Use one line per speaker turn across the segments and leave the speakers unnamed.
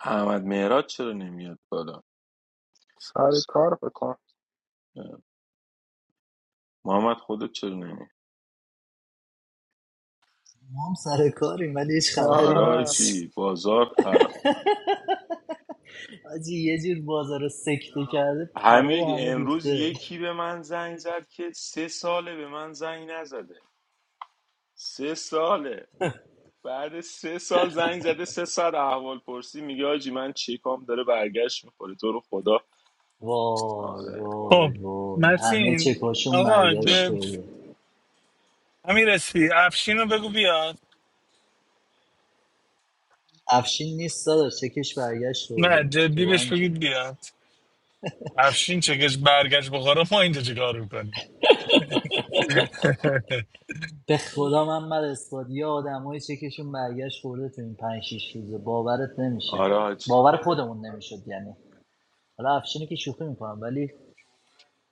احمد مهراد چرا نمیاد بالا
سر کار بکن
محمد خودت چرا نمیاد
ما هم سر کاریم ولی هیچ خبری
آره
آره
نیست
حاجی بازار خراب
حاجی یه جور بازار رو سکته کرده پرای
حمید
همه
امروز
ریخته
یکی به من زنگ زد که سه ساله به من زنگ نزده سه ساله بعد سه سال زنگ زده سه ساعت احوال پرسی میگه حاجی من چیکام داره برگشت میخوره تو رو خدا
وای
آره
وای
خب
وای همه
مرسین
چکاشون
آقا
برگشت
جان
به
خورده
همین رسی افشین رو بگو بیاد
افشین نیست داداش چکش برگشت خورده
نه
تو
جدی بهش
بانکه
بگید بیاد افشین چگش برگشت بخاره ما اینجا چه کار میکنیم
به خدا من بر اسپاد یه آدمای چکشون برگشت خورده تو این پنج شیش روزه باورت نمیشه
آره حاج
باور خودمون نمیشد یعنی حالا افشینی که شوخی میکنم ولی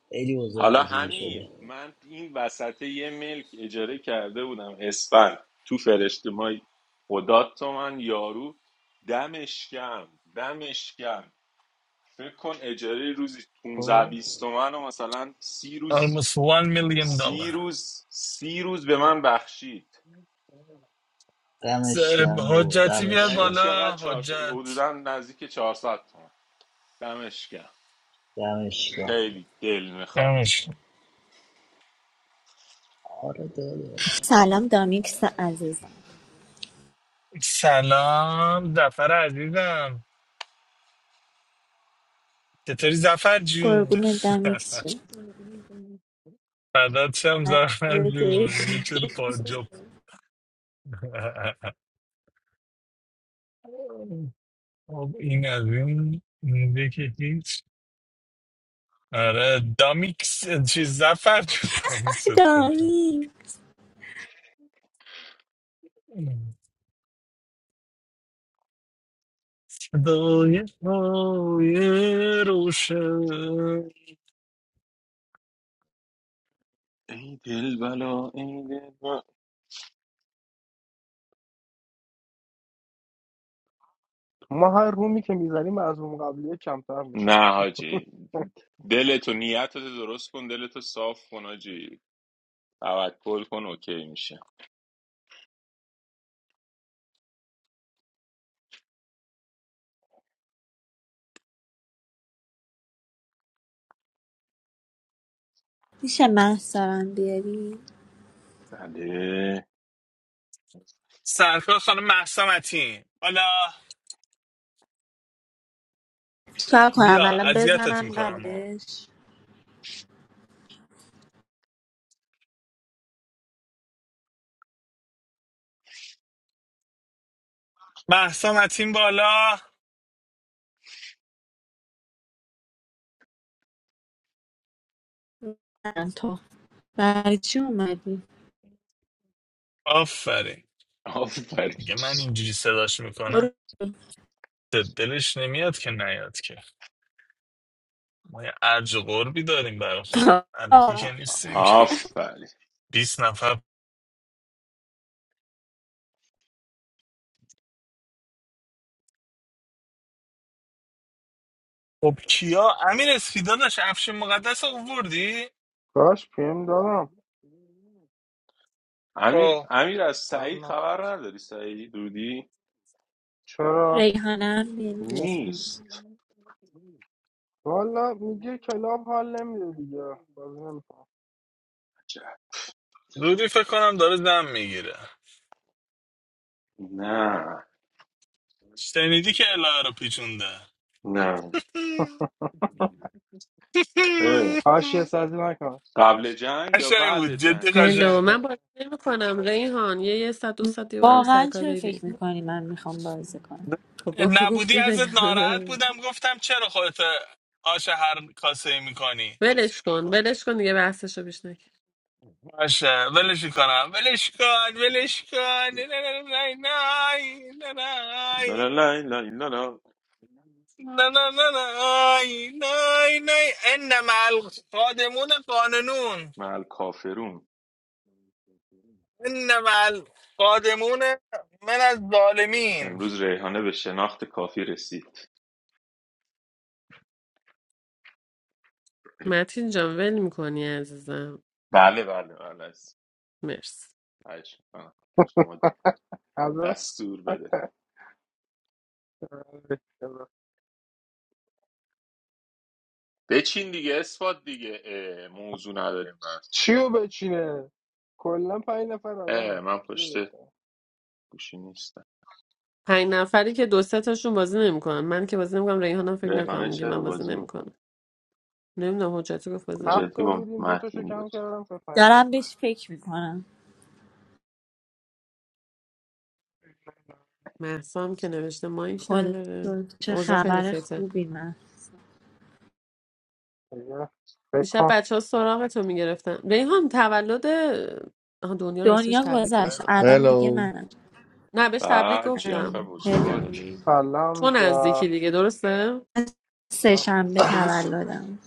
خیلی اوضاع
حالا
عجیبی شده
حمید من این وسط یه ملک اجاره کرده بودم اسفند تو فرشته مای خدا تو من یارو دمشکم دمشکم فکر کن اجاره روزی
خب
15 20 تومن و مثلا سی روز
almost one million
سی
dollar
روز سی روز به من بخشید
س-
دمش گرم بابا
حجتی بیاد
دمش
یعنی
گرم.
چقدر
بالا
400
حجت
حدودا نزدیک 400 تومن دمشکم
دمش گرم.
خیلی دل میخواد
دمش.
آره داداش
سلام دامیکس عزیزم
سلام زفر عزیزم چطوری زفر جون
قربون دامیکس شم.
فدات شم زفر جون چرا
عزیزی.
پاجاب خب این از این مونده که هیچ آره دامیکس چیز زفر چون دامیکست کنتم
دامی
صدای های روشن
ای دل بلا ای دل
ما هر رومی که میزنیم از روم قبلیه کمتر میشیم
نه حاجی دلتو نیتتو درست کن دلتو صاف کن حاجی توکل کن اوکی میشه
میشه محصارم بیاری
بله
سرکار خانم مهسا متین حالا
چکار کنم
بیا
الان
اذیتت
بزنم
میکنم
قدش
مهسا متین بالا
نه تو برای چی اومدی
آفرین
آفرین
دیگه من اینجوری صداش میکنم
برو
دلش نمیاد که نیاد که ما یه ارج و قربی داریم برای خدا الکی که
بابا.
نیستیم که
آفرین
بیست نفر خب کیا امیر اسفی داداش افشین مقدس رو آوردی
کاش پیم دادم
امیر
خب
امیر از سعید
جواب نه.
خبر نداری سعید دودی
چرا
ریحانه بیاری لطفا
نیست
والا میگه کلاب حال نمیده دیگه بازی نمیکنم
عجب.
رودی فکر کنم داره دم میگیره
نه
شنیدی که الهه رو پیچونده
نه اه.
حاشیه سازی نکن
قبل جنگ یا
قشنگ
بعد
بود جدی
جنگ
هلو
قشنگ
من بازی نمی کنم ریحان یه یه ساعت دو ساعت دیگه برم
واقعا
سرکار
چرا
بیبی
فکر میکنی من میخوام بازی کنم
خب گفت-
نبودی
گفتی
ازت ناراحت
دیگه.
بودم گفتم چرا خودت آش هر کاسه میکنی
ولش کن ولش کن دیگه بحثشو بیش نکن
باشه ولش کنم ولش کن ولش کن نه نه نه نه نه نه
لا
نه.
لا لا لا لا لا.
نه نه نه نه آی، نه آی، نه آی. ان مع قادمون قاننون
مع کافرون
ان مع القادمون من از ظالمین
امروز ریحانه به شناخت کافی رسید
متین جان ول میکنی عزیزم
بله بله بله از-
مرسی
از شما
از
دستور بده بچین دیگه اثبات دیگه اه، موضوع نداریم
چیو بچینه کلا پنج نفر آدمه
اه من پشت
چیو بچینه
گوشی نیستم
پنج نفری که دو سه تاشون بازی نمیکنن من که بازی نمیکنم ریحانم فکر نکنم
ریحانه
میگه
چرا
من بازی
بازی میکنه
نمیکنم نمیدونم حجتی گفت بازی
حجتی
هفته
نمیکنم
با
بودیم دو تاشو
متین
کم
بود
کردم شد پنج تا
دارم
دیگه.
بهش فکر میکنم
محسام که نوشته مایک
خدا
نداره
شد. چه
اوضاع خیلی
خبر
خیته
خوبی من
دیگه. فکر
دیشب
کن
بچه ها سراغ تو میگرفتن ریحان تولد آها، دنیا راستش
دنیا
تبریک
گذشت
گفتم
الان دیگه
هلو
منم
نه بهش تبریک
بعد جیف
گفتم
هلو
بزرگ
سلام
تو
جا
نزدیکی دیگه درسته
سه شنبه
امروز
تولدم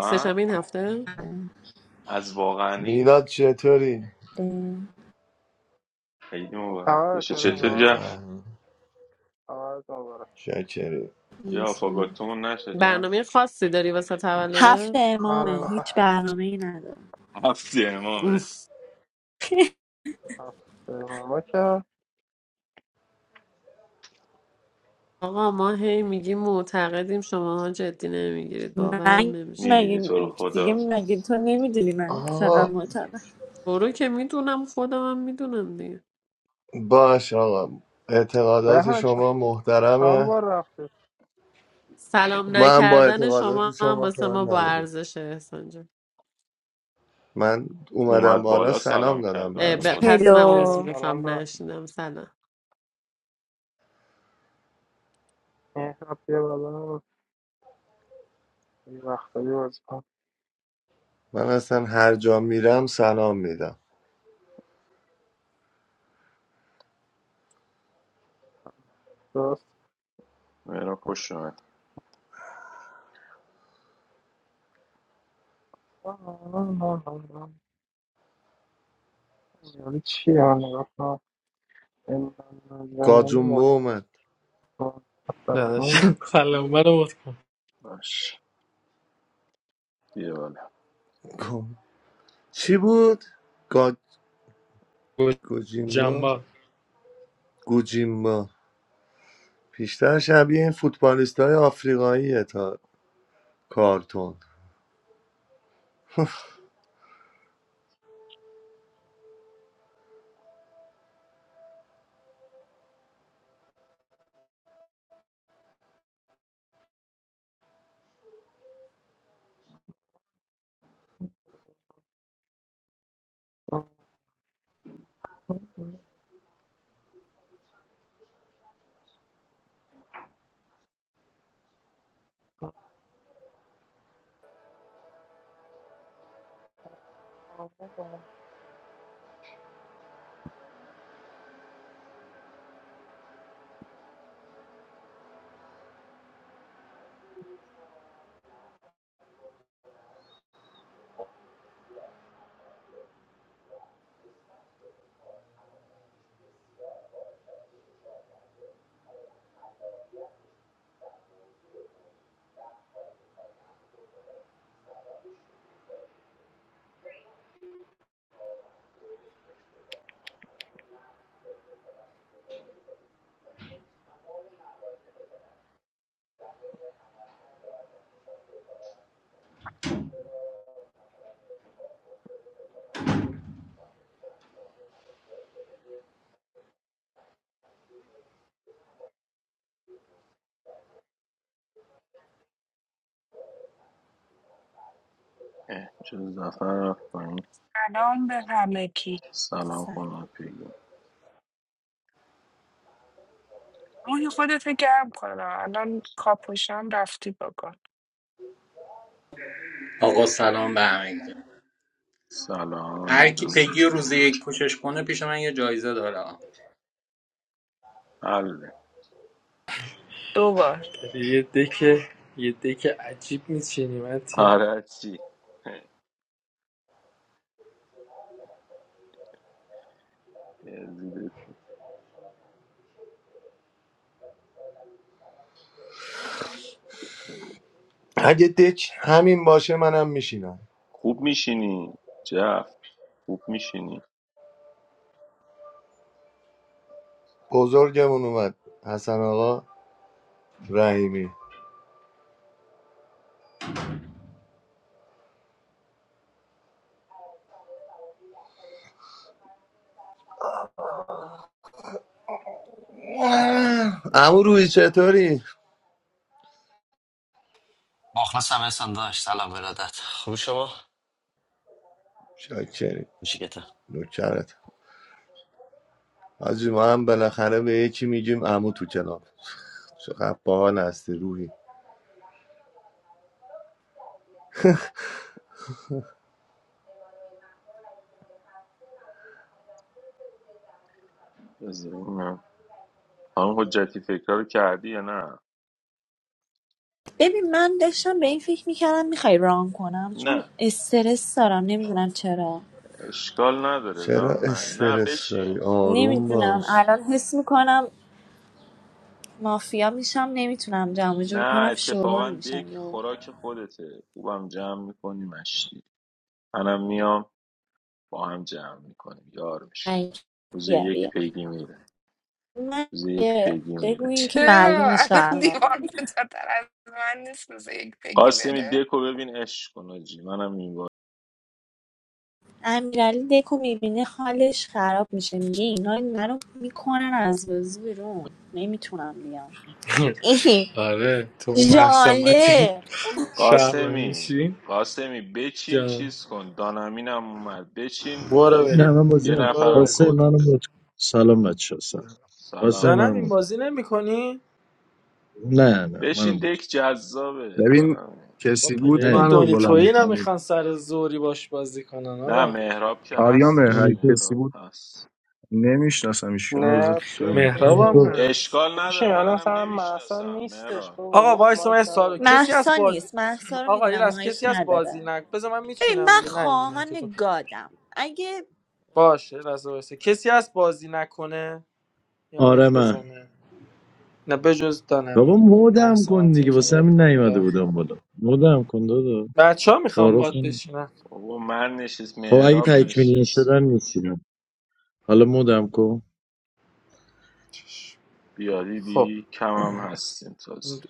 سه‌شنبه این هفته
از واقعنی
میلاد چطوری؟
هفته
خیلی مبارک
تمام
بشه
تره
چطور
میلاد
ها
جف
بهم
آز مبارک
شکری
یا
بیست- و یک.
آفاگاتومون نشه جف
برنامه خاصی داری واسه
هفت
تولده
آره
امامه
میخوام
هیچ برنامه ای ندارم
هفت
اوه.
امامه
ما که
آقا ما هی میگیم معتقدیم شماها جدی نمیگیرید باورم
من
نمیشه
میبینی
مگه
تو رو
دیگه
خدا
مگه تو نمیدونی من چقدر
آقا
معتبر
برو که میدونم خودم هم میدونم دیگه
باش آقا اعتقادات
ریحان چ-
شما
چند
محترمه
بار رفتی
سلام
من با
نکردن
اعتقادات
شما هم
شما
واسه
کار
ما با
نداریم
ارزشه احسان جان
من اومدم
اومد
بالا
بالا سلام
سلام
کرد
دادم به
اه،
بنده
همه.
ب-
خدا
پس من عضو
آره
هلو
سلام
میخوام
به
نشیدم سلام
مهراب بیا بالا یه وقتایی بازی کن
من اصلا هر جا میرم سلام میدم
درست
مهران خوش اومد
آه، نه، نه، نه، نه. یعنی چی ها نگاه کن این من زمین
گاجومبو اومد
مطمئن تفتون.
نداشتم سلام منو رو
باش بیا بالا
گم- چی بود؟ گا...
کن
گوجیمبا
جنبا
گوجیمبا بیشتر شبیه این فوتبالیست های آفریقاییه تا کارتون
اه، چه زفر رفت پایین.
سلام به همگی
سلام
سلام.
خانم پیگی
روی خودت گرم کن الان کاپوشم رفتی بکن
آقا سلام به همگی
سلام
هر کی
علیرام
پگی رو
چطوری
روز یک پوشش کنه پیش من یه جایزه داره
حله
دوبار
یه دک یه دک عجیب میچینی متین
آره چی یزیدت به.
اگه دک همین باشه منم میشینم
خوب میشینی جف خوب میشینی
بزرگمون اومد حسن آقا رحیمی امو روی چطوری؟
مخلصم احسان داشت سلام ارادت خوب شما؟
شاکری
خوشی گته
نوکرت حاجی ما هم بالاخره به یکی میگیم عمو تو کلاب چقدر باحال هستی روحی
بذاریم خانم حجتی فکرها رو کردی یا نه
ببین من داشتم به این فکر میکردم میخوای ران کنم چون
نه
استرس دارم نمیدونم چرا
اشکال نداره
چرا
ران نه نه
استرس داری
بشین
آروم
نمیدونم
باش
الان حس میکنم مافیا میشم نمیتونم جمع و جور
نه
کنم
اتفاقا
شورول
دک
میشم
خوراک خودته خوبم جمع میکنی مشتی منم میام با هم جمع میکنیم یار میشیم روز یک
یا
پیگی میره
من
روز یک
یه
پیگی میره
بگو که
چرا
معلومه
الان
شهروند
دیوار بزرگتر از من نیست روز یک بگی
قاسمی
بره
دکو ببین عشق کن آجی منم این بار
امیرعلی دکو میبینه حالش خراب میشه میگه اینا منو میکنن از بازی بیرون نمیتونم بیام این
آره تو اون محسا متین
جاله
شهرمن
قاسمی
میشین
قاسمی بچین
جان
چیز کن دانمینم اومد بچین
برو
اه،
نه
یه
بریم
من بازی
یه
نمیکنم
برو
نفرم
بریم
قاسم
کد
منو مت کن سلام بچه سلام قاسم
سلام
دانم
منو
این
مت
بازی نمی کنی؟
کن. نه نه منو
بچین
مت کن.
دک جذابه
ببین
دارم
آقا
کسی بود
نه
پلیر
دیگه
منو
دونیتویی
بلند کنید
نمیخوان سر زوری باش بازی کنن
نه
آقا
مهراب که
آریامه
هستش
هر
دونیتو
کسی
مهراب
بود
هست
نمیشناسم ایشون روز
نه
جای من
مهراب
کسیه
هم
دونیتو
بشین
هست
اشکال نداره
بشین الان
منم
مثلا محسا
نمیشناسم
نیستش
مهراب
بابا
آقا
گفت
وایس من یه
مایک
سوالو
نداره
کسی از
محسا
بازی
نیست محسا رو
آقا یه
میدونم
از
مایک
کسی از بازی
نداره
نک بذار من
ببین
میچینم
من
دیگه نه این رو
خواهان گادم اگه
باشه رضا وایسا. کسی هست بازی نکنه یه
آره
مایک
من
بزنه نه بجز
بابا
دانمین خب
مودم کن
محسامتی
دیگه
که
واسه
میاد
همین نیومده
بالا
بودم بالا مودم کن دادا
بچه ها میخوام
تعارف
باد
نمی-
بشینن
بابا من نشست
خب اگه
مهراب
تکمیلی
نشسته
شدن
اوکی
نیستیدم حالا مودم کن
چش.
بیادی
خب
بی کمم هستیم تازه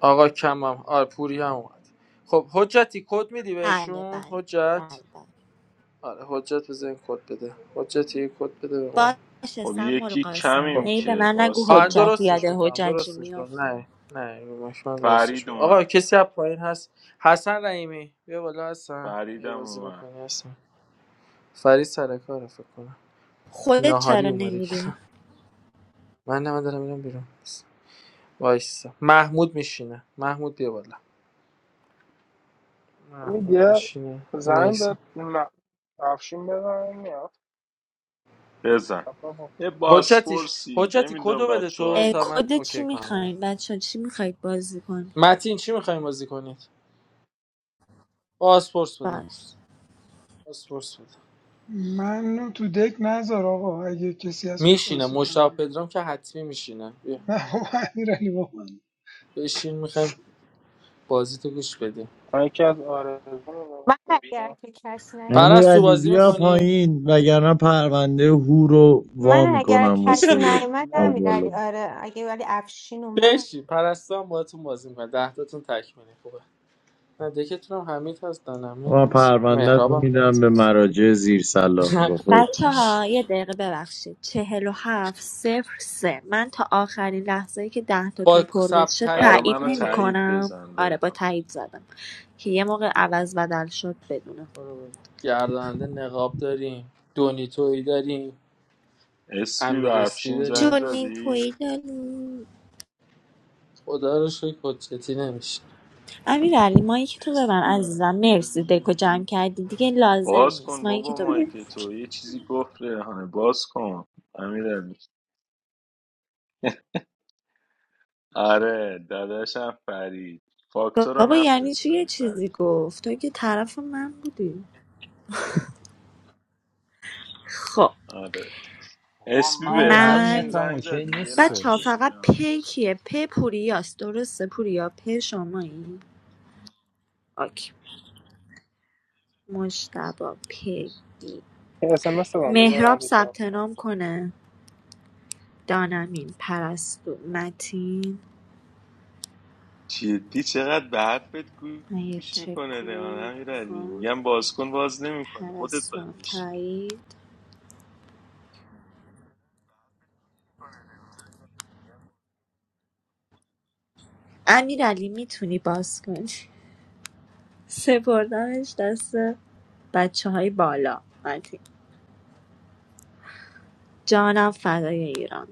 آقا کمم آره پوری هم اومد خب حجتی کد میدی
بله
بهشون
بله
حجت
بله
آره حجت بزن کد بده حجتی یه کد بده به ما
بله باشه
خب
سم
یکی
قاسم
خب
کمیم
ای به
که
من نگو
آره
قاسمی
حجت یاد
درستش میکنم
حججی
درستش میکنم
میافتم
نه نه رو مایک من درستش
فرید
میکنم
اومد
آقا کسی از پایین هست حسن رحیمی بیا بالا حسن اگه
فریدم
بازی
اومد
میکنی حسن فرید سر کاره فکر کنم
خودت
ناهاری
چرا
اومده که
نمیری
من نه من دارم میرم بیرون وایسا محمود میشینه محمود بیا بالا
همین
محمود
یه
میشینه
زنگ
میسی
به م- افشین بزن
بزن
بابا.
یه
حجتیش
باسپورسی
حجتی
نمیدونم
کدو بده
بچه
تو
اه،
هایی
تا من
کد چی
اوکی کنم اینا
میخواین بچه ها؟ چی میخواید بازی کنید
متین چی میخوایم بازی کنید پاسپورت بده
باش
پاسپورت بده
منو تو دک نذار آقا اگه کسی هست بیاد
میشینه
بازی
مشتاق
کنم
پدرام که حتمی میشینه بیا
نه بابا امیرعلی با من
بشین میخوایم بازی تو گوش بدیم
من یکی از آرزو
من اگر که کسی نیومد
امیر
پرست تو
علی
سایت
بازی
بیا
نیست.
میکنی
پایین وگرنه پرونده هو رو وا
من اگر
میکنم
کسی
واسه
نیومد
از
نه
امیرعلی
بالا
آره اگه ولی افشین اومد
بشین پرستو هم باهاتون بازی میکنه ده تاتون تکمیلی خوبه و دکتون هم حمید هست دانمین
من
هست
پرونده
مهراب
رو
هم
میدم
هست
به
بس.
مراجع زیر سلاح
بچه ها یه دقیقه ببخشید چهل و هفت صفر سه من تا آخرین لحظه ای که ده
با
تاتون پر
سب
بشه
برا
تایید
تایید
منو
دیگه
نمی
آره
تایید
کنم
بزن
آره با
بهم
تایید زدم که یه موقع عوض بدل شد بدونم
برو بریم. گرداننده نقاب داریم دونیتوی داریم
اسپی و
امیر اسپی
افشین زنگ
داریم
جونی
زدی
پویدالو؟
خدا رو شکر حجتی نمیشه
امیر علی مایک تو ببن عزیزم مرسی دکو جمع کردی دیگه لازم
باز
نیست
کن
مایک
بابا
تو ببن
مایک تو یه چیزی گفت ریحانه باز کن امیر آره داداشم فرید فاکتور رو
بابا یعنی چی یه
نفرستادی فرید
چیزی گفت تو که طرف من بودی خب
آره
آقا
اسپی
من
به
اوضاع
افشین
من
نتم
زنگ
اوکی
زدی یه
بچه ها
لحظه
نیستش
فقط په
ریحانه.
کیه په پوریاست درسته پوریا په شمایی آکی مجتبا پگی
اس ام اس دادم بذار
مهراب
اگه جواب
ثبت
کنم.
نام کنه دانمین پرستو متین
جدی چقدر به حرفت
من یه
گوش
چک
میکنه ریان
کنم
امیرعلی
آها.
میگم باز کن باز نمیکنه خودت
پرستو
باید
هم
بهش بگی.
تایید امیر علی میتونی باز کنی سپردمش دست بچه های بالا متین جانم فدای ایران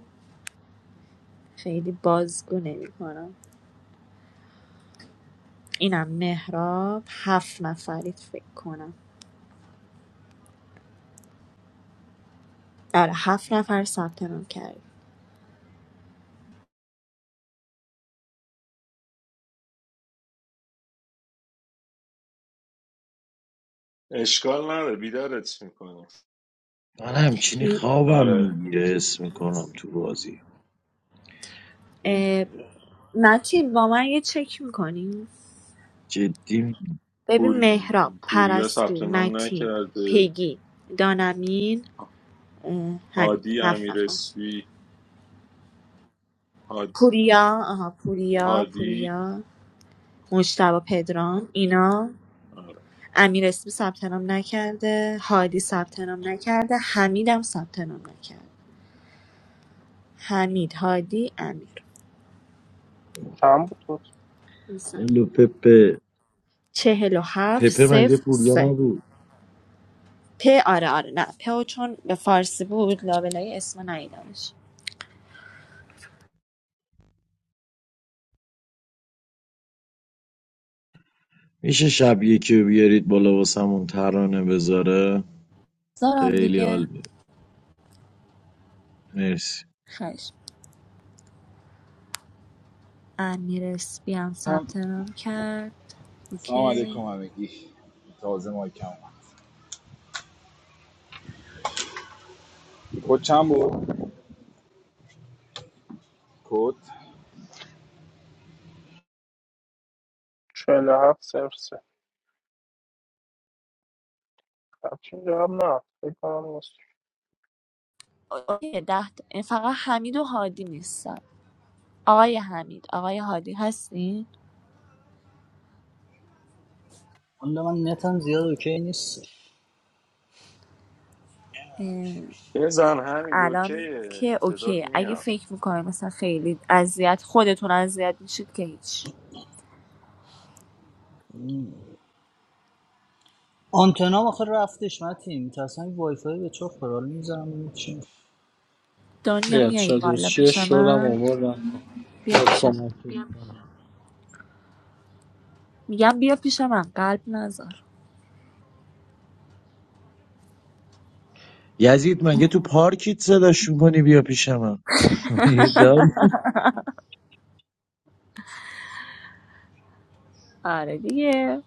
خیلی بازگو نمی کنم. اینم مهراب هفت نفرید فکر کنم آره هفت نفر ثبت نام کرد
اشکال نداره بیدارت میکنه
من همچینی خوابم
آره
میگیره اسم میکنم تو بازی
متین با من یه چک میکنی
جدی میگم.
ببین
پور...
مهراب
پوریا
پرستو
ثبت نام
متین
نکرده
پیگی دانمین همین
هادی
هفت
امیر
نفر
اسفی هاد...
پوریا آها پوریا
هادی
پوریا مجتبا پدرام اینا
آره
امیر اسمی ثبت نام نکرده هادی ثبت نام نکرده حمید هم ثبت نام نکرده حمید هادی امیر
چند بود بود
ولو پپه
چهل و هفت
پپه مگه
صفر
پوریا
سه
نبود
پ آره آره نه په چون به فارسی بود لابلای اسم نیدمش
میشه شب یکی رو بیارید بالا واسمون ترانه بذاره
زارم
خیلی حال
دیگه
میده مرسی
خش امیر اسپی هم ثبت نام کرد
سلام علیکم
اوکی
همگی تازه مایکم اومد کد چند بود؟ کد
47 صفر سه همچین جواب نه فکر کنم نیست
اوکی ده تا. این فقط حمید و هادی نیستن آقای حمید آقای هادی هستین
حالا من نتم زیاد اوکی نیستش
اه،
بزن همین
الان
اوکیه
که
صدات
اوکی اگه
میاد
فکر میکنه مثلا خیلی اذیت خودتون اذیت میشید که هیچ
آنتنا آخه رفتش متیم تصمیم وای فای به چه خورال میزنم ببینیم چی میشه.
دنیا
بیاد
میای
شادوس
بالا
چیه
پیش
شورم
من
آوردم
بیا
بیاد
پیش من
کمکی کنم.
میگم بیا پیش من قلب نذار
یزید مگه تو پارکیت صداش میکنی بیا پیش من مگه داری
آره دیگه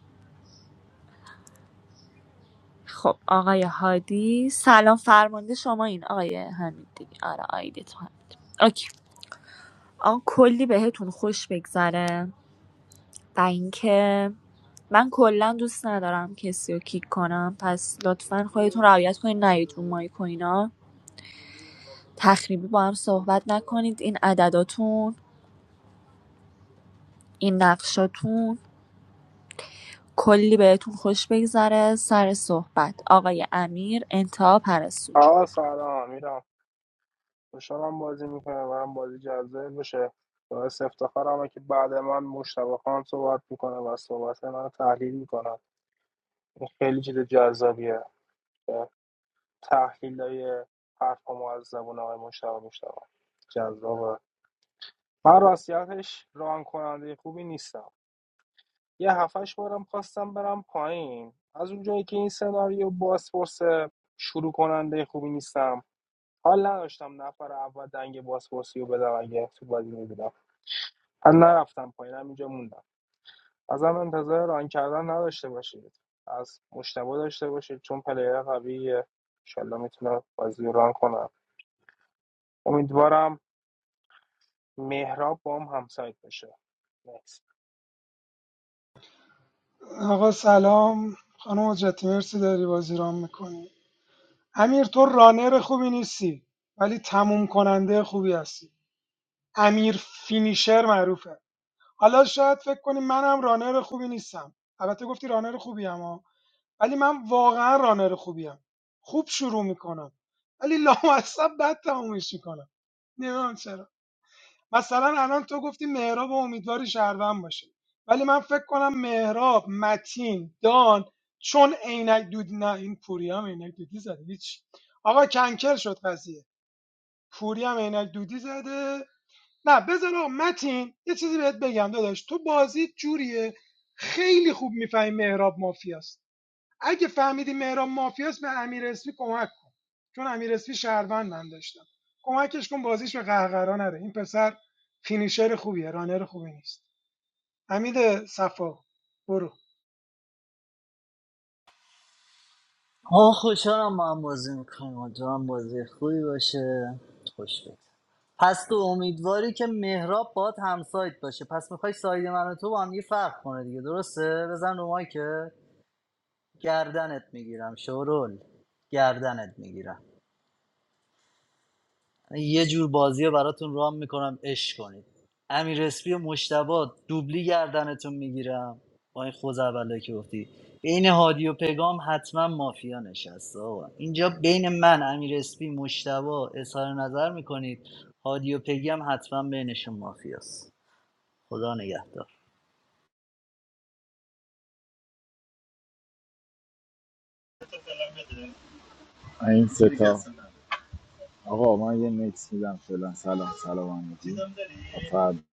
خب آقای هادی سلام فرمانده شما این آقای همین دیگه آره آیدی تو همین اوکی آن کلی بهتون خوش بگذره و اینکه من کلا دوست ندارم کسی رو کیک کنم پس لطفا خودتون رعایت کنید نیاید رو مایک و اینا تخریبی با هم صحبت نکنید این عدداتون این نقشاتون کلی بهتون خوش بگذره سر صحبت آقای امیر انتها پرستو جون.
آقا سلام میرم خوشحالم بازی میکنه برام بازی جذاب بشه باعث افتخارمه که بعد من مشتبه خان صحبت میکنه و صحبت من تحلیل میکنه این خیلی چیز جذابیه تحلیل های حرف ما از زبون آقای مشتبه مشتبه جذابه من راستیتش ران کننده خوبی نیستم یه هفتش بارم خواستم برم پایین از اونجایی که این سناریو بازپرس شروع کننده خوبی نیستم حال نداشتم نفر اول دنگ بازپرسی رو بدم اگه تو بازی میبودم از نرفتم پایین همینجا موندم ازم انتظار ران کردن نداشته باشید از مشتبه داشته باشید چون پلیر قویه انشالله میتونه بازی رو ران کنم امیدوارم مهراب با هم همسایت بشه نیست
آقا سلام خانم حجتی مرسی داری بازی رام میکنی امیر تو رانر خوبی نیستی ولی تموم کننده خوبی هستی امیر فینیشر معروفه حالا شاید فکر کنی منم رانر خوبی نیستم البته گفتی رانر خوبی اما ولی من واقعا رانر خوبی ام. خوب شروع میکنم ولی لامصب بد تمومش میکنم نمیدونم چرا مثلا الان تو گفتی مهراب و امیدواری شهروند باشه ولی من فکر کنم مهراب متین دان چون عینک دود نه این پوری هم عینک دودی زده هیچ آقا کنکر شد قضیه پوری هم عینک دودی زده نه بذار آقا متین یه چیزی بهت بگم داداش تو بازی جوریه خیلی خوب میفهمی مهراب مافیاست اگه فهمیدی مهران مافیاست به امیر اسمی کمک کن چون امیر اسمی شهروند من داشتم کمکش کن بازیش به قهقرا نره این پسر فینیشر خوبیه رانر خوبی نیست حمید صفا برو
آه خوشحالم ما هم بازی میکنیم امیدوارم بازی خوبی باشه خوش بگذره. پس تو امیدواری که مهراب باد همسایت باشه پس میخوای ساید من و تو با هم یه فرق کنه دیگه درسته بزن رو که گردنت میگیرم شورول گردنت میگیرم یه جور بازی رو براتون رام میکنم عشق کنید امیر اسپی و مشتبا دوبلی گردنتون میگیرم با این خوزعبلایی که گفتی بین هادی و پگام حتما مافیا نشسته آقا اینجا بین من امیر اسپی مشتبا اظهار نظر میکنید هادی و پگی هم حتما بینشون مافیاست خدا نگهدار
این سه تا آقا من یه نکس میدم فعلا سلام سلام همگی فرد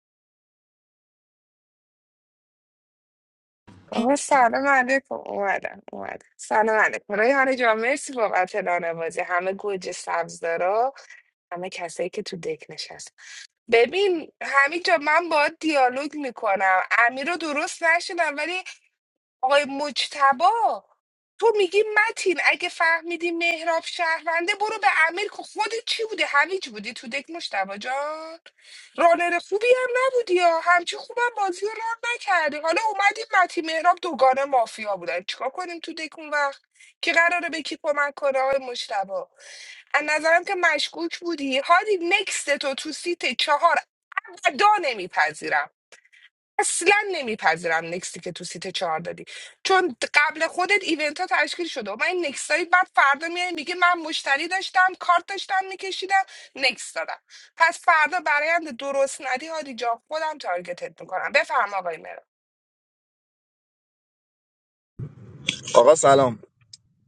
آقا
هند
سلام علیکم اومدم اومدم سلام علیکم ریحانه جان مرسی بابت بازی همه گوجه سبز داره. همه کسایی که تو دک نشست ببین همینجا من باید دیالوگ میکنم امیر رو درست نشدم ولی آقای مجتبا تو میگی متین اگه فهمیدی مهراب شهرونده برو به امیر که خودت چی بوده هویج بودی تو دک مجتبا جان رانر خوبی هم نبودی یا همچی خوبم بازی رو ران نکردی حالا اومدی متین مهراب دوگانه مافیا بودن چیکار کنیم تو دک اون وقت که قراره به کی کمک کنه آقای مجتبا از نظرم که مشکوک بودی هادی نکست تو تو سیت چهار ابدا نمیپذیرم اصلا نمیپذیرم نکستی که تو سیت چهار دادی چون قبل خودت ایونت ها تشکیل شده و من این نکست هایی بعد فردا میای میگه من مشتری داشتم کارت داشتم میکشیدم نکست دادم پس فردا برایند درست ندی هادی جا خودم تارگتت میکنم بفرما آقای مهران.
آقا سلام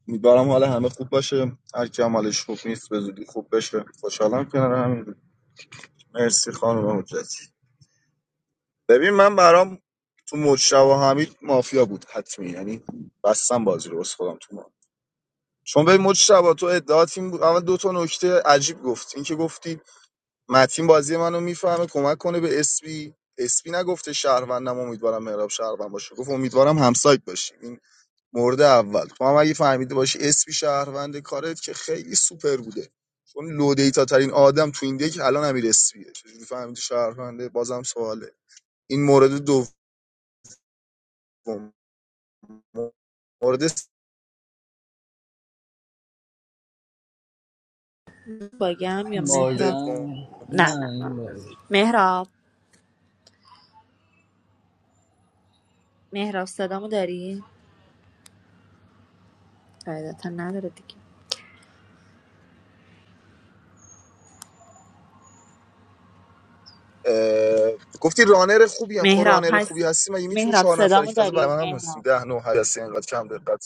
امیدوارم حال همه خوب باشه هر کی هم حالش خوب نیست به زودی خوب بشه خوشحالم کنار همین بود. مرسی خانم حجتی ببین من برام تو مجتبی حمید مافیا بود حتمی یعنی بستم بازی رو بس خودم تو ما چون به مجتبی تو ادعا تیم بود اول دو تا نکته عجیب گفت این که گفتی متین بازی منو میفهمه کمک کنه به اسپی اسپی نگفته شهروندم امیدوارم مهراب شهروند باشه گفت امیدوارم همسایت باشی این مورد اول تو هم اگه فهمیده باشی اسپی شهروند کارت که خیلی سوپر بوده چون لو دیتا ترین آدم تو این دک الان امیر اسپیه چجوری فهمیدی شهرونده بازم سواله این مورد دوم مورد
باگم یا مهراب
سوم
باگم
نه
نه
نه نه
این باگه
مهراب مهراب صدامو داری؟ قاعدتا نداره دیگه
اه، گفتی رانر خوبی هم خب
مهراب
رانر خوبی
هست
هستی مگه میتونی
مهراب
چهار نفری
صدامو
که تازه
داری؟
برای من هم هستیم
مهراب
ده نو هستی انقدر کم دقت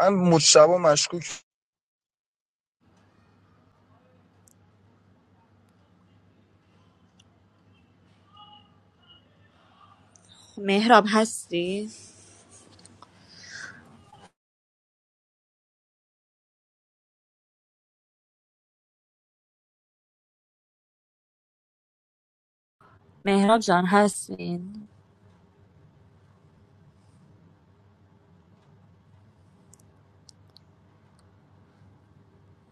من مجتبا مشکوک
مهراب هستی؟ مهراب جان هستین؟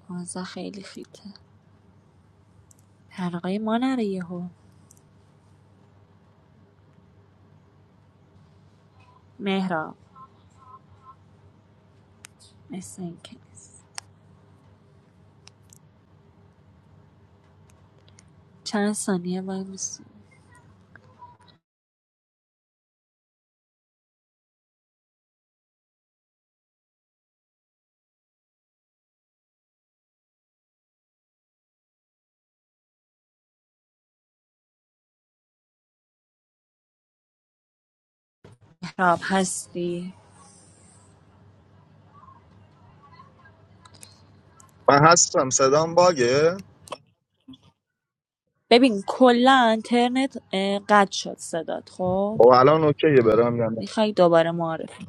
آزا خیلی خیته حلقه ما نره یهو مهراب مثل اینکه نیست. چند ثانیه باید بسی. مهراب هستی؟
من هستم صدام باگه
ببین کلا اینترنت اه، قطع شد صدات خب
خب الان اوکیه برام یا نه
میخوای دوباره معرفی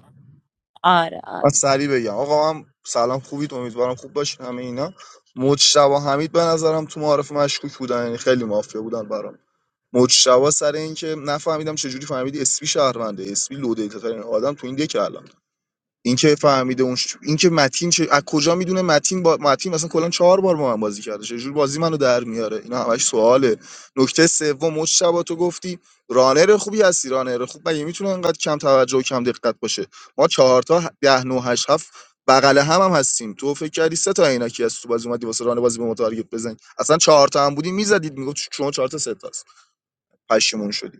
آره
من
آره
سریع بگم آقا من سلام خوبید امیدوارم خوب باشین همه اینا مجتبا حمید به نظرم تو معارف مشکوک بودن یعنی خیلی مافیا بودن برام مجتبا سر این که نفهمیدم چجوری فهمیدی اسپی شهرونده اسپی لو دیتا ترین آدم تو این دیگه الان این که فهمیده اون ش... این که متین چه... از کجا میدونه متین با متین مثلا کلا چهار بار با من بازی کرده چه جور بازی منو در میاره اینا همش سواله نکته سوم مجتبی تو گفتی رانر خوبی هستی رانر خوب مگه میتونه انقدر کم توجه و کم دقت باشه ما چهار تا ده نه هشت هفت بغل هم هم هستیم تو فکر کردی سه تا عینکی از تو بازی اومدی واسه رانر بازی به ما تارگت بزنی اصلا چهار تا هم بودی میزدید میگفت شما چهار تا سه تاست پشیمون شدی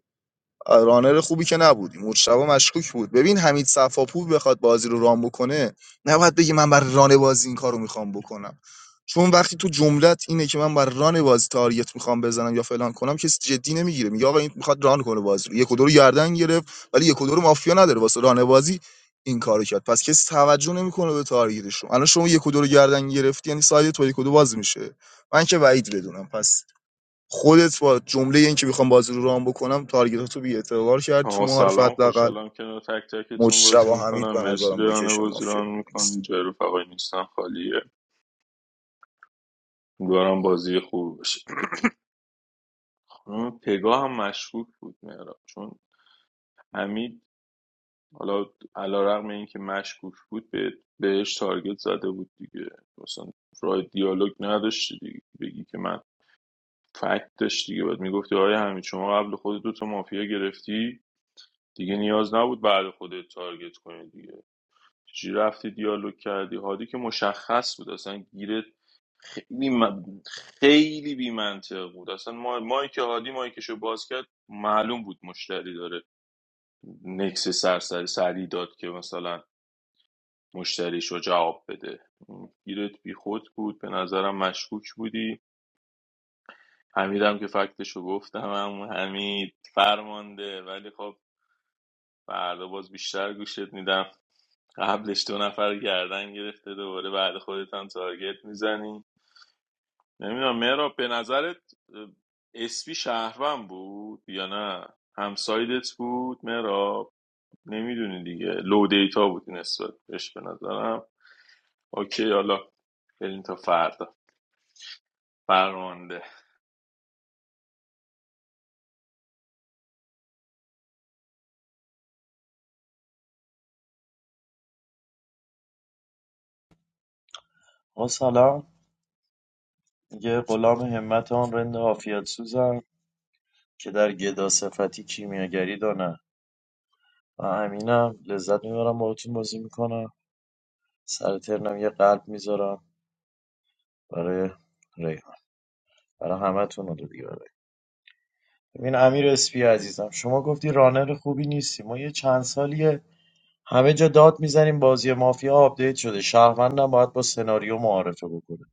رانر خوبی که نبودیم مرتشبا مشکوک بود ببین حمید صفاپور بخواد بازی رو ران بکنه نباید بگه من بر ران بازی این کارو میخوام بکنم چون وقتی تو جملت اینه که من بر ران بازی تارگت میخوام بزنم یا فلان کنم کسی جدی نمیگیره میگه آقا این میخواد ران کنه بازی رو یک و دو رو گردن گرفت ولی یک و دو رو مافیا نداره واسه ران بازی این کارو کرد پس کسی توجه نمیکنه به تارگتشون الان شما یک و دو رو گردن گرفتی یعنی ساید تو یک و دو باز میشه من که بعید بدونم پس خودت با جمله این که میخوام بازی رو رام بکنم تارگتاتو بی اعتبار کرد تو
آقا
معارف
سلام
حداقل
خوشحالم که تک تکتون
مجتبی
بازی
حمید
میکنم
به
مرسی
نظرم
ریانه
لوکیشن
بازی
مافیا
ران
بود.
میکنم
Next.
جای رفقای نیستن خالیه امیدوارم بازی خوب باشه اون پگاه هم مشکوک بود مهراب چون حمید حالا علیرغم اینکه مشکوک بود به بهش تارگت زده بود دیگه مثلا راه دیالوگ نداشتی دیگه بگی که من فکت داشت دیگه باید میگفتی آیا همین شما قبل خود دو تا مافیا گرفتی دیگه نیاز نبود بعد خودت تارگت کنی دیگه چی رفتی دیالوگ کردی هادی که مشخص بود اصلا گیرت خیلی من- خیلی بی منطق بود اصلا ما مایی که هادی مایکشو باز کرد معلوم بود مشتری داره نکس سرسری سری داد که مثلا مشتریش رو جواب بده گیرت بی خود بود به نظرم مشکوک بودی حمیدم که فکتش رو گفتم هم حمید فرمانده ولی خب فردا باز بیشتر گوشت میدم قبلش دو نفر گردن گرفته دوباره بعد خودت هم تارگت میزنی نمیدونم مهراب به نظرت اه، اسپی شهروند بود یا نه همسایدت بود مهراب نمیدونی دیگه لو دیتا بود نسبت بهش به نظرم اوکی حالا بریم تا فردا فرمانده
ما سلام یه غلام همت آن رند عافیت سوزم که در گدا صفتی کیمیاگری دانه من امینم لذت میبرم باهاتون بازی میکنم سر ترنم یه قلب میذارم برای ریحان برای همتون رو دیگه برای ببین امیر اسپی عزیزم شما گفتی رانر خوبی نیستی ما یه چند سالیه همه جا داد میزنیم بازی مافیا آپدیت شده شهروندم باید با سناریو معارفه بکنه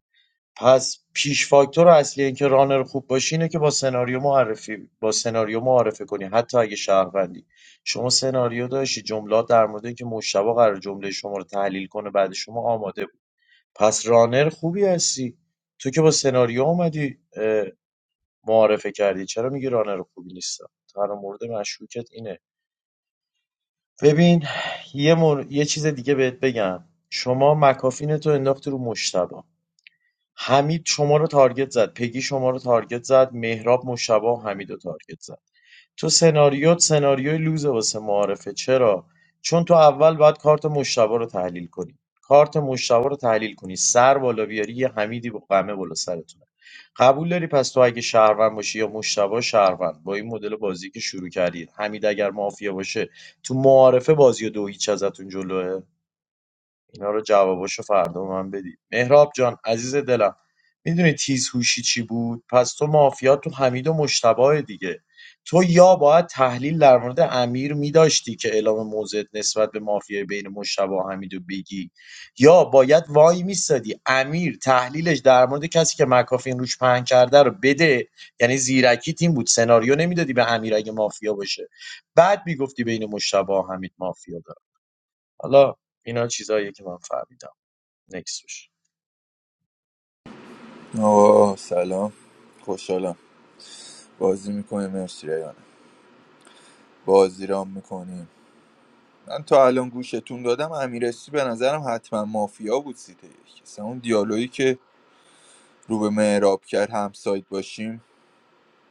پس پیش فاکتور اصلی اینکه رانر خوب باشی اینه که با سناریو معرفی با سناریو معرفه کنی حتی اگه شهروندی شما سناریو داشتی جملات در مورد اینکه مشتبا قرار جمله شما رو تحلیل کنه بعد شما آماده بود پس رانر خوبی هستی تو که با سناریو اومدی معارفه کردی چرا میگی رانر خوبی نیستم تنها مورد مشکوکت اینه ببین یه, مور... یه چیز دیگه بهت بگم شما مکافین تو انداختی رو مشتبه حمید شما رو تارگت زد پگی شما رو تارگت زد مهراب مشتبه و حمید رو تارگت زد تو سناریوت سناریوی لوزه واسه معارفه چرا چون تو اول باید کارت مشتبه رو تحلیل کنی کارت مشتبه رو تحلیل کنی سر بالا بیاری یه حمیدی با قمه بالا سرتونه قبول داری پس تو اگه شهروند باشی یا مشتبه شهروند با این مدل بازی که شروع کردید حمید اگر مافیا باشه تو معارفه بازی و دو هیچ ازتون جلوه اینا رو جواباشو فردا به من بدید مهراب جان عزیز دلم میدونی تیز هوشی چی بود پس تو مافیا تو حمید و مشتبه دیگه تو یا باید تحلیل در مورد امیر میداشتی که اعلام موضعت نسبت به مافیای بین مشتبه و حمیدو بگی یا باید وای میستادی امیر تحلیلش در مورد کسی که مکافین روش پهن کرده رو بده یعنی زیرکی تیم بود سناریو نمیدادی به امیر اگه مافیا باشه بعد میگفتی بین مشتبه و حمید مافیا داره حالا اینا چیزاییه که من فهمیدم نکس بشه
آه سلام خوشحالم بازی میکنیم مرسی ریانه بازی رام میکنیم من تا الان گوشتون دادم امیرسی به نظرم حتما مافیا بود سیته یک اصلا اون دیالوگی که رو به معراب کرد همسایت باشیم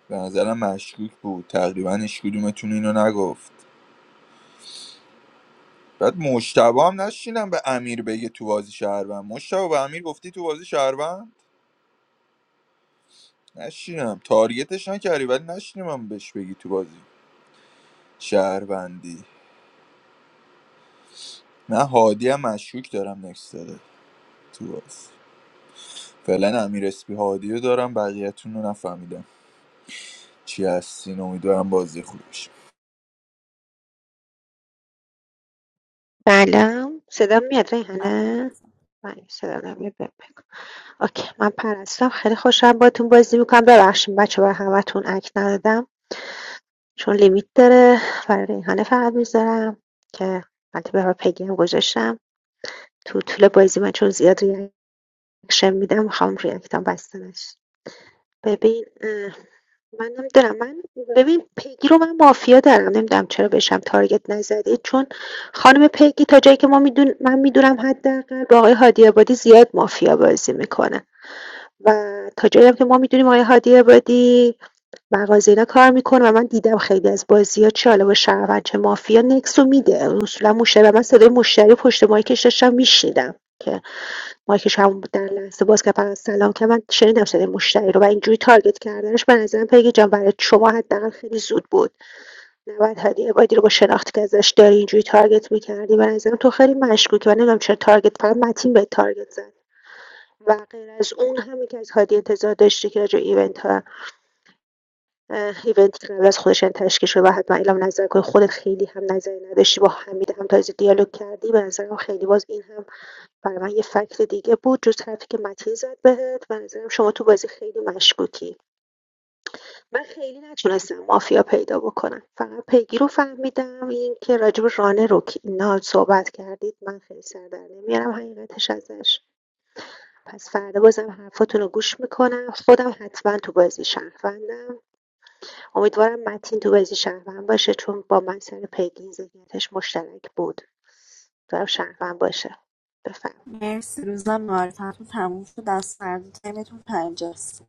به نظرم مشکوک بود تقریبا هیچ کدومتون اینو نگفت بعد مشتبه هم نشینم به امیر بگه تو بازی شهروند مشتبه به امیر گفتی تو بازی شهروند نشینم تارگتش نکردی ولی نشینم بهش بگی تو بازی شهروندی من هادی هم مشکوک دارم نکس داره تو بازی فعلا امیر اسپی هادی رو دارم بقیه‌تون رو نفهمیدم چی هستین امیدوارم بازی خوبی بشه
سلام صدا میاد ریحانه من صدا نمیاد بهم بگو اوکی من پرستم خیلی خوشحالم باتون بازی میکنم ببخشید بچه برای همتون اک ندادم چون لیمیت داره برای ریحانه فقط میذارم که البته برای پگی هم گذاشتم تو طول بازی من چون زیاد ریاکشن میدم میخوام ریاکتم بسته نشه ببین منم دلم من ببین پیگی رو من مافیا دارم نمیدونم چرا بهشم تارگت نزدید چون خانم پیگی تا جایی که ما میدون من میدونم حداقل با آقای هادی عبادی زیاد مافیا بازی میکنه و تا جایی هم که ما میدونیم آقای هادی عبادی مغازه اینا کار میکنه و من دیدم خیلی از بازی ها چه حالا با شهروند چه مافیا نکس رو میده اصولا مشتری و من صدای مشتری پشت مایکش داشتم میشنیدم مایکشون در لحظه باز کرد فقط سلام که من شنیدم صدای مشتری رو و اینجوری تارگت کردنش به نظرم پیگی جان برای شما حداقل خیلی زود بود نباید هادی عبادی رو با شناختی که ازش داری اینجوری تارگت میکردی به نظرم تو خیلی مشکوکی و نمیدونم چرا تارگت فقط متین به تارگت زد و غیر از اون همین که از هادی انتظار داشتی که راجع به ایونت ها اه، که قبل از خودش تشکیل شده و حتما اعلام نظر کنی خودت خیلی هم نظری نداشتی با حمید هم تازه دیالوگ کردی به نظرم خیلی باز این هم برای من یه فکر دیگه بود جز حرفی که متین زد بهت و نظرم شما تو بازی خیلی مشکوکی من خیلی نتونستم مافیا پیدا بکنم فقط پیگیر رو فهمیدم این که راجب رانه رو که اینا صحبت کردید من خیلی سر در نمیارم حقیقتش ازش پس فردا بازم حرفاتون رو گوش میکنم خودم حتما تو بازی شهروندم امیدوارم متین تو بازی شهروند باشه چون با من سر پیگیر ذهنیتش مشترک بود دارم شهروند باشه بفهم
مرسی روزم معارفتون تموم شد از فردا ترمتون پنجاست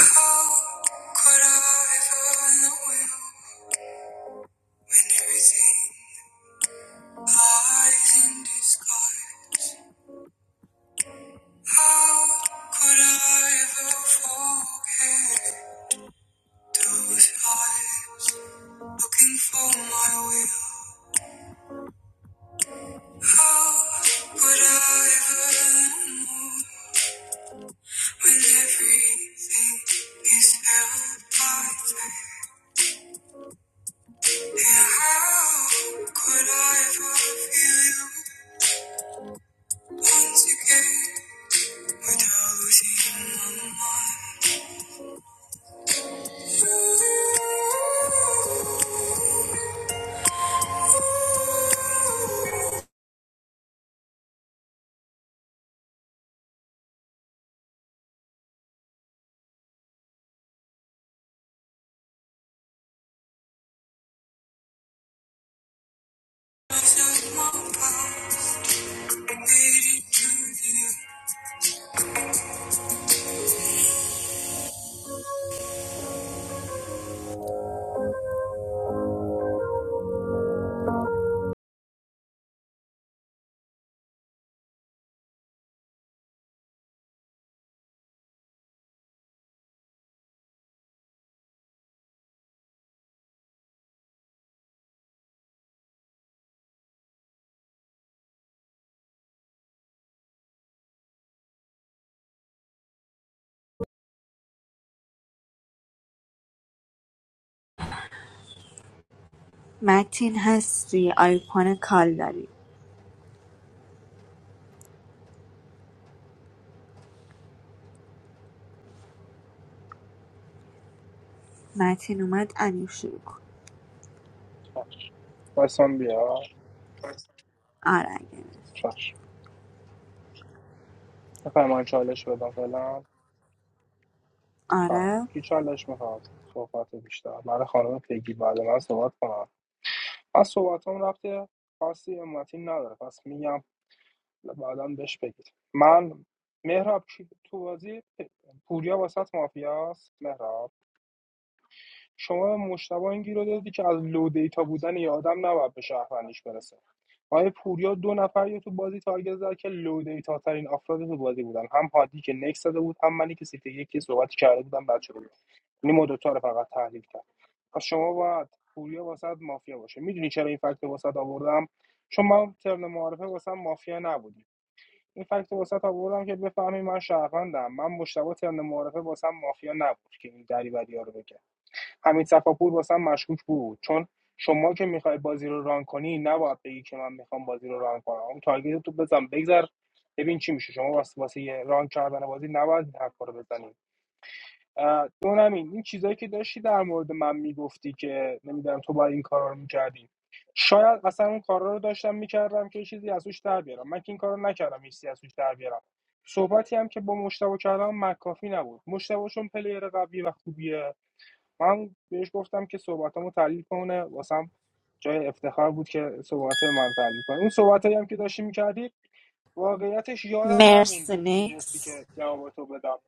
Could I have on the Everything lies in disguise. How could I ever forget those eyes looking for my will? How could I ever know when everything is held? How متین هستی آیکون کال داری متین اومد امیر شروع کن
باسم بیا
آره اگه
چش بخوایم من چالش بدم فعلا آه.
آره
کی چالش میخواد صحبت بیشتر برای خانم پیگی بعد من صحبت کنم از صحبت رفته خاصی امتی نداره پس میگم بعدا بهش بگید من مهراب چی تو بازی پوریا واسط مافیاست مهراب شما مشتبه این گیر رو دادی که از لو دیتا بودن یه آدم نباید به شهروندیش برسه آیا پوریا دو نفر یا تو بازی تارگت زد که لو دیتا ترین افراد تو بازی بودن هم هادی که نکس داده بود هم منی که سیتی یکی صحبت کرده بودم بعد شده بود یعنی ما دوتا رو فقط تحلیل کرد پس شما باید پوریا واسد مافیا باشه میدونی چرا این فکت واسد آوردم چون من ترن معارفه واسم مافیا نبودی این فکت واسط آوردم که بفهمی من شهروندم من مشتبه ترن معارفه واسم مافیا نبود که این دری بدی رو بگم حمید صفاپور واسم مشکوک بود چون شما که میخوای بازی رو ران کنی نباید بگی که من میخوام بازی رو ران کنم اون تارگت تو بزن بگذر ببین چی میشه شما واسه واسه ران کردن بازی نباید این حرفا رو بزنید اه، دو این چیزایی که داشتی در مورد من میگفتی که نمیدونم تو باید این کارا رو میکردی شاید اصلا اون کارا رو داشتم میکردم که چیزی از توش در بیارم من که این کارو نکردم هیچ چیزی از توش در بیارم صحبتی هم که با مشتاق کردم مکافی نبود مشتاقشون چون پلیر قوی و خوبیه من بهش گفتم که صحبتامو تحلیل کنه واسم جای افتخار بود که صحبت من رو تحلیل کنه اون صحبتایی هم که داشتی میکردی واقعیتش یادم نموند
مرسی
چی گفتی
نیکس
که جواب تو بدم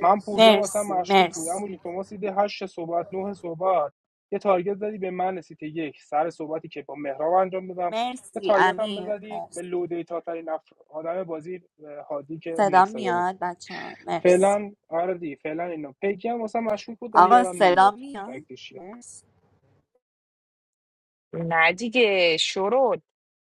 من پوریا واسم
مرسی
مشکوک بود
مرسی
اما شما سیده هشت صحبت نه صحبت یه تارگت زدی به من سیت یک سر صحبتی که با مهراب انجام دادم یه
مرسی
تارگت هم
امیر
بزدی
مرسی
به لو دیتا ترین آدم بازی اه، هادی که
صدا
نکس داده بود
میاد بچه ها مرسی
فعلا آردی فعلا اینو پیکی هم واسه مشکوک بود ولی
آقا
یادم
صدا
نمیاد
میاد مرسی
نه دیگه شروع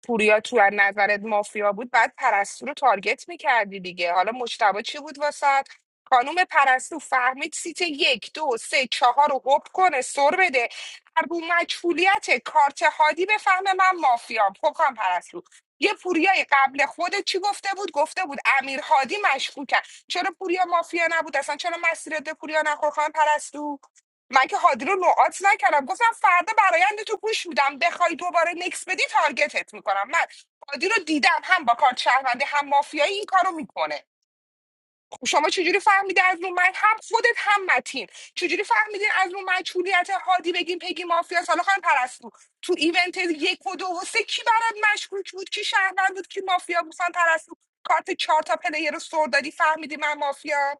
پوریا تو از نظرت مافیا بود بعد پرستو رو تارگت میکردی دیگه حالا مشتبه چی بود واسط خانوم پرستو فهمید سیت یک دو سه چهار رو حب کنه سر بده هر بو مجهولیت کارت هادی بفهمه من مافیا پکان پرستو یه پوریای قبل خودت چی گفته بود گفته بود امیر هادی مشکوکه چرا پوریا مافیا نبود اصلا چرا مسیرت به پوریا نخور خانم پرستو من که هادی رو نوعات نکردم گفتم فردا برایند تو گوش میدم بخوای دوباره نکس بدی تارگتت میکنم من هادی رو دیدم هم با کارت شهروندی هم مافیایی این کارو میکنه خب شما چجوری فهمیده از رو من هم خودت هم متین چجوری فهمیدین از رو مشغولیت هادی بگیم پگی مافیا حالا خانم پرستو تو ایونت یک و دو و سه کی برات مشکوک بود کی شهروند بود کی مافیا بود خانم پرستو کارت چهار تا پلیر رو سر دادی فهمیدی من مافیا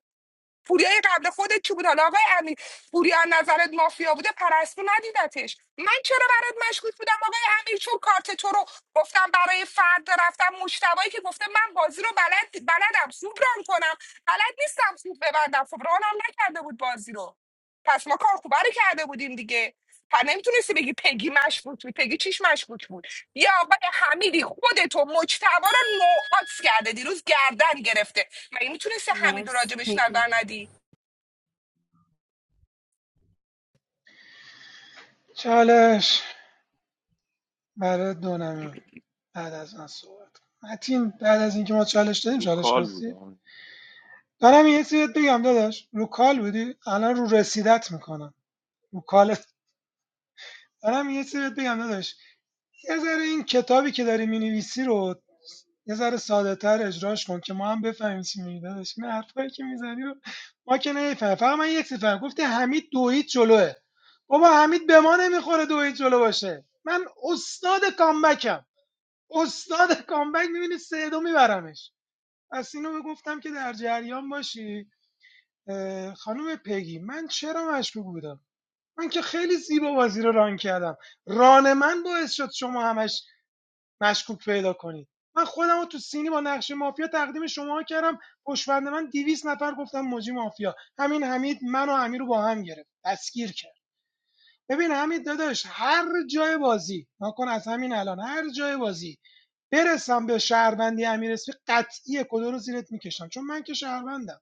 پوریای قبل خودت کی بود حالا آقای امیر پوریا از نظرت مافیا بوده پرستو ندیدتش من چرا برات مشکوک بودم آقای امیر چون کارت تو رو گفتم برای فردا رفتم مشتبایی که گفته من بازی رو بلد بلدم خوب ران کنم بلد نیستم خوب ببندم خب رانم نکرده بود بازی رو پس ما کار خوبه رو کرده بودیم دیگه پر نمیتونستی بگی پگی مشکوک بود پگی چیش مشکوک بود یا آقای حمیدی خودتو مجتبا رو نوعات کرده دیروز گردن گرفته مگه میتونستی همید و
مرسی
راجبش
پگی.
نظر ندی
چالش برای دونمی بعد از من صحبت کن متین بعد از اینکه ما چالش دادیم
رو
چالش
کال
خواستی
بودم
دارم یه سریت بگم داداش رو کال بودی الان رو رسیدت میکنم رو کالت دارم یه سریت بگم داداش یه ذره این کتابی که داری مینویسی رو یه ذره ساده‌تر اجراش کن که ما هم بفهمیم چی میگی داداش این حرفایی که میزنی رو ما که نمیفهمیم فقط من یک چیز فهمیدم گفتی حمید دوید جلوه بابا حمید به ما نمیخوره دوید جلو باشه من استاد کامبکم استاد کامبک می‌بینی سه دو میبرمش پس اینو گفتم که در جریان باشی خانم پگی من چرا مشکوک بودم من که خیلی زیبا بازی رو ران کردم ران من باعث شد شما همش مشکوک پیدا کنید من خودم رو تو سینی با نقشه مافیا تقدیم شما کردم پشتبند من 200 نفر گفتم موجی مافیا همین حمید من و امیر رو با هم گرفت دستگیر کرد ببین حمید داداش هر جای بازی ناکن از همین الان هر جای بازی برسم به شهروندی امیر اسمی قطعی کدو رو زیرت میکشم چون من که شهروندم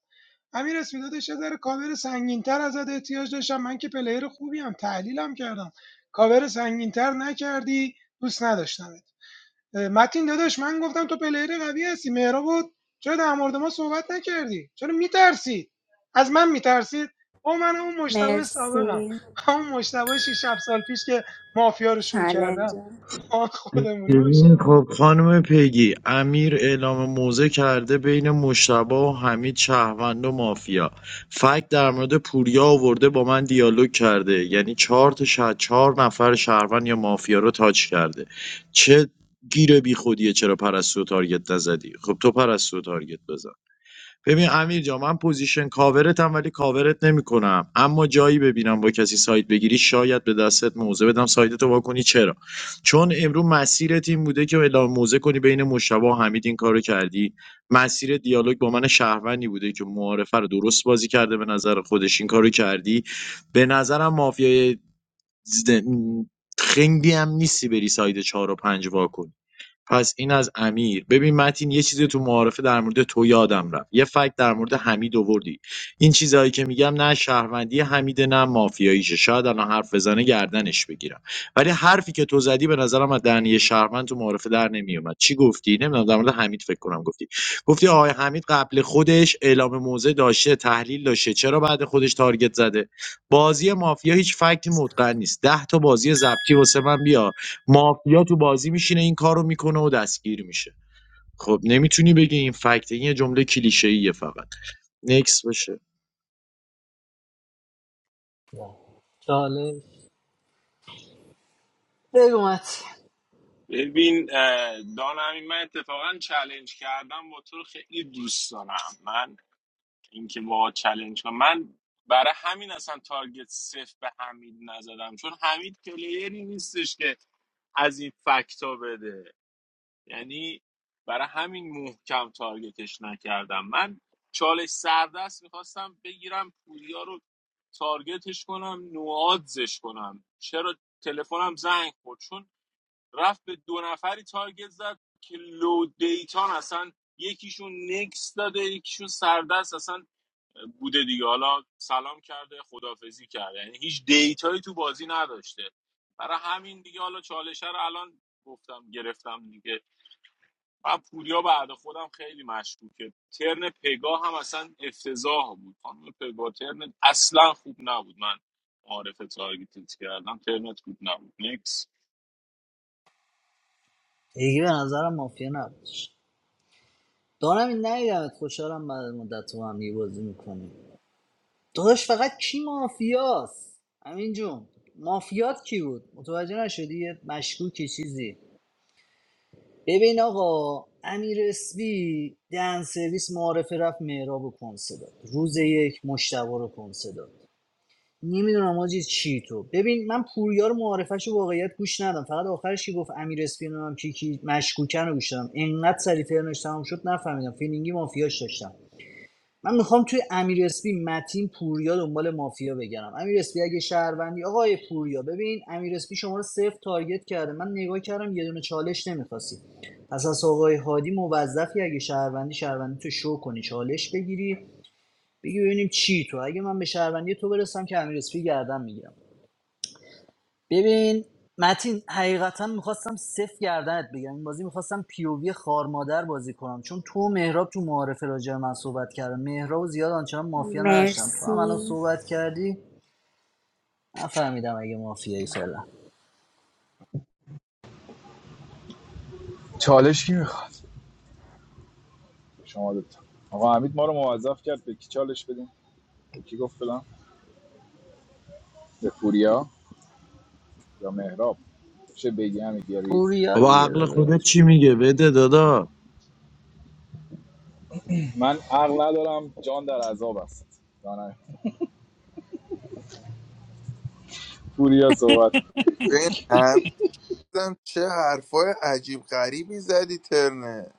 امیر اسمی داداش یه ذره کاور سنگینتر ازت احتیاج داشتم من که پلیر خوبیم تحلیلم کردم کاور سنگینتر نکردی دوست نداشتم اه، متین داداش من گفتم تو پلیر قوی هستی مهراب بود چرا در مورد ما صحبت نکردی چرا میترسید از من میترسید او من اون مشتبه سابقم
مرسی
همون مشتبه 6 7 سال پیش که مافیا رو شروع کردم
چالنجر
خودمونی
ببین
باشید
خب
آه.
خانم پیگی امیر اعلام موضع کرده بین مشتبا و حمید شهروند و مافیا فکت در مورد پوریا آورده با من دیالوگ کرده یعنی چهار تا شه- چهار نفر شهروند یا مافیا رو تاچ کرده چه گیره بی خودیه چرا پرستو تارگت نزدی خب تو پرستو تارگت بزن ببین امیر جان من پوزیشن کاورتم ولی کاورت نمیکنم اما جایی ببینم با کسی سایت بگیری شاید به دستت موزه بدم سایتتو وا کنی چرا چون امرو مسیرت این بوده که اعلام موزه کنی بین مشتبه و حمید این کارو کردی مسیر دیالوگ با من شهروندی بوده که معارفه رو درست بازی کرده به نظر خودش این کارو کردی به نظرم مافیای زد- خنگی هم نیستی بری سایت چهار و 5 وا پس این از امیر ببین متین یه چیزی تو معارفه در مورد تو یادم رفت یه فکت در مورد حمید آوردی این چیزهایی که میگم نه شهروندی حمیده نه مافیاییشه شاید الان حرف بزنه گردنش بگیرم ولی حرفی که تو زدی به نظرم از دهنی شهروند تو معارفه در نمیومد چی گفتی نمیدونم در مورد حمید فکر کنم گفتی گفتی آقای حمید قبل خودش اعلام موضع داشته تحلیل داشته چرا بعد خودش تارگت زده بازی مافیا هیچ فکتی متقن نیست ده تا بازی ضبطی واسه من بیار مافیا تو بازی میشینه این کارو میکنه و دستگیر میشه خب نمیتونی بگی این فکت این یه جمله کلیشه‌ایه فقط نکس بشه
چالش بگو مت
ببین اه، دانمی من اتفاقا چلنج کردم با تو رو خیلی دوست دارم من اینکه با چلنج کنم من برای همین اصلا تارگت صفر به حمید نزدم چون حمید پلیری نیستش که از این فکتا بده یعنی برای همین محکم تارگتش نکردم من چالش سردست میخواستم بگیرم پوریا رو تارگتش کنم نوادزش کنم چرا تلفنم زنگ خورد چون رفت به دو نفری تارگت زد که لو دیتان اصلا یکیشون نکس داده یکیشون سردست اصلا بوده دیگه حالا سلام کرده خدافزی کرده یعنی هیچ دیتایی تو بازی نداشته برای همین دیگه حالا چالشه رو الان گفتم گرفتم دیگه من پوریا بعد خودم خیلی مشکوکه ترن پگاه هم اصلا افتضاح بود خانم پگاه ترن اصلا خوب نبود من معارف تارگتت کردم ترنت خوب نبود نکس
دیگه به نظرم مافیا نبودش دارم این ات خوشحالم بعد مدت تو هم دیگه بازی میکنیم داداش فقط کی مافیاست همین جون مافیات کی بود متوجه نشدی یه مشکوکی چیزی ببین آقا امیر اسبی دن سرویس معارفه رفت مهراب و کنسه داد روز یک مشتبه رو کنسه داد نمیدونم آجی چی تو ببین من پوریا رو معارفش رو واقعیت گوش ندم فقط آخرش که گفت امیر اسپی نمیدونم کی کی مشکوکن رو گوش دادم انقدر سریع ترنش تمام شد نفهمیدم فیلینگی مافیاش داشتم من میخوام توی امیر اسپی متین پوریا دنبال مافیا بگردم امیر اسپی اگه شهروندی آقای پوریا ببین امیر اسپی شما رو صفر تارگت کرده من نگاه کردم یه دونه چالش نمیخواستی پس از آقای هادی موظفی اگه شهروندی شهروندی تو شو کنی چالش بگیری بگی ببینیم چی تو اگه من به شهروندی تو برسم که امیر اسپی گردم میگیرم ببین متین حقیقتا میخواستم صفر گردنت بگم این بازی میخواستم پیووی خارمادر بازی کنم چون تو و مهراب تو معارفه راجع به من صحبت کردم مهراب و زیاد آنچنان مافیا نداشتم تو هم الان
مرسی
صحبت کردی نفهمیدم اگه مافیایی فعلا
چالش کی میخواد؟ شما دوتا آقا حمید ما رو موظف کرد به کی چالش بدیم؟ به کی گفت فلان؟ به پوریا یا مهراب چه بگی همین گریز
پوریا
بابا
دیگه
عقل
داداش
خودت چی میگه بده دادا
من عقل ندارم جان در عذاب است دانه پوریا صحبت
ببین هنوزم چه حرفای عجیب غریبی زدی ترنه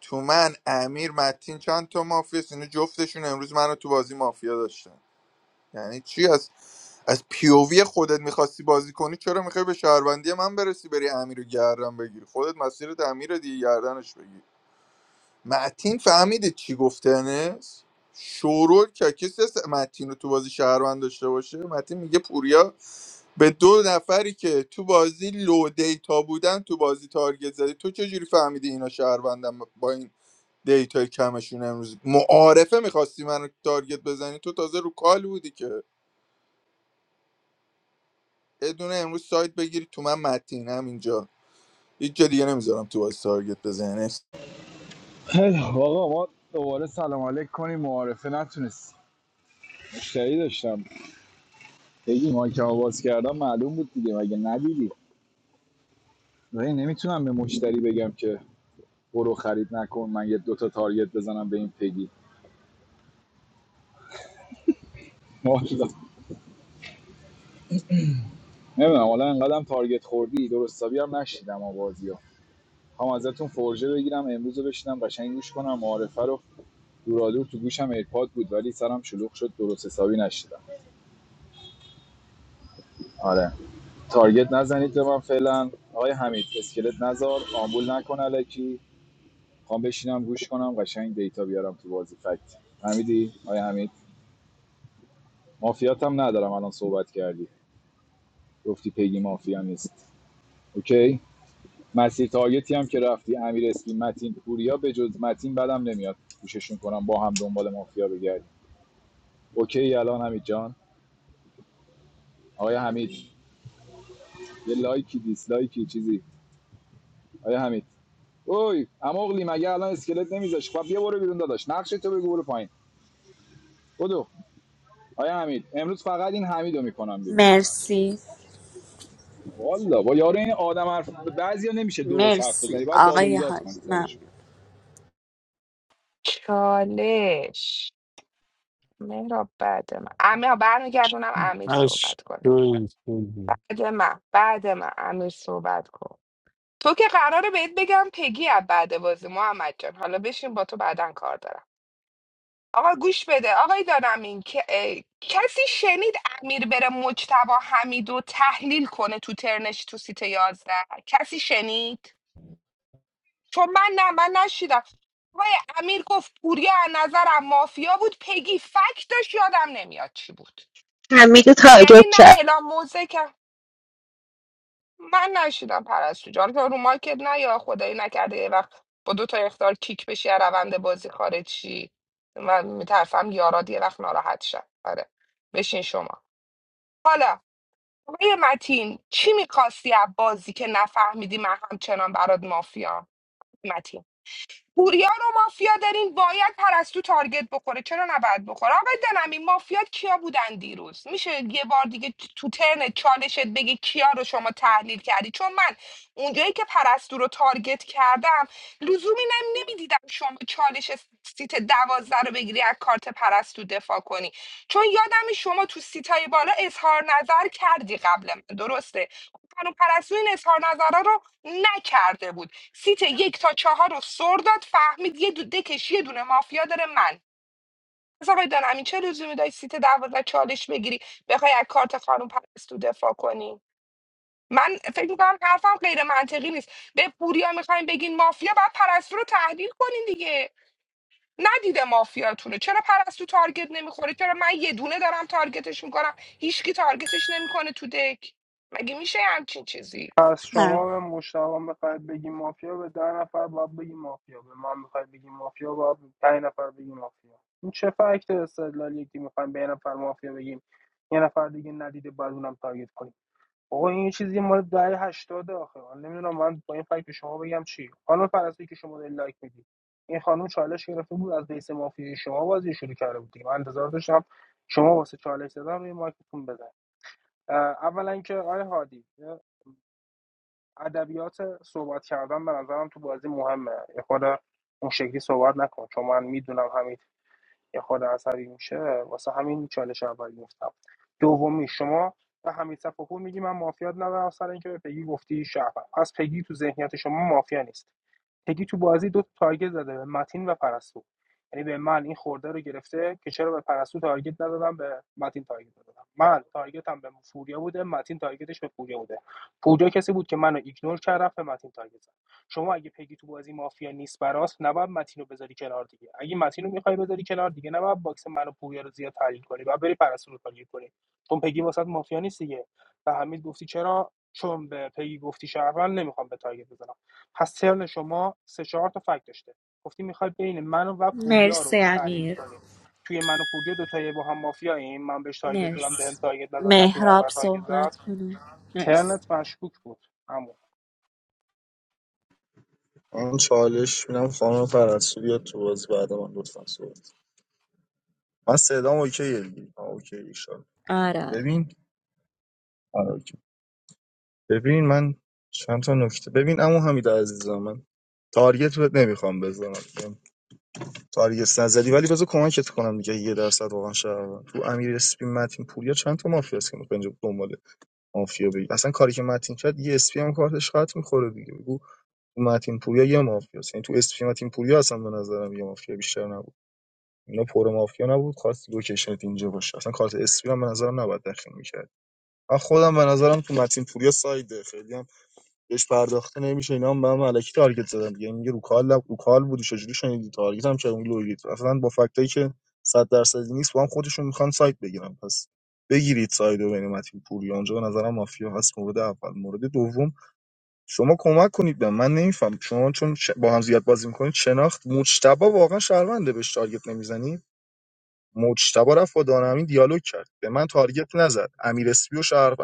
تو من امیر متین چند تا مافیا است؟ اینو جفتشون امروز منو تو بازی مافیا داشتن یعنی چی از از پیووی خودت میخواستی بازی کنی چرا میخوای به شهروندی من برسی بری امیر رو گردن بگیری خودت مسیرت امیر رو دیگه گردنش بگیری متین فهمیده چی گفته انس شورول که کسی هست متین رو تو بازی شهروند داشته باشه متین میگه پوریا به دو نفری که تو بازی لو دیتا بودن تو بازی تارگت زدی تو چجوری فهمیدی اینا شهروندن با این دیتا کمشون امروز معارفه میخواستی من تارگت بزنی تو تازه رو کال بودی که یه دونه امروز سایت بگیری تو من متین همینجا هیچ جا دیگه نمیذارم تو بازی تارگت بزنی
خیلی خب، آقا ما دوباره سلام علیک کنیم معارفه نتونستیم مشتری داشتم خیلی مایک آواز کردم معلوم بود دیگه مگه ندیدی ولی نمیتونم به مشتری بگم که برو خرید نکن من یه دوتا تارگت بزنم به این پگی والا نمیدونم حالا انقدرم تارگت خوردی درست حسابی هم نشیدم آوازی ها هم ازتون فرژه بگیرم امروز بشینم قشنگ گوش کنم معارفه رو دورادور تو گوشم ایرپاد بود ولی سرم شلوغ شد درست حسابی نشیدم آره تارگت نزنید به من فعلا آقای حمید اسکلت نزار آمبول نکن الکی خوام بشینم گوش کنم قشنگ دیتا بیارم تو بازی فکت حمیدی آیا حمید مافیات هم ندارم الان صحبت کردی گفتی پیگی مافیا نیست اوکی مسیر تارگتی هم که رفتی امیر اسپی متین پوریا به جز متین بدم نمیاد گوششون کنم با هم دنبال مافیا بگردیم اوکی الان حمید جان آیا حمید یه لایکی دیسلایکی چیزی آیا حمید اوی اماغلی مگه الان اسکلت نمیذاش خب یه برو بیرون داداش نقش تو بگو برو پایین بدو آیا حمید امروز فقط این حمیدو میکنم بیرون
مرسی
والا با یارو این آدم حرف بعضیا نمیشه درست حرف
مرسی
بزنی باید داد و
آقای
بیداد
حاج
کنی سرش
ممنون
چالش مهراب بعد من امیر برمیگردونم امیر
اش
صحبت کن
دویدی
بعد من بعد من امیر صحبت کن تو که قراره بهت بگم پگی از بعد بازی محمد جان حالا بشین با تو بعدا کار دارم آقا گوش بده آقای دارم این که اه، کسی شنید امیر بره مجتبا حمیدو تحلیل کنه تو ترنش تو سیت 11 کسی شنید چون من نه من نشیدم آقای امیر گفت پوریا از نظرم مافیا بود پگی فکتش یادم نمیاد چی بود
حمید
یعنی نه
تارگت
اعلام موزه که من نشیدم پرستو جان تو رو مارکت نه یا خدایی نکرده یه وقت با دو تا اختار کیک بشی از روند بازی خارج شی من میترسم یاراد یه وقت ناراحت شد آره بشین شما حالا آقای متین چی میخواستی از بازی که نفهمیدی من همچنان برات مافیا متین پوریا رو مافیا دارین باید پرستو تارگت بخوره چرا نباید بخوره آقای دنمی مافیات کیا بودن دیروز میشه یه بار دیگه تو ترن چالشت بگی کیا رو شما تحلیل کردی چون من اونجایی که پرستو رو تارگت کردم لزومی نم نمیدیدم شما چالش سیت دوازده رو بگیری از کارت پرستو دفاع کنی چون یادم شما تو سیتای بالا اظهار نظر کردی قبل من درسته قانون پرستوی این اظهار نظره رو نکرده بود سیت یک تا چهار رو سر داد فهمید یه دو دکش یه دونه مافیا داره من پس آقای دانمی چه لزومی داری سیت دوازده چالش بگیری بخوای از کارت خانم پرستو دفاع کنی من فکر میکنم حرفم غیر منطقی نیست به پوریا میخوایم بگین مافیا باید پرستو رو تحلیل کنین دیگه ندیده مافیاتون رو چرا پرستو تارگت نمیخوره چرا من یه دونه دارم تارگتش میکنم هیچکی تارگتش نمیکنه تو دک مگه میشه همچین چیزی
از شما
ممنون.
به مشتاق میخواید بگی مافیا به ده نفر باید بگی مافیا به من میخواید بگی مافیا باید به پنج نفر بگی مافیا این چه فکت استدلالی یکی میخوایم به یه نفر مافیا بگیم یه نفر دیگه ندیده بعد اونم تارگت کنیم بابا این یه چیزی مال دهه هشتاده آخه من نمیدونم من با این فکت به شما بگم چی خانم فرضی که شما داری لایک میدی این خانم چالش گرفته بود از بیس مافیا شما بازی شروع کرده بود دیگه. من انتظار داشتم شما واسه چالش زدن روی مایکتون بزن اولا که آقای هادی ادبیات صحبت کردن به نظرم تو بازی مهمه یه خود اون شکلی صحبت نکن چون من میدونم همین یه خود عصبی میشه واسه همین چالش اولی گفتم دومی شما و حمید صفاپور میگی من مافیات ندارم سر اینکه به پگی گفتی شهر پس پگی تو ذهنیت شما مافیا نیست تگی تو بازی دو تا تارگت زده به متین و پرستو یعنی به من این خورده رو گرفته که چرا به پرستو تارگت ندادم به متین تارگت دادم من تارگتم به فوریا بوده متین تارگتش به فوریا بوده فوریا کسی بود که منو ایگنور کرد رفت به متین تارگت زد شما اگه پگی تو بازی مافیا نیست براست نباید متین رو بذاری کنار دیگه اگه متین رو میخوای بذاری کنار دیگه نباید باکس منو پوریا رو زیاد تحلیل کنی باید بری پرستو رو تارگت کنی چون پگی واسط مافیا نیست دیگه به حمید گفتی چرا چون به پگی گفتی شهروند نمیخوام به تارگت بزنم پس ترن شما سه چهار تا فکت داشته گفتی میخوای بین من و پوریا
مرسی
رو تحلیل
امیر
کنی توی من و پوریا دوتایی با هم مافیا این من بهش تارگت دادم بهم
مرسی
تارگت نزد رفتی من
مهراب
رو تارگت زد
صحبت کنه مرسی
ترنت مشکوک بود اما
من چالش میدم خانم پرستو بیاد تو بازی بعد من لطفا صحبت من صدام اوکیه دیگه. آه، اوکی ایشان
آراد
ببین آره، اوکی. ببین من چند تا نکته ببین عمو حمید عزیزم من تارگت بهت نمیخوام بزنم چون تارگت نزدی ولی بذار کمکت کنم دیگه یه درصد واقعا شهر تو امیر اسپی متین پوریا چند تا مافیا هست که میخوان مافیا بگی اصلا کاری که متین کرد یه اسپی هم کارتش خط میخوره دیگه بگو تو متین پوریا یه مافیاست یعنی تو اسپی متین پوریا اصلا به نظرم یه مافیا بیشتر نبود اینا پر مافیا نبود کارت لوکیشنت اینجا باشه اصلا کارت اسپی هم به نظرم نباید داخل میکرد من خودم به نظرم تو متین پوریا سایده خیلی هم بهش پرداخته نمیشه اینا هم به هم الکی تارگت زدن دیگه میگه رو کال لب- رو کال بودی چجوری شنیدی تارگت هم که اون لوگیت اصلا با فکتایی که 100 درصدی نیست با هم خودشون میخوان سایت بگیرن پس بگیرید سایت و بین متین پوری آنجا به نظرم مافیا هست مورد اول مورد دوم شما کمک کنید به من نمیفهم شما چون ش- با هم زیاد بازی میکنید شناخت مجتبا واقعا شهرونده بهش تارگت نمیزنید مجتبا رفت با دانمین دیالوگ کرد به من تارگت نزد امیر اسپی و شهروند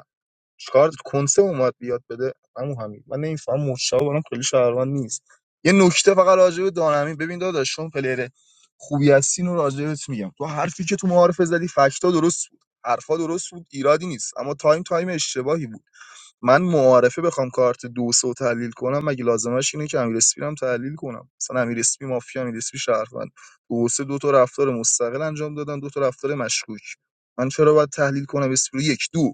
چیکار کنسه اومد بیاد بده عمو حمید من نمیفهم مشتاق برام خیلی شهروند نیست یه نکته فقط راجع به دانمین ببین داداش چون پلیر خوبی هستین و راجع بهت میگم تو حرفی که تو معارفه زدی فکتا درست بود حرفا درست بود ایرادی نیست اما تایم تایم اشتباهی بود من معارفه بخوام کارت دوسو تحلیل کنم مگه لازمش اینه که امیر اسپی رو هم تحلیل کنم مثلا امیر اسپی مافیا امیر اسپی شهروند دوسه دو تا رفتار مستقل انجام دادن دو تا رفتار مشکوک من چرا باید تحلیل کنم اسپی رو یک دو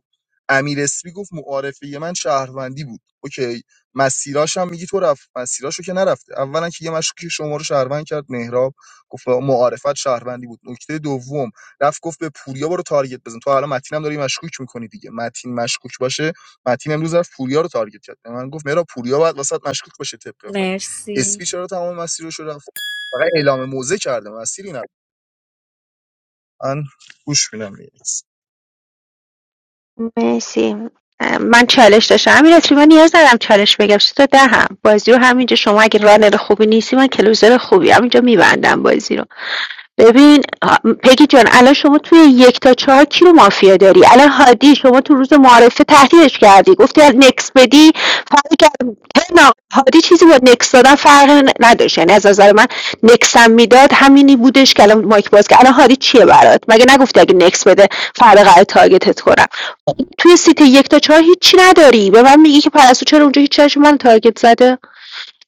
امیر اسپی گفت معارفه من شهروندی بود اوکی مسیراش هم میگی تو رفت مسیراشو که نرفته اولا که یه مشکوک شما رو شهروند کرد مهراب گفت معارفت شهروندی بود نکته دوم رفت گفت به پوریا برو تارگت بزن تو حالا متینم داری مشکوک میکنی دیگه متین مشکوک باشه متین امروز رفت پوریا رو تارگت کرد به من گفت مرا پوریا باید واسط مشکوک باشه طبق فکت
مرسی
اسپی چرا تمام مسیرش رو رفت فقط اعلام موزه کرده مسیری نه من گوش میدم
مرسی من چالش داشتم امیر اطری من نیاز ندارم چالش بگم سه تا دهم بازی رو همینجا شما اگه رانر خوبی نیستی من کلوزر خوبی همینجا میبندم بازی رو ببین آ، پگی جان الان شما توی یک تا چهار کی رو مافیا داری الان هادی شما تو روز معارفه تهدیدش کردی گفتی از نکس بدی فرقی کرد ترن آقای هادی چیزی با نکس دادن فرق ن- نداشت یعنی از نظر من نکسم میداد همینی بودش که الان مایک باز که الان هادی چیه برات مگه نگفتی اگه نکس بده فرق قرار تارگتت کنم توی سیت یک تا چهار هیچی نداری به من میگی که پرستو چرا اونجا هیچ چرا من تارگت زده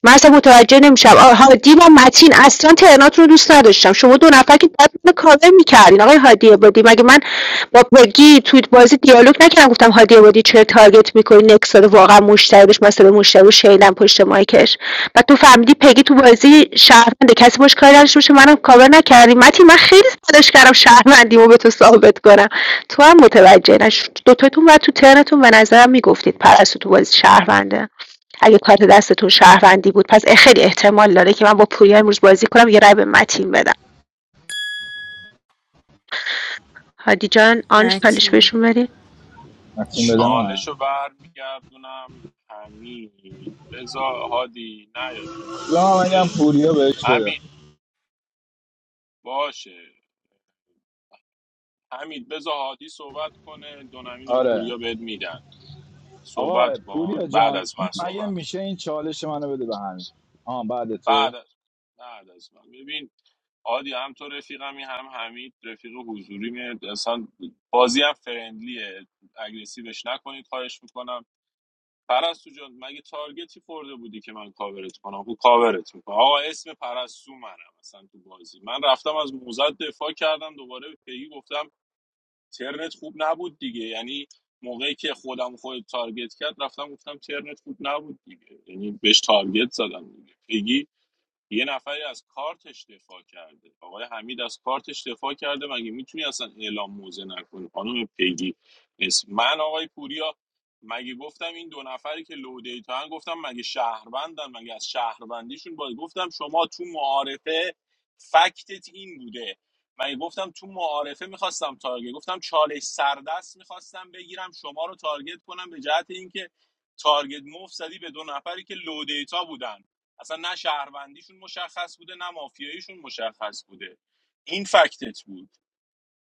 من اصلا متوجه نمیشم هادی با متین اصلا تهرانات رو دوست نداشتم شما دو نفر که باید منو کاور میکردین آقای هادی عبادی مگه من با بگی توی بازی دیالوگ نکردم گفتم هادی عبادی چرا تارگت میکنی نکسال واقعا مشتری داشت مثلا مشتری رو شیلن پشت مایکش و تو فهمیدی پگی تو بازی شهرونده کسی باش کاری نداشته باشه منو کاور نکردی متین من خیلی تلاش کردم شهروندیمو به تو ثابت کنم تو هم متوجه نشد دوتاتون و تو ترنتون به نظرم میگفتید پرستو تو بازی شهرونده اگه کارت دستتون شهروندی بود پس خیلی احتمال داره که من با پوریا امروز بازی کنم یه رای به متین بدم هادی جان آن چالش
متی
بهشون بدین
افشین بده من
چالش رو برمیگردونم همین بزا هادی نیا تو بازی
یا من میگم
اوکی
پوریا بهش بده
همین باشه همین بزا هادی صحبت کنه دونمین یا
آره
پوریا بهت میدن
آقا
صحبت
پوریا
کن بعد
جان
از من
اگه
صحبت کن.
میشه این چالش منو بده به همین آه بعد
بعد
تو
از بعد از من ببین آدی هم تو رفیقمی هم حمید رفیق حضوری میاد اصلا بازی هم فرندلیه اگریسیوش نکنید خواهش میکنم پرستو جان مگه تارگتی خورده بودی که من کاورت کنم او کاورت میکنم آقا اسم پرستو منم اصلا تو بازی من رفتم از موزت دفاع کردم دوباره به پیگی گفتم ترنت خوب نبود دیگه یعنی موقعی که خودم خود تارگت کرد رفتم گفتم ترنت خوب نبود دیگه یعنی بهش تارگت زدم دیگه پیگی یه نفری از کارتش دفاع کرده آقای حمید از کارتش دفاع کرده مگه میتونی اصلا اعلام موزه نکنی خانم پیگی اسم من آقای پوریا مگه گفتم این دو نفری که لو دیتا هن، گفتم مگه شهروندن مگه از شهروندیشون باید گفتم شما تو معارفه فکتت این بوده مگه گفتم تو معارفه میخواستم تارگت گفتم چالش سردست میخواستم بگیرم شما رو تارگت کنم به جهت اینکه تارگت موف زدی به دو نفری که لو دیتا بودن اصلا نه شهروندیشون مشخص بوده نه مافیاییشون مشخص بوده این فکتت بود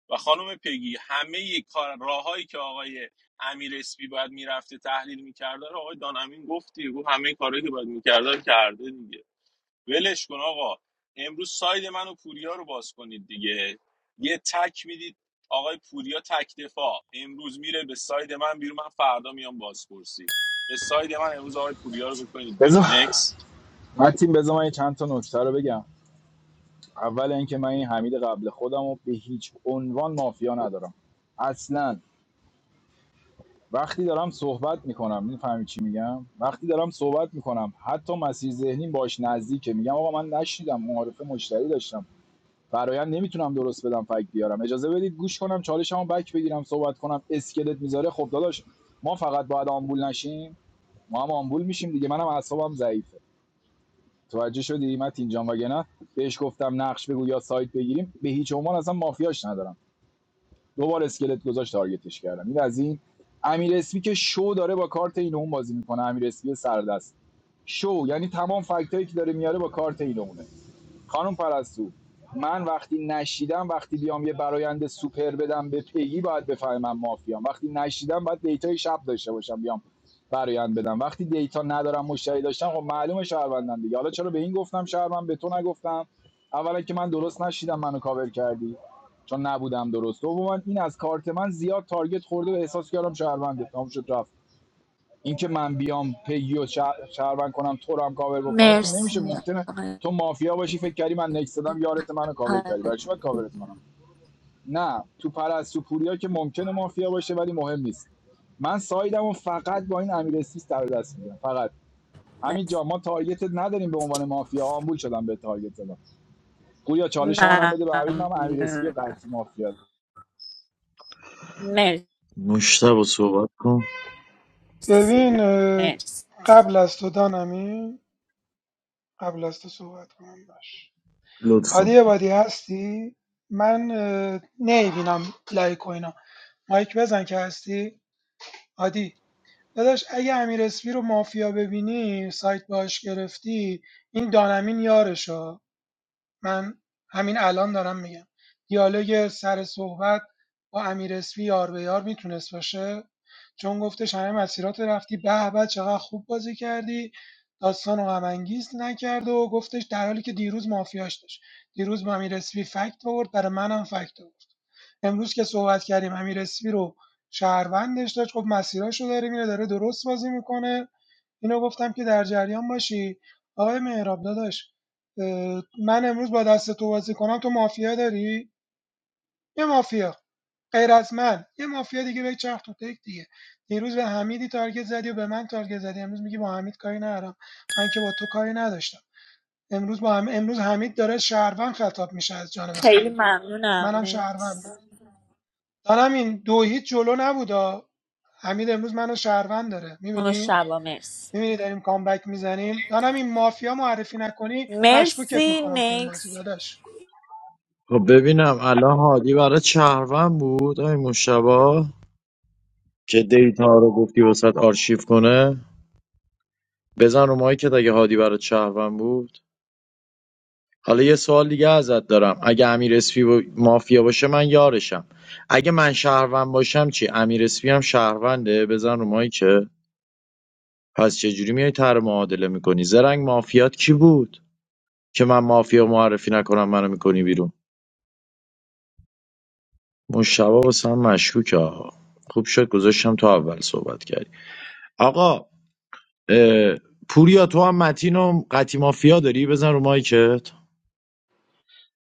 و خانم پگی همه کار راههایی که آقای امیر اسپی باید میرفته تحلیل میکرده رو آقای دان امین گفت دیگه گفت همه کارهایی که باید میکرده رو کرده دیگه ولش کن آقا امروز ساید من و پوریا رو باز کنید دیگه یه تک میدید آقای پوریا تک دفاع امروز میره به ساید من بیرون من فردا میام بازپرسی به ساید من امروز آقای پوریا رو بکنید
بذار
بیرون نکس
من تیم بذار من چند تا نکته رو بگم اول اینکه من این حمید قبل خودم رو به هیچ عنوان مافیا ندارم اصلا وقتی دارم صحبت میکنم میفهمی چی میگم وقتی دارم صحبت میکنم حتی مسیر ذهنیم باش نزدیکه میگم آقا من نشنیدم معارف مشتری داشتم فرایند نمیتونم درست بدم فکت بیارم اجازه بدید گوش کنم چالشمو بک بگیرم صحبت کنم اسکلت میذاره خب داداش ما فقط باید آمبول نشیم ما هم آمبول میشیم دیگه منم اعصابم ضعیفه توجه شدی متین جان وگه بهش گفتم نقش بگو یا سایت بگیریم به هیچ عنوان اصلا مافیاش ندارم دو بار اسکلت گذاشت تارگتش کردم این از این امیر اسپی که شو داره با کارت اینو اون بازی میکنه امیر اسپی سردست شو یعنی تمام فکتایی که داره میاره با کارت اینو این خانم پرستو من وقتی نشیدم وقتی بیام یه برایند سوپر بدم به پیگی باید بفهمم مافیام وقتی نشیدم باید دیتای شب داشته باشم بیام برایند بدم وقتی دیتا ندارم مشتری داشتم خب معلومه شهروندم دیگه حالا چرا به این گفتم شهروند به تو نگفتم اولا که من درست نشیدم منو کاور کردی چون نبودم درست دوما این از کارت من زیاد تارگت خورده و احساس کردم شهرونده تمام شد رفت اینکه من بیام پیو شهروند کنم تو رو هم کاور بکنم که
مرسی
نمیشه ممکنه
آقای
تو مافیا باشی فکر کردی من نکس دادم یارت منو کاور
حاج
کردی برای چی باید کاورت کنم نه تو پرستو پوریا که ممکنه مافیا باشه ولی مهم نیست من سایدم و فقط با این امیر سیس در دست میگیرم فقط همین
مرسی
جا ما تارگتت نداریم به عنوان مافیا آمبول شدم به تارگت زدم پوریا چالش منم بده به حمید من امیر اسپی و
ممنون.
قطعی مافیا
مرسی
مشتبه صحبت کن
ببین
مرسی
قبل از تو دانمی قبل از تو صحبت کنم باش
لطفا
عادی عبادی هستی من نمیبینم لایک و اینا مایک بزن که هستی عادی داداش اگه امیر اسپی رو مافیا ببینی سایت باش گرفتی این دانمین یارشه من همین الان دارم میگم دیالوگ سر صحبت با امیر اسفی یار به یار میتونست باشه چون گفتش همه مسیرات رو رفتی به به چقدر خوب بازی کردی داستان و غمانگیز نکرد و گفتش در حالی که دیروز مافیاش داشت دیروز با امیر اسفی فکت آورد برای منم فکت آورد امروز که صحبت کردیم امیر اسفی رو شهروندش داشت خب مسیراش رو داره میره داره درست بازی میکنه اینو گفتم که در جریان باشی آقای مهراب داداش اه، من امروز با دست تو بازی کنم تو مافیا داری یه مافیا غیر از من یه مافیا دیگه به چرخ تو تک دیگه دیروز به حمیدی تارگت زدی و به من تارگت زدی امروز میگی با حمید کاری ندارم من که با تو کاری نداشتم امروز با هم... امروز حمید داره شهروند خطاب میشه از جانب
خیلی
خیلی
ممنونم
منم شهروندم
مرسی
دارم این دو هیچ جلو نبودا حمید امروز منو شهروند داره میبینی
مشتبه مرسی
میبینی داریم کامبک میزنیم دانمین مافیا معرفی نکنی مشکوکت
مرسی
میکنم تو این بازی
نکس
داداش
خب ببینم الان هادی برای شهروند بود این مشتبه که دیتا رو گفتی وسط آرشیو کنه بزن رو مایکت اگه هادی برای شهروند بود حالا یه سوال دیگه ازت دارم اگه امیر اسپی با- مافیا باشه من یارشم اگه من شهروند باشم چی امیر اسپی هم شهرونده بزن رو مایی که پس چجوری میای تر معادله میکنی زرنگ مافیات کی بود که من مافیا معرفی نکنم منو میکنی بیرون مشتبه واسه هم مشکوکه آقا خوب شد گذاشتم تو اول صحبت کردی آقا اه، پوریا تو هم متین و قطی مافیا داری بزن رو مایکت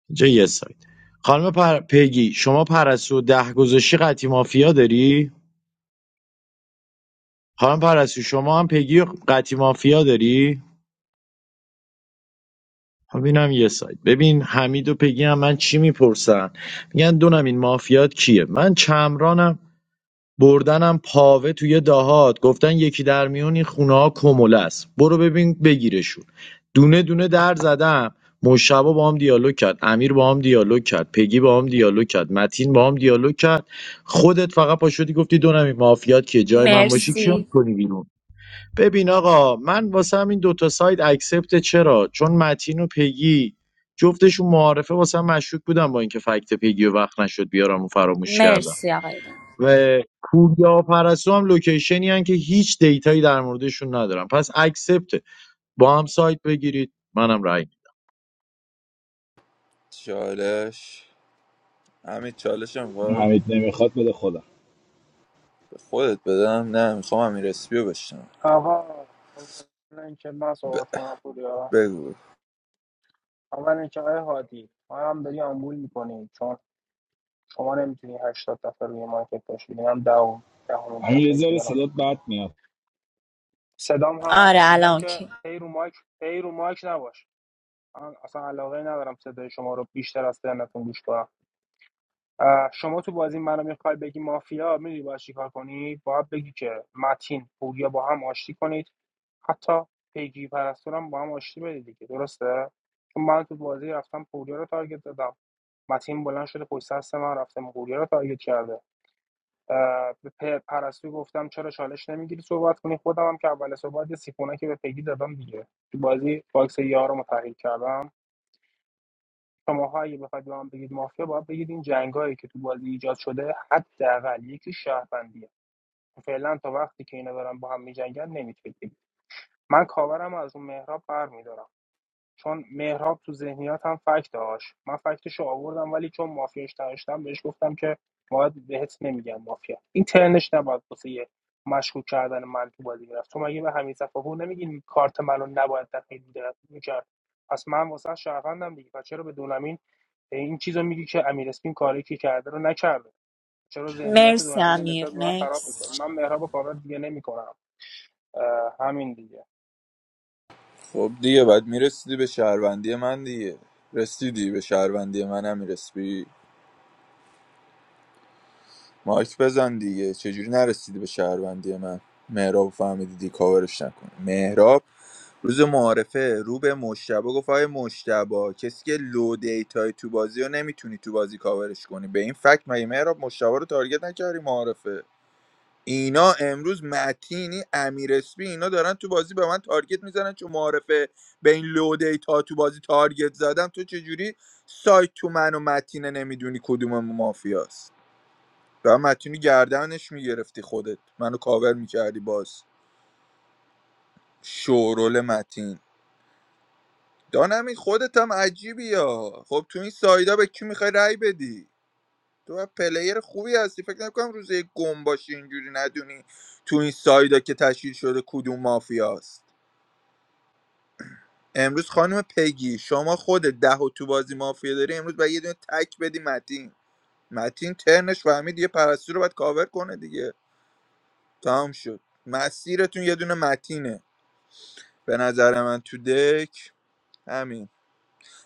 اینجا یه سایت خانم پر... پیگی شما پرستو ده گذاشتی قطی مافیا داری خانم پرستو شما هم پیگی و قطی مافیا داری خب یه سایت ببین حمید و پیگی هم من چی میپرسن میگن دونم این مافیات کیه من چمرانم بردنم پاوه توی دهات گفتن یکی در میون این خونه ها کموله است برو ببین بگیرشون دونه دونه در زدم مشابه با هم دیالوگ کرد امیر با هم دیالوگ کرد پگی با هم دیالوگ کرد متین با هم دیالوگ کرد خودت فقط پاشدی گفتی دو نمی مافیات که جای من باشی کیو
مرسی
کنی بیرون ببین آقا من واسه همین دوتا ساید اکسپت چرا چون متین و پگی جفتشون معارفه واسه هم مشکوک بودن با اینکه فکت پگی و وقت نشد بیارم و فراموش کردم
مرسی آقای بابا.
و پوریا پرستو هم لوکیشنی هن که هیچ دیتایی در موردشون ندارم پس اکسپت با هم سایت بگیرید منم رای
چالش همین چالش
دارم.
هم
نمیخواد بده خودم
خودت بدم نه میخوام امیر اسپیو بشنم
آقا اولا اینکه من صحبت کنم پوریا
بگو
اول اینکه آقای هادی ما هم داری آمبول میکنی چون شما نمیتونی هشتاد دفعه روی مارکت باشی من دهم دهمین
امیر
دفعه که
زیاد
دارم بهت
صدات
میگم
بد میاد
صدام
آره
هست میگم
الان
که
اوکی
هی رو مایک هی رو مایک نباش من اصلا علاقه ندارم صدای شما رو بیشتر از ترنتون گوش کنم شما تو بازی منو میخوای بگی مافیا میدونی باید چیکار کنی باید بگی که متین پوریا با هم آشتی کنید حتی پیگی پرستور با هم آشتی بدید دیگه درسته چون من تو بازی رفتم پوریا رو تارگت دادم متین بلند شده پشت سرست من رفتم پوریا رو تارگت کرده به پ- پرستو گفتم چرا چالش نمیگیری صحبت کنی خودم هم که اول صحبت یه سیفونکی به پیگی دادم دیگه تو بازی باکس یارو رو تحلیل کردم شماها اگه بخواید به من بگید مافیا باید بگید این جنگایی که تو بازی ایجاد شده حداقل یکی شهروندیه فعلا تا وقتی که اینا دارن با هم میجنگن نمیتونید بگید من کاورم از اون مهراب برمیدارم چون مهراب تو ذهنیاتم فکت داشت من فکتش آوردم ولی چون مافیاش داشتم بهش گفتم که باید بهت نمیگم مافیا این ترنش نباید واسه یه مشکوک کردن من تو بازی میرفت تو مگه به همین صفحه نمیگین کارت منو نباید دفعه دیگه میکرد پس من واسه شهروندم دیگه پس چرا به دولمین این چیزو میگی که امیر اسپین کاری که کرده رو نکرده چرا ذهنیت
مرسی
دونمی رو
امیر
نسبت به من خراب
نکس
میکنی من مهراب و کارا دیگه نمیکنم همین دیگه
خب دیگه بعد میرسیدی به شهروندی من دیگه رسیدی به شهروندی من امیر اسپی مایک بزن دیگه چجوری نرسیدی به شهروندی من مهراب فهمیدی دی کاورش نکنه مهراب روز معارفه رو به مشتبه گفت آقای مشتبه کسی که لو دیتای تو بازی رو نمیتونی تو بازی کاورش کنی به این فکت مگه مهراب مشتبه رو تارگت نکردی معارفه اینا امروز متینی امیر اسپی اینا دارن تو بازی به من تارگت میزنن چون معارفه به این لو دیتا تو بازی تارگت زدم تو چجوری سایت تو من و متینه نمیدونی کدوم مافیاست و متینی گردنش میگرفتی خودت منو کاور میکردی باز شورول متین دانمین خودت هم عجیبی یا خب تو این سایدا به کی میخوای رأی بدی تو باید پلیر خوبی هستی فکر نکنم روزه گم باشی اینجوری ندونی تو این سایدا که تشکیل شده کدوم مافیاست امروز خانم پگی شما خود ده و تو بازی مافیا داری امروز باید یه دونه تک بدی متین متین ترنش فهمید یه پرستو رو باید کاور کنه دیگه تمام شد مسیرتون یه دونه متینه به نظر من تو دک همین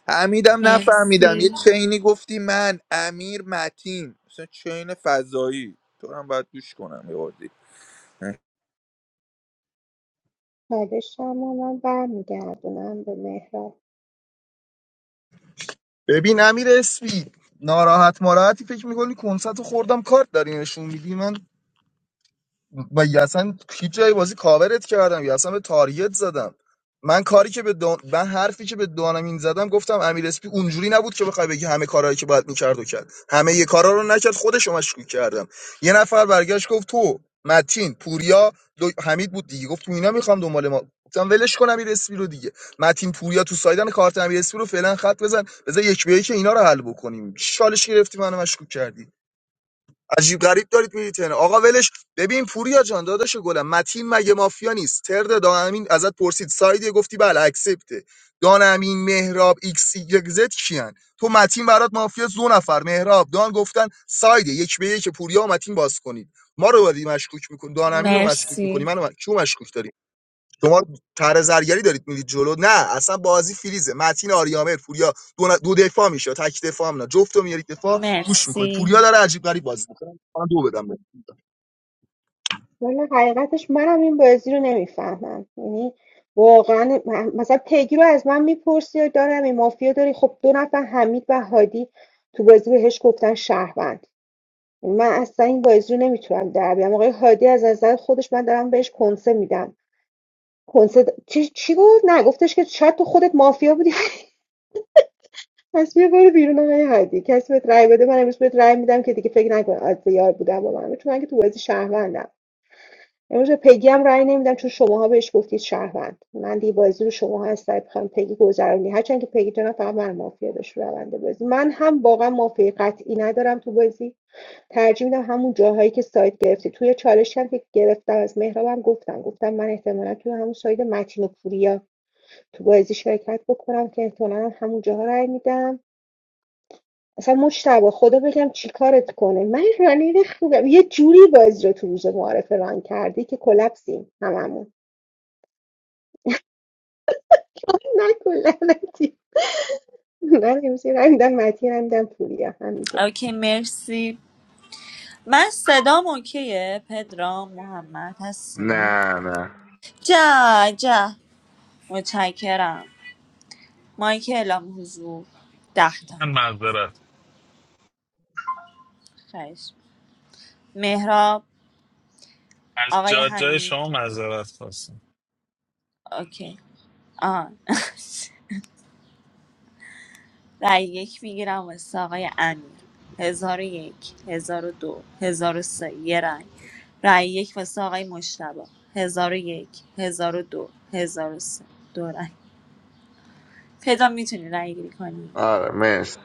حمیدم نفهمیدم یه
مرسی
چینی گفتی من امیر متین مثلا چین فضایی تو رو هم باید گوش کنم یه بار دیگه.
شما من برمیگردونم به مهراب
ببین امیر اسپی ناراحت ماراحتی فکر میکنی کنسرت خوردم کارت داری نشون میدی من و یا اصلا هیچ جای بازی کاورت کردم یا اصلا به تاریت زدم من کاری که به دان... من حرفی که به دانمین زدم گفتم امیر اسپی اونجوری نبود که بخوای بگی همه کارهایی که باید میکرد و کرد همه یه کارا رو نکرد خودش رو مشکوک کردم یه نفر برگشت گفت تو متین پوریا دو... حمید بود دیگه گفت تو اینا میخوام دنبال ما گفتم ولش کن امیر اسپی رو دیگه متین پوریا تو سایدن کارت امیر اسپی رو فعلا خط بزن بذار یک به یک اینا رو حل بکنیم چالش گرفتی منو مشکوک کردی عجیب غریب دارید میرید تهران آقا ولش ببین پوریا جان داداش گلم متین مگه مافیا نیست ترد دانمین ازت پرسید سایدی گفتی بله اکسپته دانمین مهراب ایکس یک زد کیان تو متین برات مافیا دو نفر مهراب دان گفتن سایده یک به یک پوریا و متین باز کنید ما رو ولی مشکوک میکنی دانمین رو مشکوک میکنی
مرسی
منو م- کیو مشکوک داری؟ شما طرح زرگری دارید میرید جلو نه اصلا بازی فریزه متین آریامر پوریا دو, ن- دو دفاع میشه تک دفاع هم نه جفت رو میارید دفاع گوش میکنید پوریا
مرسی
داره عجیب غریب بازی میکنه من دو بدم بهش.
والا حقیقتش منم این بازی رو نمیفهمم یعنی واقعا من- مثلا پیگی رو از من میپرسی و دارم این مافیا داری خب دو نفر حمید و هادی تو بازی بهش گفتن شهروند من اصلا این بازی رو نمیتونم در بیارم آقای هادی از نظر خودش من دارم بهش کنسه میدم کنسرت چی, چی گفت نه گفتش که شاید تو خودت مافیا بودی پس بیا برو بیرون آقای هادی کسی بهت رأی بده من امروز بهت رأی میدم که دیگه فکر نکن از یار بودم با من چون من که تو بازی شهروندم امروز به پگی هم رأی نمیدم چون شماها بهش گفتید شهروند من دیگه بازی رو شماها از سر بخوام پگی گذرونی هرچند که پگی جناب فقط من مافیا داشت رونده بازی من هم واقعا مافیا قطعی ندارم تو بازی ترجیح میدم همون جاهایی که سایت گرفتی توی چالش هم که گرفتم از مهرابم گفتم گفتم من احتمالا توی همون سایت متین و پوریا تو بازی شرکت بکنم که احتمالا همونجا رای میدم اصلا مشتبه خدا بگم چی چیکارت کنه من رانیر خوبم یه جوری بازی رو تو روز معارفه ران کردی که کلپسیم هممون نه کلپسی من امسی رای میدم متی رای میدم پوریا هم میگه
اوکی مرسی من صدام اوکیه پدرام محمد هستی
نه نه
جا جا متشکرم مایک اعلام حضور ده تا
من معذرت
خیش مهراب
از
آقای
جا جای شما
حمید
معذرت خواستم
اوکی آه رأی یک میگیرم واسه آقای امیر هزار و یک هزار و دو هزار و سه یه رأی رأی یک واسه آقای مشتبه هزار و یک هزار و دو هزار و سه دو رأی پدرام میتونی رأی گیری کنی
آره مرسی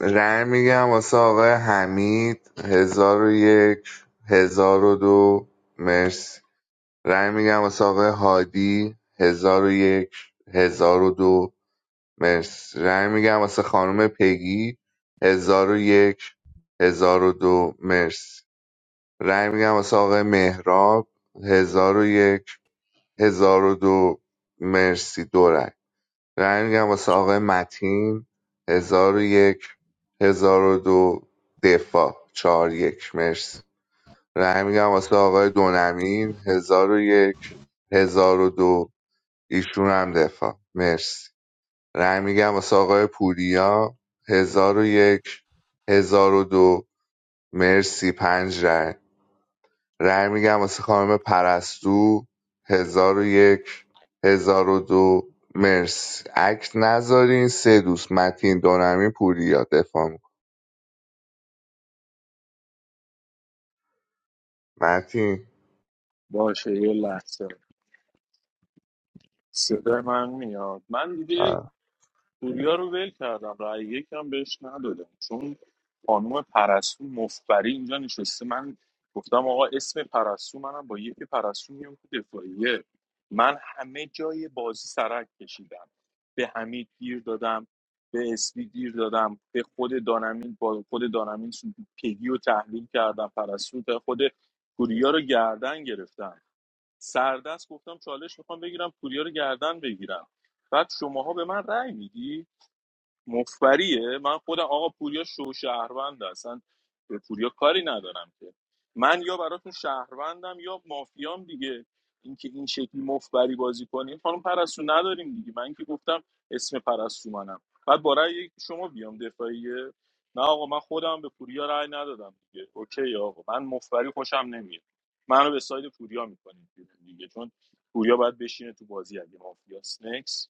رأی میگم واسه آقای حمید هزار و یک هزار و دو مرسی رأی میگم واسه آقای هادی هزار و یک هزار و دو مرسی رأی میگم واسه خانم پگی هزار و یک هزار و دو مرسی رأی میگم واسه آقای مهراب هزار و یک هزار و دو مرسی دو رأی. رای میگم واسه آقای متین هزار و یک هزار و دو دفاع چهار یک مرسی رای میگم واسه آقای دونمین هزار و یک هزار و دو ایشون هم دفاع مرسی رای میگم واسه آقای پوریا هزار و یک هزار و دو مرسی پنج رای رأی میگم واسه خانم پرستو هزار و یک هزار و دو مرسی عکس نذارین سه دوست متین دونمی پوریا دفاع میکن متین
باشه یه لحظه صدای من میاد من دیگه
آه.
پوریا رو ول کردم رأی یکم بهش ندادم چون خانوم پرستو مفبری اینجا نشسته من گفتم آقا اسم پرستو منم با یکی پرستو میام تو دفاعیه من همه جای بازی سرک کشیدم به حمید گیر دادم به اسبی گیر دادم به خود دانمین با خود دانمین پگی رو تحلیل کردم پرستو تا خود پوریا رو گردن گرفتم سردست گفتم چالش میخوام بگیرم پوریا رو گردن بگیرم بعد شماها به من رأی میدی مفبریه من خودم آقا پوریا شو شهروند اصلا به پوریا کاری ندارم که من یا براتون شهروندم یا مافیام دیگه اینکه این شکلی مفبری بازی کنیم خانم پرستو نداریم دیگه من که گفتم اسم پرستو منم بعد برای یک شما بیام دفاعیه نه آقا من خودم به پوریا رأی ندادم دیگه اوکی آقا من مفبری خوشم نمیاد منو به ساید پوریا میکنیم دیگه چون پوریا باید بشینه تو بازی اگه مافیاس نکس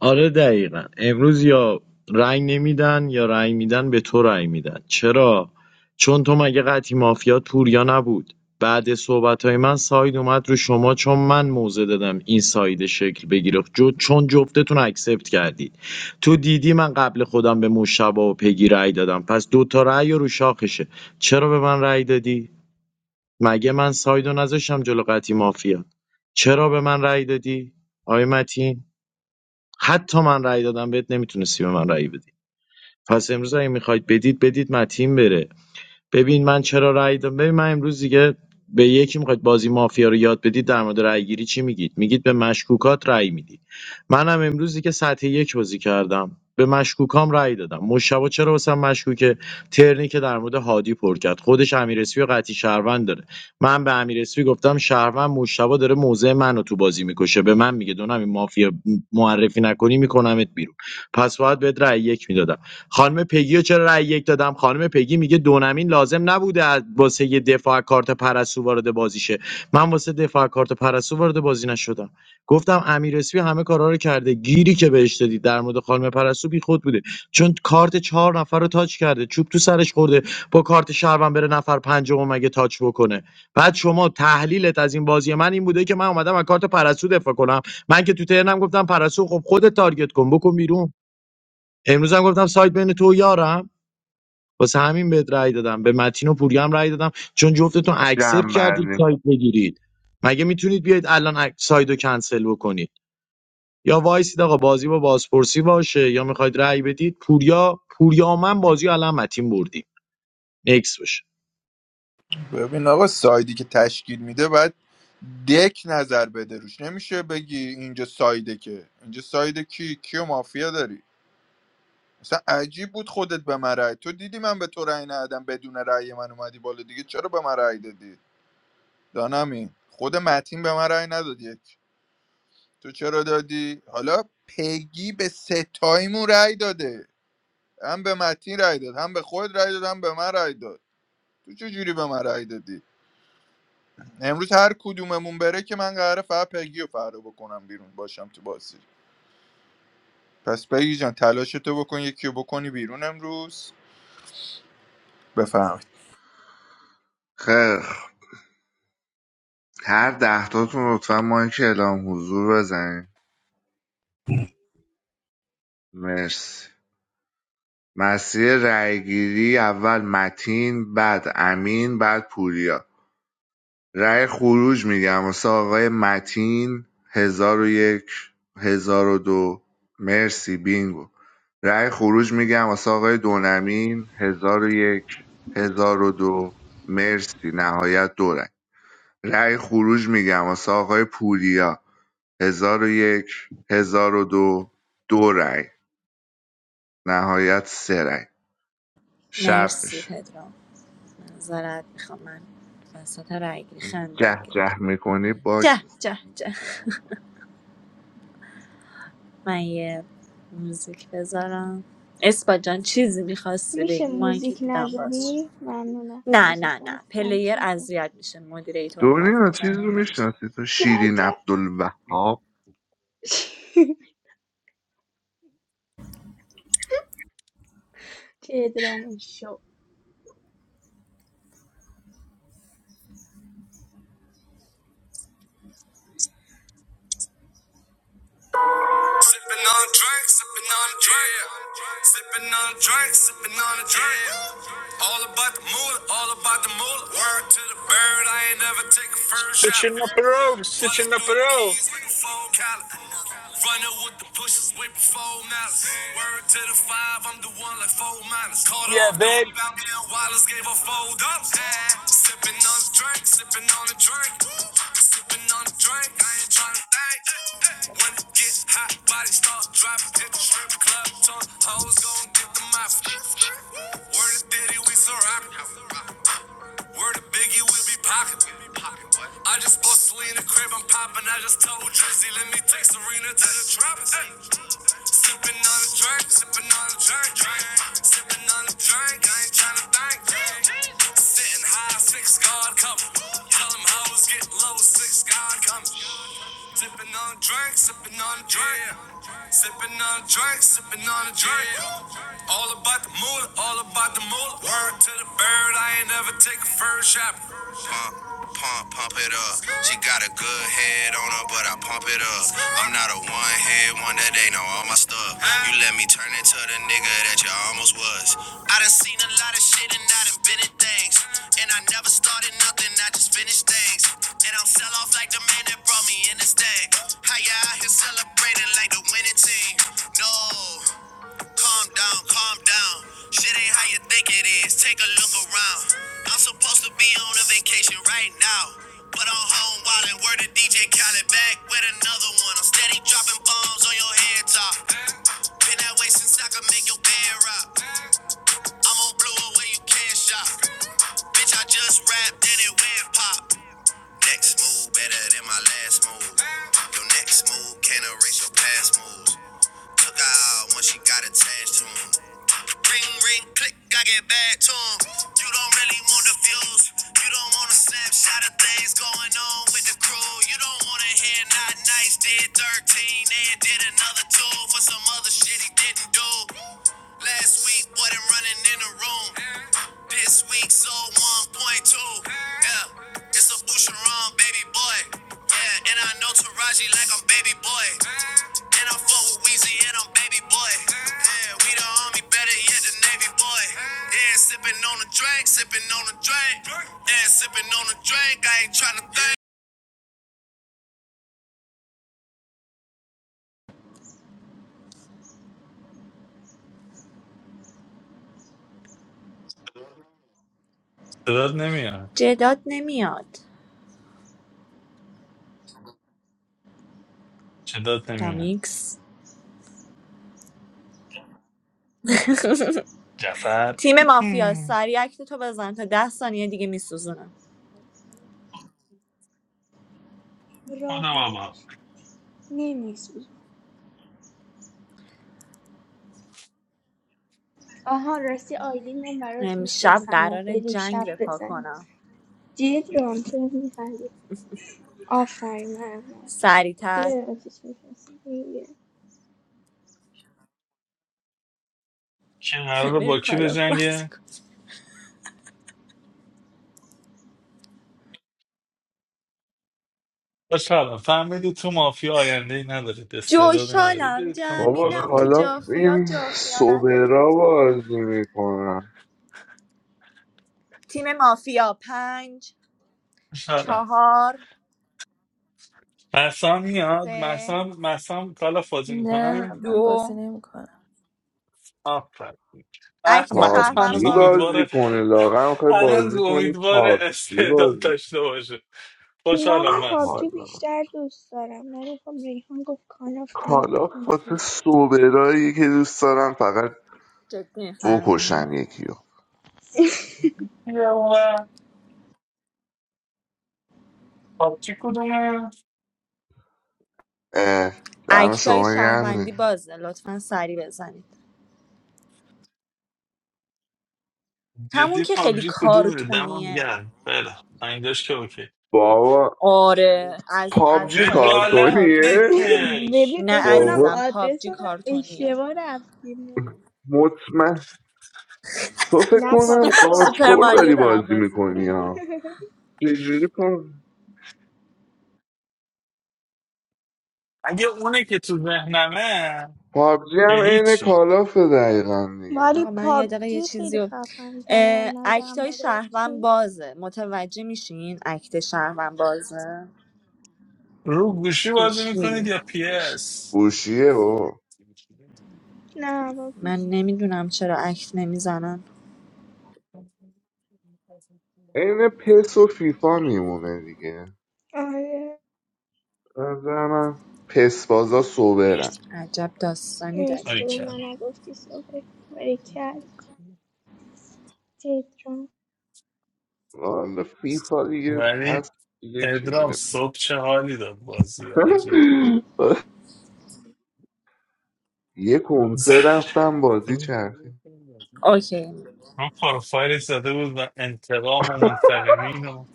آره دقیقا امروز یا رأی نمیدن یا رأی میدن به تو رأی میدن چرا چون تو مگه قطعی مافیا پوریا نبود بعد صحبت های من ساید اومد رو شما چون من موضع دادم این ساید شکل بگیره جو چون جفتتون اکسپت کردید تو دیدی من قبل خودم به مشتبه و پگی رأی دادم پس دوتا رأی رو شاخشه چرا به من رأی دادی مگه من ساید رو نذاشتم جلو قطعی مافیا چرا به من رأی دادی آقای متین حتی من رأی دادم بهت نمیتونستی به من رأی بدی پس امروز اگه میخواید بدید بدید متین بره ببین من چرا رأی دادم ببین من امروز دیگه به یکی میخواید بازی مافیا رو یاد بدید در مورد رأی گیری چی میگید میگید به مشکوکات رأی میدی منم امروز دیگه سطح یک بازی کردم به مشکوکام رأی دادم مشتبه چرا واسم مشکوکه ترنی که در مورد هادی پر کرد خودش امیر اسفی و قطعی شهروند داره من به امیر اسفی گفتم شهروند مشتبه داره موزه منو تو بازی میکشه به من میگه دونم این مافیا معرفی نکنی میکنمت بیرون پس باید بهت رأی یک میدادم خانم پگیو چرا رأی یک دادم خانم پگی میگه دونمین لازم نبوده از- واسه یه دفاع کارت پرسو وارد بازی شه من واسه دفاع از کارت پرسو وارد بازی نشدم گفتم امیر اسپی همه کارا رو کرده گیری که بهش دادی در مورد خانم پرسو بی خود بوده چون کارت چهار نفر رو تاچ کرده چوب تو سرش خورده با کارت شهروند بره نفر پنجم مگه تاچ بکنه بعد شما تحلیلت از این بازی من این بوده که من اومدم از کارت پرسو دفاع کنم من که تو ترنم گفتم پرسو خب خودت تارگت کن بکن بیرون امروز هم گفتم سایت بین تو و یارم واسه همین بهت رأی دادم به متین و پوریا هم رأی دادم چون جفتتون اکسپت کردید
جمع‌بندی کن.
سایت بگیرید مگه میتونید بیاید الان اک- سایت رو کنسل بکنید یا وایسید آقا بازی با بازپرسی باشه یا میخواید رأی بدید پوریا پوریا و من بازی رو الان متین بردیم نکس باشه
ببین آقا سایدی که تشکیل میده باید دک نظر بده روش نمیشه بگی اینجا سایده که اینجا سایده کی کیو مافیا داری مثلا عجیب بود خودت به من رأی تو دیدی من به تو رأی ندادم بدون رأی من اومدی بالا دیگه چرا به من رأی دادی دانمی خود متین به من رأی نداد یک تو چرا دادی حالا پگی به ستایمون رأی داده هم به متین رأی داد هم به خود رأی داد هم به من رأی داد تو چه جوری به من رأی دادی امروز هر کدوممون بره که من قراره فقط پگی رو فردا بکنم بیرون باشم تو بازی پس بگی جان تلاش تو بکن یکی رو بکنی بیرون امروز بفهمید
خیلی خب. هر دهتاتون لطفا مایک اعلام حضور بزنین مرسی مسیر رأیگیری اول متین بعد امین بعد پوریا رأی خروج میگم واسه آقای متین هزار و یک هزار و دو مرسی بینگو رأی خروج میگم واسه آقای دونمین هزار و یک هزار و دو مرسی نهایت دو رأی رأی خروج میگم واسه آقای پوریا هزار و یک هزار و دو دو رأی نهایت سه رأی شب
مرسی
میشه
پدرام نظرت میخوام من وسط رأی گیری خندم
جه
گرفت
جه میکنی با
جه جه جه من یه موزیک بذارم اسپا جان چیزی میخواستی
میشه
بگی من که
موزیک
دیدم باز شد.
نذاری؟ ممنونم
نه نه نه
موزیکات
پلیر
همچین خوب
اذیت میشه مدیریتور حرف
دنیا چیز
میزنه
رو
نمیشه
میشناسی تو
جد
شیرین
جد
عبدالوهاب
چه ادرام شو
Sipping on a drink, sipping on a drink, sipping on a drink, sipping on a drink. All about the moolah, all about the moolah. Word to the bird, I ain't never take a first shot.
سچنا پرو
Running
سچنا
through the
پرو
keys like a phone collar. Running with the pushes with the four malice. Word to the five, I'm the one like four minus. Caught
یا
off the
بیب
rebound, and Wallace gave her four dumps. Sipping on a drink, sipping on a drink. Sipping on a drink, I ain't tryna think. When it gets hot, body start dropping. Hit the strip club, ton hoes gon' get the mouth. Word to Diddy, we surrounded. Word to Biggie, we be pocket. I just bought Selena crib, I'm popping. I just told Drizzy, let me take Serena to the drop. Sipping on a drink, sipping on a drink, drink. Sipping on a drink, I ain't tryna think. Sitting high, six guard cover. Tell them hoes get low, six guard cover. Sipping on a drink, sipping on a drink. Sipping on a drink, sipping on a drink. All about the moolah, all about the moolah. Word to the bird, I ain't never take a first shot. Pump, pump, pump it up. She got a good head on her, but I pump it up. I'm not a one head one that they know all my stuff. You let me turn into the nigga that you almost was. I done seen a lot of shit and I done been in things. And I never started nothing, I just finished things. And I'm sell off like the man that brought me in this thing. How ya out here celebrating like the winning team? No. Calm down, calm down. Shit ain't how you think it is. Take a look around. I'm supposed to be on a vacation right now. But I'm home wildin', word to DJ Khaled back with another one. I'm steady dropping bombs on your head top. Been that way since I could make your bed rock. I'm on blue away, you can't shop. Bitch, I just rapped and it went pop. Next move better than my last move. Your next move can't erase your past moves. Took her out when she got attached to him. Ring, ring, click, I get back to him. You don't really want the views. You don't want a snapshot of things going on with the crew. You don't want to hear not nice. Did 13 and did another two for some other shit he didn't do. Last week, wasn't running in the room.
صدات نمیاد
جات نمیاد.
صدات نمیاد
دامیکس.
جفر
تیم مافیا سریع کت تو بزن تا ده ثانیه دیگه میسوزند.
خدا
راحت
بابا
بشه نمیسوزم آها راستی آیدی من برات
من شب
میفرستم و
دراره
بریم شب
جنگ رفه
بزنیم
کن.
جد رام چرا میخندی آفرین من
سریعتر
یه آتیش می‌فرستم. یه.
که قرار
بریم
با کی
کالاف
به
باز کن
خوشحالم فهمیدی تو مافیا آینده ای ندارید استعدادی ندارید
جوشالم
برید کام
بابا
جمیدم تو
کالافو
کالاف
جافیا
این
جافیا
سوبرا
ندارید
بازی میکنن
تیم مافیا پنج
خوشحالم
چهار
مرسام میاد
سه
مرسام مرسام کالاف بازی
No,
میکنن
my blessing
دو
name Kona.
آفر
اکت
مرسام
شهروند
هنوز
پابجی
باز
بازی
امیدواره
کنه لاغم خواهی
هنوز
بازی کنی
امیدواره
پابجی
استعداد
بازی
داشته باشه خوشحالم
منم
مرسام
پابجی
کالاف
بیشتر دوست دارم ولی خب ریحان گفت کاناف دیگه
کالاف
گفتم
واسه
کار
سوبرایی که دوست دارم فقط
جدی میفهمین
بکشن یکیو اه، دم
اکتای
شما گرم
شهروندی بازه لطفا سری بزنید همون
جدی
که خیلی
پابجی کدوم دمم
کارتونیه
گرم خیلی اینجاش که اوکی
بابا
آره از از
پابجی
کالاف خیلی
خجالت
کارتونی
کارتونیه
تره
بکش
ببین
نه
فکر کنم
بابا
عزیزم
آدرس
پابجی
رو
کارتونیه
اشتباه رفتیم
مطمئن تو فکر
نه
کنم
پابجی
قارچ
سوپر
خور
کارتونی
ماریو
داری
دارم
نی
بازی
بازی
میکنی
می‌کنم.
ها چجوری
اگه اونه که تو ذهنمه
پابجی
که
هم عین
هیچی
کالافه دقیقا دیگه
ولی
آقا من یه دقیقه یه
پابجی
چیزی
خیلی
رو
خفن تره از
اه،
نظرم
اکتای
برای
شهروند
تو
بازه متوجه میشین اکت شهروند بازه
رو گوشی بازی
گوشی
میکنید یا پی
گوش
اس
گوشیه بابا
نه با
من
گوشی
نمیدونم چرا اکت نمیزنن
عین پس و فیفا میمونه دیگه
آره
به نظر من پس بازا سوبرن
عجب داستانی
مرسی
داریم
که به من
آیکن
نگفتی صبح کل تیتران
والا فیفا دیگه
ولی
هست دیگه کی
پدرام
میره
صبح چه حالی داد بازی آجی
یه کنسرت رفتم بازی چرخی
اوکی
رو پروفایل زده بود و انتقام و منتقمین و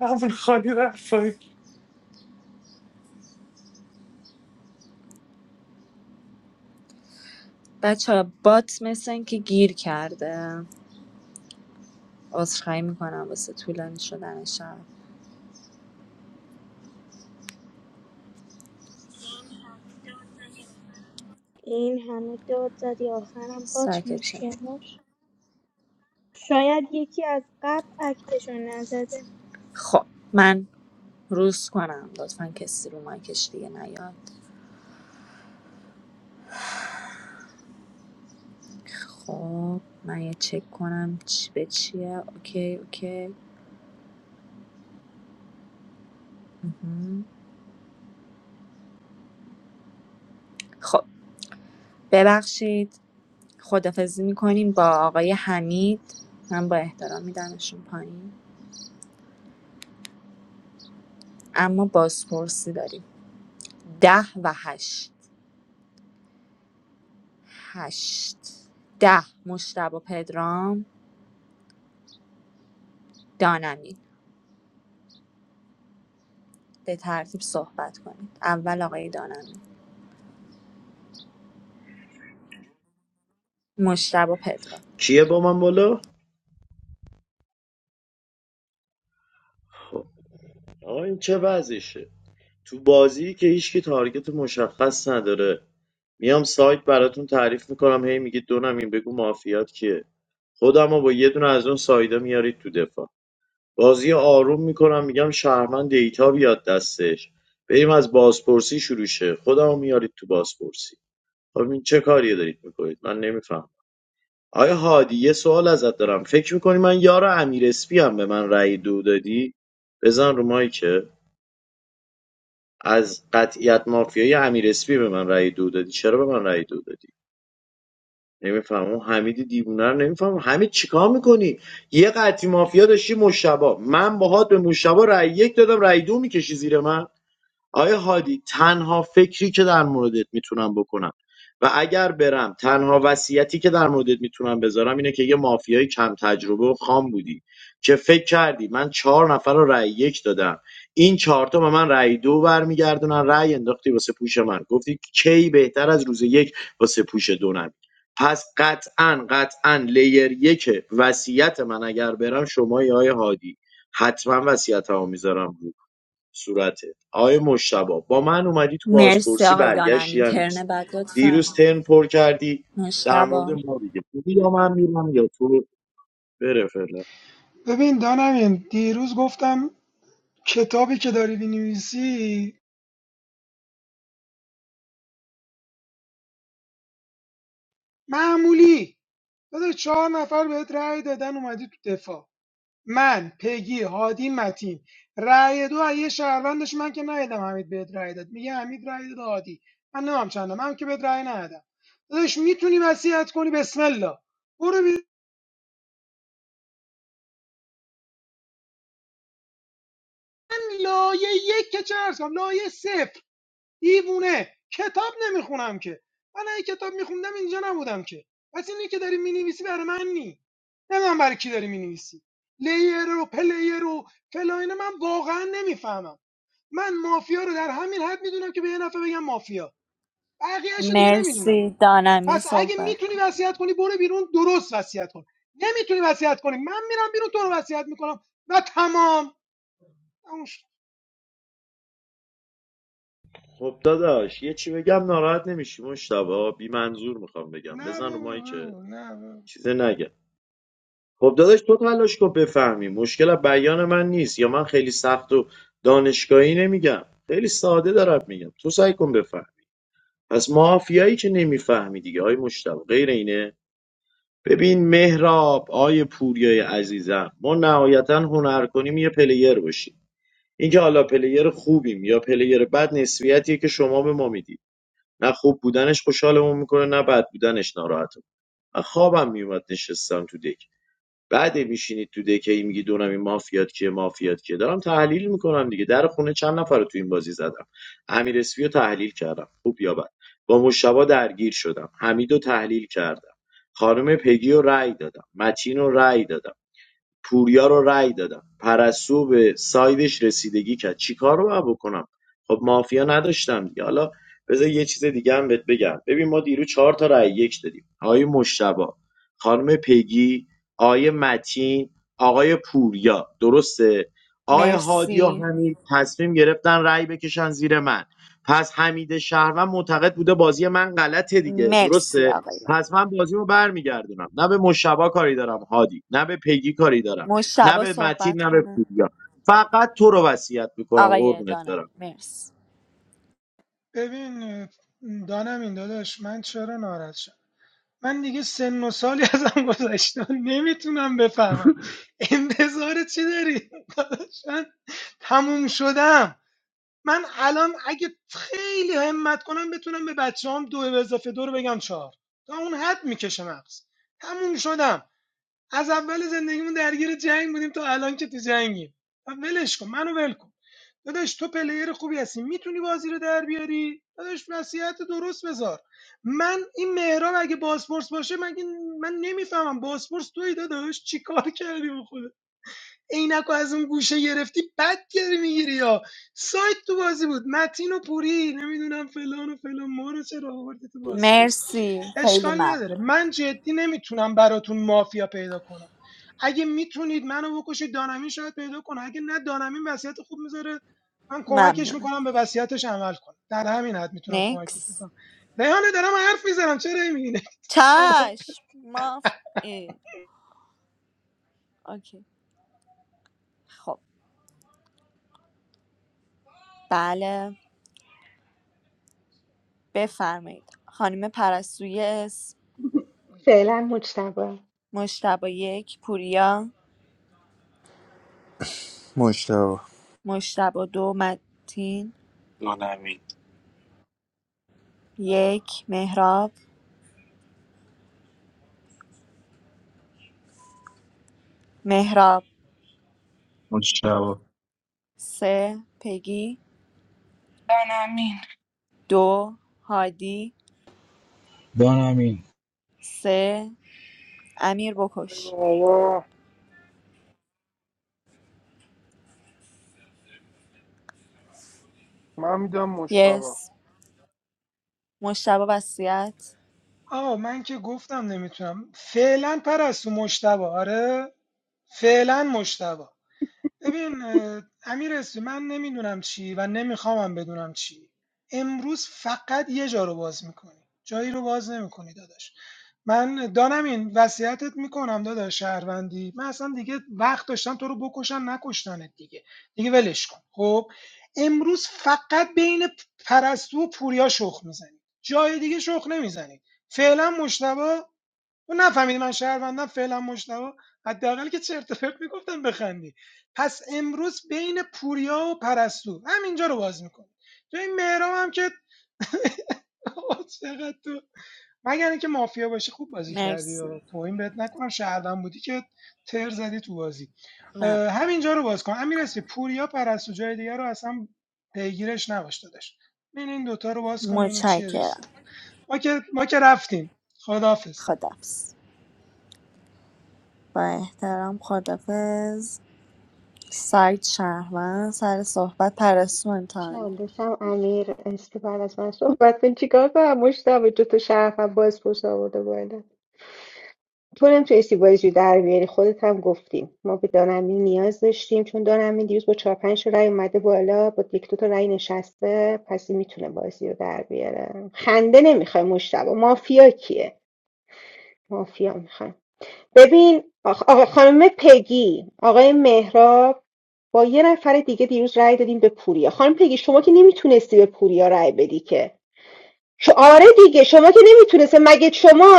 اول خالی رفت پایین.
بچه بات مثل اینکه گیر کرده عذرخواهی میکنم واسه طولانی شدن شب
این همه داد زدی آخرم بات
ساکت شم.
مشکل داشت شاید یکی از قبل اکتشو نزده
خب من روز کنم لطفا کسی رو مایکش دیگه نیاد خب من یه چک کنم چی به چیه اوکی اوکی مهم. خب ببخشید خدافزی میکنیم با آقای حمید من با احترام میدمشون پایین اما بازپرسی داریم ده و هشت هشت ده مشتب و پدرام دانمین به ترتیب صحبت کنید اول آقای دانمین مشتب و پدرام
کیه با من بالا آقا این چه وضعشه تو بازی که هیچکی تارگت مشخص نداره میام سایت براتون تعریف میکنم هی میگید دونم این بگو مافیات کیه خودمو با یه دونه از اون سایدا میارید تو دفاع بازی آروم میکنم میگم شهرمن دیتا بیاد دستش بریم از بازپرسی شروع شه خودمو میارید تو بازپرسی خب این چه کاری دارید میکنید من نمیفهم آیا هادی یه سوال ازت دارم فکر میکنی من یار امیر اسپی هم به من رأی دو دادی بزن رو مایی که از قطعیت مافیای امیر اسپی به من رأی دو دادی چرا به من رأی دو دادی نمیفهمم اون حمید دیوونه رو نمیفهمم حمید چیکار میکنی یه قطعی مافیا داشتی مشتبا من باهات به مشتبا رأی یک دادم رأی دو میکشی زیر من آیا هادی تنها فکری که در موردت میتونم بکنم و اگر برم تنها وصیتی که در موردت میتونم بذارم اینه که یه مافیای کم تجربه و خام بودی که فکر کردی من چهار نفر رو رأی یک دادم این چهار تا به من رأی دو برمیگردونن رأی انداختی واسه پوش من گفتی کی بهتر از روز یک واسه پوش دو نبود. پس قطعا قطعا لیر یک وصیت من اگر برم شما یا آقای هادی حتما وصیتمو میذارم صورتت آقای مشتبه؟ با من اومدی تو
مرسی
بازپرسی
آقای
برگشتی
دانمین
هم
ترن
نیست
بعد
دیروز
لطفا
ترن پر کردی در مورد
مشتبه
ما دیگه بگی یا من میرم یا تو بره فعلا
ببین دانمین دیروز گفتم کتابی که داری بینویسی معمولی داداش چهار نفر بهت رأی دادن اومدی تو دفاع من پگی هادی متین رأی دو از یه شهروندش من که ندیدم حمید بهت رأی داد میگه حمید رأی داد هادی من نمام چندم من که بهت رأی ندادم داداش میتونی وصیت کنی بسم الله برو بیرون. من لایه یک که چه عرض کنم لایه صفر دیوونه کتاب نمیخونم که من اگه کتاب میخوندم اینجا نبودم که پس اینی که داری مینویسی برای من نی نه من برای کی داری مینویسی لیر و پلیر و فلان من واقعا نمیفهمم من مافیا رو در همین حد میدونم که به یه نفر بگم مافیا بقیه‌اشو دیگه نمیدونم
مرسی دانمین
پس اگه
صحبت
میتونی
کن
وصیت کنی برو بیرون درست وصیت کن نمیتونی وصیت کنی من میرم بیرون تو رو وصیت میکنم و تمام
خب داداش یه چی بگم ناراحت نمیشی مشتبه. بی منظور میخوام بگم
نه
بزن رو
بابا
مایی که
بگو نه بابا.
چیزه نگم خب داداش تو تلاش کن بفهمی مشکل از بیان من نیست یا من خیلی سخت و دانشگاهی نمیگم خیلی ساده دارم میگم تو سعی کن بفهم پس مافیایی که نمیفهمی دیگه های مشتبه غیر اینه ببین مهراب آیه پوریای عزیزم ما نهایتا هنر کنیم یه پلیر باشیم اینکه حالا پلیر خوبیم یا پلیر بد نسبیتیه که شما به ما میدید نه خوب بودنش خوشحالمون میکنه نه بد بودنش ناراحتم من خوابم میومد نشستم تو دک بعد میشینید تو دکه ای میگی دونم این مافیات کیه مافیات کیه دارم تحلیل میکنم دیگه در خونه چند نفر رو تو این بازی زدم امیر اسفی رو تحلیل کردم خوب یا بد با مشتبا درگیر شدم حمید تحلیل کردم خانم پگی رو رأی دادم متین رو رأی دادم پوریا رو رأی دادم پرسو به سایدش رسیدگی کرد چی کار رو باید بکنم خب مافیا نداشتم دیگه حالا بذار یه چیز دیگه هم بهت بگم ببین ما دیروز چهار تا رأی یک دادیم آقای مشتبا خانم پگی آقای متین آقای پوریا درسته آقای هادی و
مرسی
حمید تصمیم گرفتن رأی بکشن زیر من پس حمید شهروند معتقد بوده بازی من غلطه دیگه
مرسی
درسته
آقای
پس من بازیمو برمیگردونم نه به مشتبا کاری دارم هادی نه به پگی کاری دارم نه
مشتبا
به متین
صحبت
نه به
کنه
پوریا فقط تو رو وصیت میکنم
آقای
قربونت
دانمین
برم
مرسی
ببین اه، دانم این داداش من چرا ناراحت شدم من دیگه سن و سالی ازم گذشته نمیتونم بفهمم انتظار چی داری داداش من تموم شدم من الان اگه خیلی همت کنم بتونم به بچه دو به اضافه دو رو بگم چهار تا اون حد میکشه مغز تموم شدم از اول زندگیمون درگیر جنگ بودیم تا الان که تو جنگیم و ولش کن منو ول کن داداش تو پلیر خوبی هستی میتونی بازی رو در بیاری داداش نصیحت درست بذار من این مهراب اگه بازپرس باشه من من نمیفهمم بازپرس توی داداش چیکار کردی به خدا عینک از اون گوشه گرفتی بد گیری میگیری یا سایت تو بازی بود متین و پوری نمیدونم فلان و فلان ما رو چرا آوردی تو بازپرسی
مرسی خیلی
اشکال نداره
ممنون
من جدی نمیتونم براتون مافیا پیدا کنم اگه میتونید منو بکشید دانمین شاید پیدا کنه اگه نه دانمین وصیت خوب میذاره من کمکش
ممنون
میکنم به وصیتش عمل کنه در همین حد میتونم کمکت
نکس
کنم ریحانه دارم حرف میزنم چرا نمیبینه خدا
چشم ما ای. اوکی خب بله بفرمایید خانم پرستوی اسم
فعلا مجتبا
مشتبا یک پوریا
مشتبه
مشتبا دو متین
دونمی
یک مهراب مهراب
مجتبا
سه پگی
دانمین
دو هادی
دانم این
سه امیر
ای
بکش
بابا من میدم مشتبه
یس مشتبه وصیت
آه من که گفتم نمیتونم فعلا پرستو مشتبه آره فعلا مشتبه ببین امیر اسمی من نمیدونم چی و نمیخوامم بدونم چی امروز فقط یه جا رو باز میکنی جایی رو باز نمیکنی داداش من دانم این وصیتت میکنم داداش شهروندی من اصلا دیگه وقت داشتم تو رو بکشن نکشتنت دیگه دیگه ولش کن خب امروز فقط بین پرستو و پوریا شخ میزنی جای دیگه شخ نمیزنی فعلا مشتبه تو نفهمیدی من شهروندم فعلا مشتبه حداقل که چرت و پرت میگفتم بخندی پس امروز بین پوریا و پرستو همینجا رو باز میکنه تو این مهرام هم که آقا چقدر تو مگر اینکه مافیا باشی خوب بازی کردی و
مرسی
توهین بهت نکنم شهروند بودی که تر زدی تو بازی
من
اه، همینجا رو باز کن امیر اسمی پوریا پرستو جای دیگه رو اصلا پیگیرش نباش داداش این این دوتا رو باز کن ببینیم چیه داستان
متشکرم
ما که ما که رفتیم خداحافظ
خدافز با احترام خدافز سعید شهروند سر صحبت پرستو انتان
شهندسم امیر اسکی بعد از من صحبت کن چیکار کنم مجتبا جو تو شرفم باز پرس آورده بالا طورم تو استیباییز رو در بیاری خودت هم گفتیم ما به دانمین نیاز داشتیم چون دانمین دیروز با چهار پنج رای رأی اومده بالا با یک دو تا رأی نشسته پس این میتونه بازی رو در بیاره خنده نمیخوای مشتبه مافیا کیه مافیا میخوام ببین آخ... آقا خانم پگی آقای مهراب با یه نفر دیگه دیروز رای دادیم به پوریا خانم پگی شما که نمیتونستی به پوریا رای بدی که خب آره دیگه شما که نمیتونسته مگه شما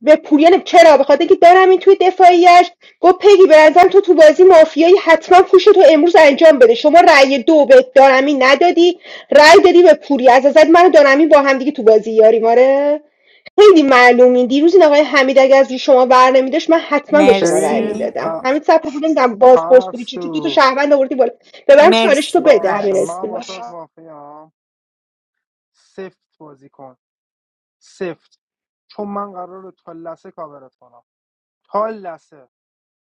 به پویان چرا به خاطر اینکه دارم این توی دفاعیش گفت پگی به تو تو بازی مافیایی حتما پوش تو امروز انجام بده شما رأی دو به دارمی ندادی رأی دادی به پوری از ازت من و دارمی با هم دیگه تو بازی یاریم آره خیلی معلومی دیروز این آقای حمید اگر از روی شما بر نمیداشت من حتما به شما رأی
ببین
مرسی
میدادم
ا-
همین صاحب بودم باز پرس بودی چطور دو تا
ارسو
شهروند آوردی بالا ببرم چالش تو
مرسی
بده همین
باشه
پرستو
اسم.
من واسه مافیا سفت بازی کن سفت چون من قراره تا لسه کاورت کنم تا لسه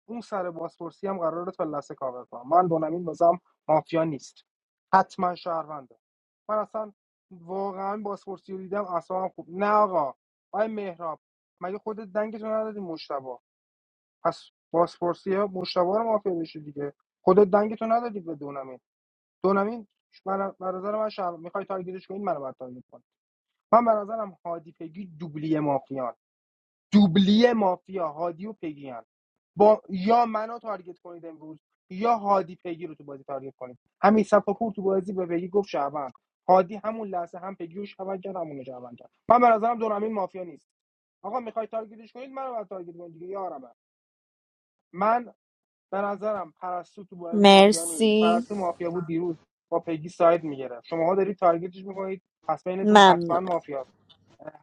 اون سر بازپرسی هم قراره تا لسه کاور کنم من دونمین بازم مافیا نیست حتما شهرونده من اصلا واقعا بازپرسی رو دیدم اصلا خوب نه آقا آی مهراب مگه خودت دنگتو ندادی مشتبا پس بازپرسی ها مشتبه رو مافیا بشه دیگه خودت دنگتو ندادی به دونمین دونمین من به نظر من شهر میخوای تارگتش کنی منو بعد تارگت کن من به نظرم هادی پگی دوبلی مافیا. دوبلی مافیا هادی و پگی هم با یا منو تارگت کنید امروز یا هادی پگی رو تو بازی تارگت کنید همین صفاپور تو بازی به پگی گفت شعبان هادی همون لحظه هم پگی رو شعبان کرد همون شعبان کرد من به نظرم دونم این مافیا نیست آقا میخوای تارگتش کنید منو بعد تارگت کنید دیگه یارم من به نظرم پرستو تو بازی مافیا نیست
مرسی
پرستو مافیا بود دیروز با پگی ساید میگرفت شماها دارید تارگتش میکنید پس بینتون حتما
ممنونم
مافیاست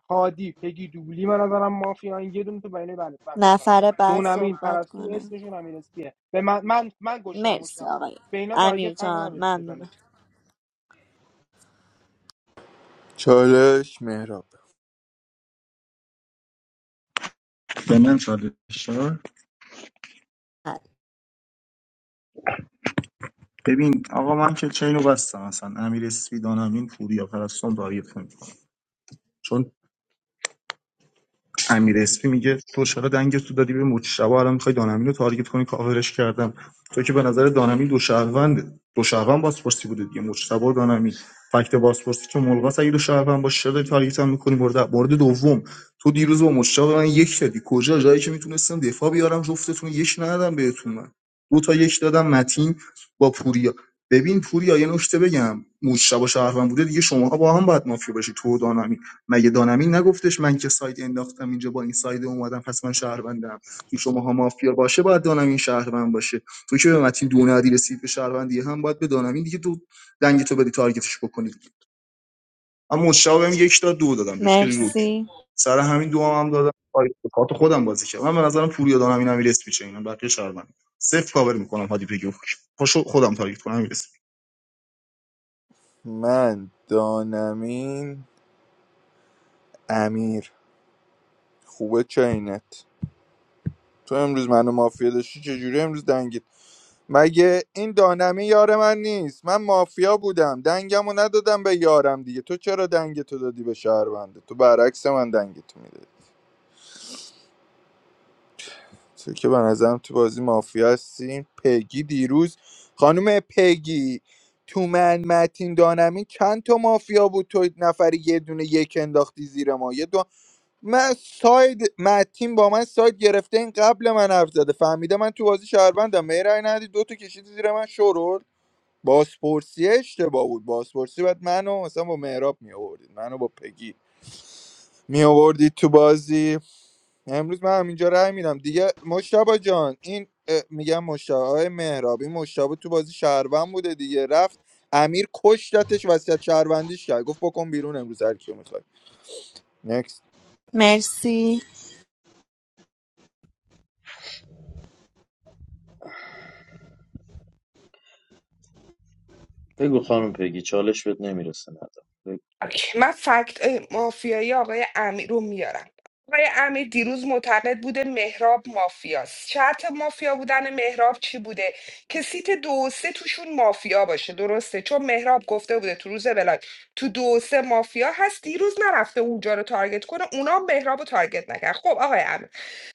هادی پگی دوبلی من نظرم مافیان یه دونه تو بین بله فقط
نفر بعد
دونمین
صحبت
پرستو
کنم
اسمشون امیر اسپیه به من من, من گشتم
مرسی
مشتبه رو
آقای
به اینا
امیر
تارگت حق
جان
ندارید
ممنونم
بزنید
چالش مهراب
به من چالش داد. ببین آقا من که چینو بستم اصلا امیر اسفی دانمین پوریا پرستون رایفون، چون امیر اسپی میگه تو چرا دنگت تو دادی به مجتبی الان میخوای دانمین رو تارگت کنی کاورش کردم تو که به نظر دانمین دو شهروند دو شهروند بازپرسی بوده دیگه مجتبی و دانمین فکت بازپرسی که ملغاس اگه دو شهروند باشه چرا داری تارگت هم میکنی مورد مورد دوم تو دیروز با مجتبی به من یک دادی کجا جایی که میتونستم دفاع بیارم جفتتون یک ندادم بهتون من دو تا یک دادم متین با پوریا ببین پوریا یه نکته بگم مجتبی شهروند بوده دیگه شماها با هم باید مافیا باشی تو و دانمین مگه دانمین نگفتش من که سایت انداختم اینجا با این سایت اومدم پس من شهروندم تو شماها مافیا باشه باید دانمین شهروند باشه تو که به متین دو ندی رسید به شهروندی هم باید به دانمین دیگه تو دنگ تو بدی تارگتش بکنی اما مشتاق بهم یک تا دو دادم بهش خیلی روک
مرسی
سر همین دو هم, هم دادم آی، به کارت خودم بازی کردم من به نظرم پوریا دانمین هم میرس میشه اینا بقیه شهروند صفر کاور میکنم هادی بگو پاشو خودم تارگت کنم میرس
من دانمین امیر خوبه چاینت تو امروز منو مافیا داشتی چجوری امروز دنگید مگه این دانمی یار من نیست من مافیا بودم دنگمو ندادم به یارم دیگه تو چرا دنگتو دادی به شهرونده تو برعکس من دنگتو میدادی چه که به نظرم تو بازی مافیا هستین پگی دیروز خانم پگی تو من متین دانمی چند تا مافیا بود تو نفری یه دونه یک انداختی زیر ما یه دو من ساید متین با من ساید گرفته این قبل من حرف زده فهمیده من تو بازی شهروندم می رای ندی دو تا کشیدی زیر من شورول بازپرسی اشتباه بود بازپرسی بعد منو مثلا با مهراب می آوردید منو با پگی می آوردید تو بازی امروز من همینجا رای میدم دیگه مشتبا جان این اه، میگم مشتبا های مهراب این مشتبا تو بازی شهروند بوده دیگه رفت امیر کشتتش وسیعت شهروندیش کرد گفت بکن بیرون امروز هر کیو میخوای نکست
مرسی
بگو خانم پگی چالش بهت نمیرسه ندم بگو.
اوکی. من فکت اه، مافیایی آقای امیر رو میارم آقای امیر دیروز معتقد بوده مهراب مافیاست شرط مافیا بودن مهراب چی بوده که سیت دو و سه توشون مافیا باشه درسته چون مهراب گفته بوده تو روز بلاک تو دو و سه مافیا هست دیروز نرفته اونجا رو تارگت کنه اونا هم مهراب رو تارگت نکرد خب آقای امیر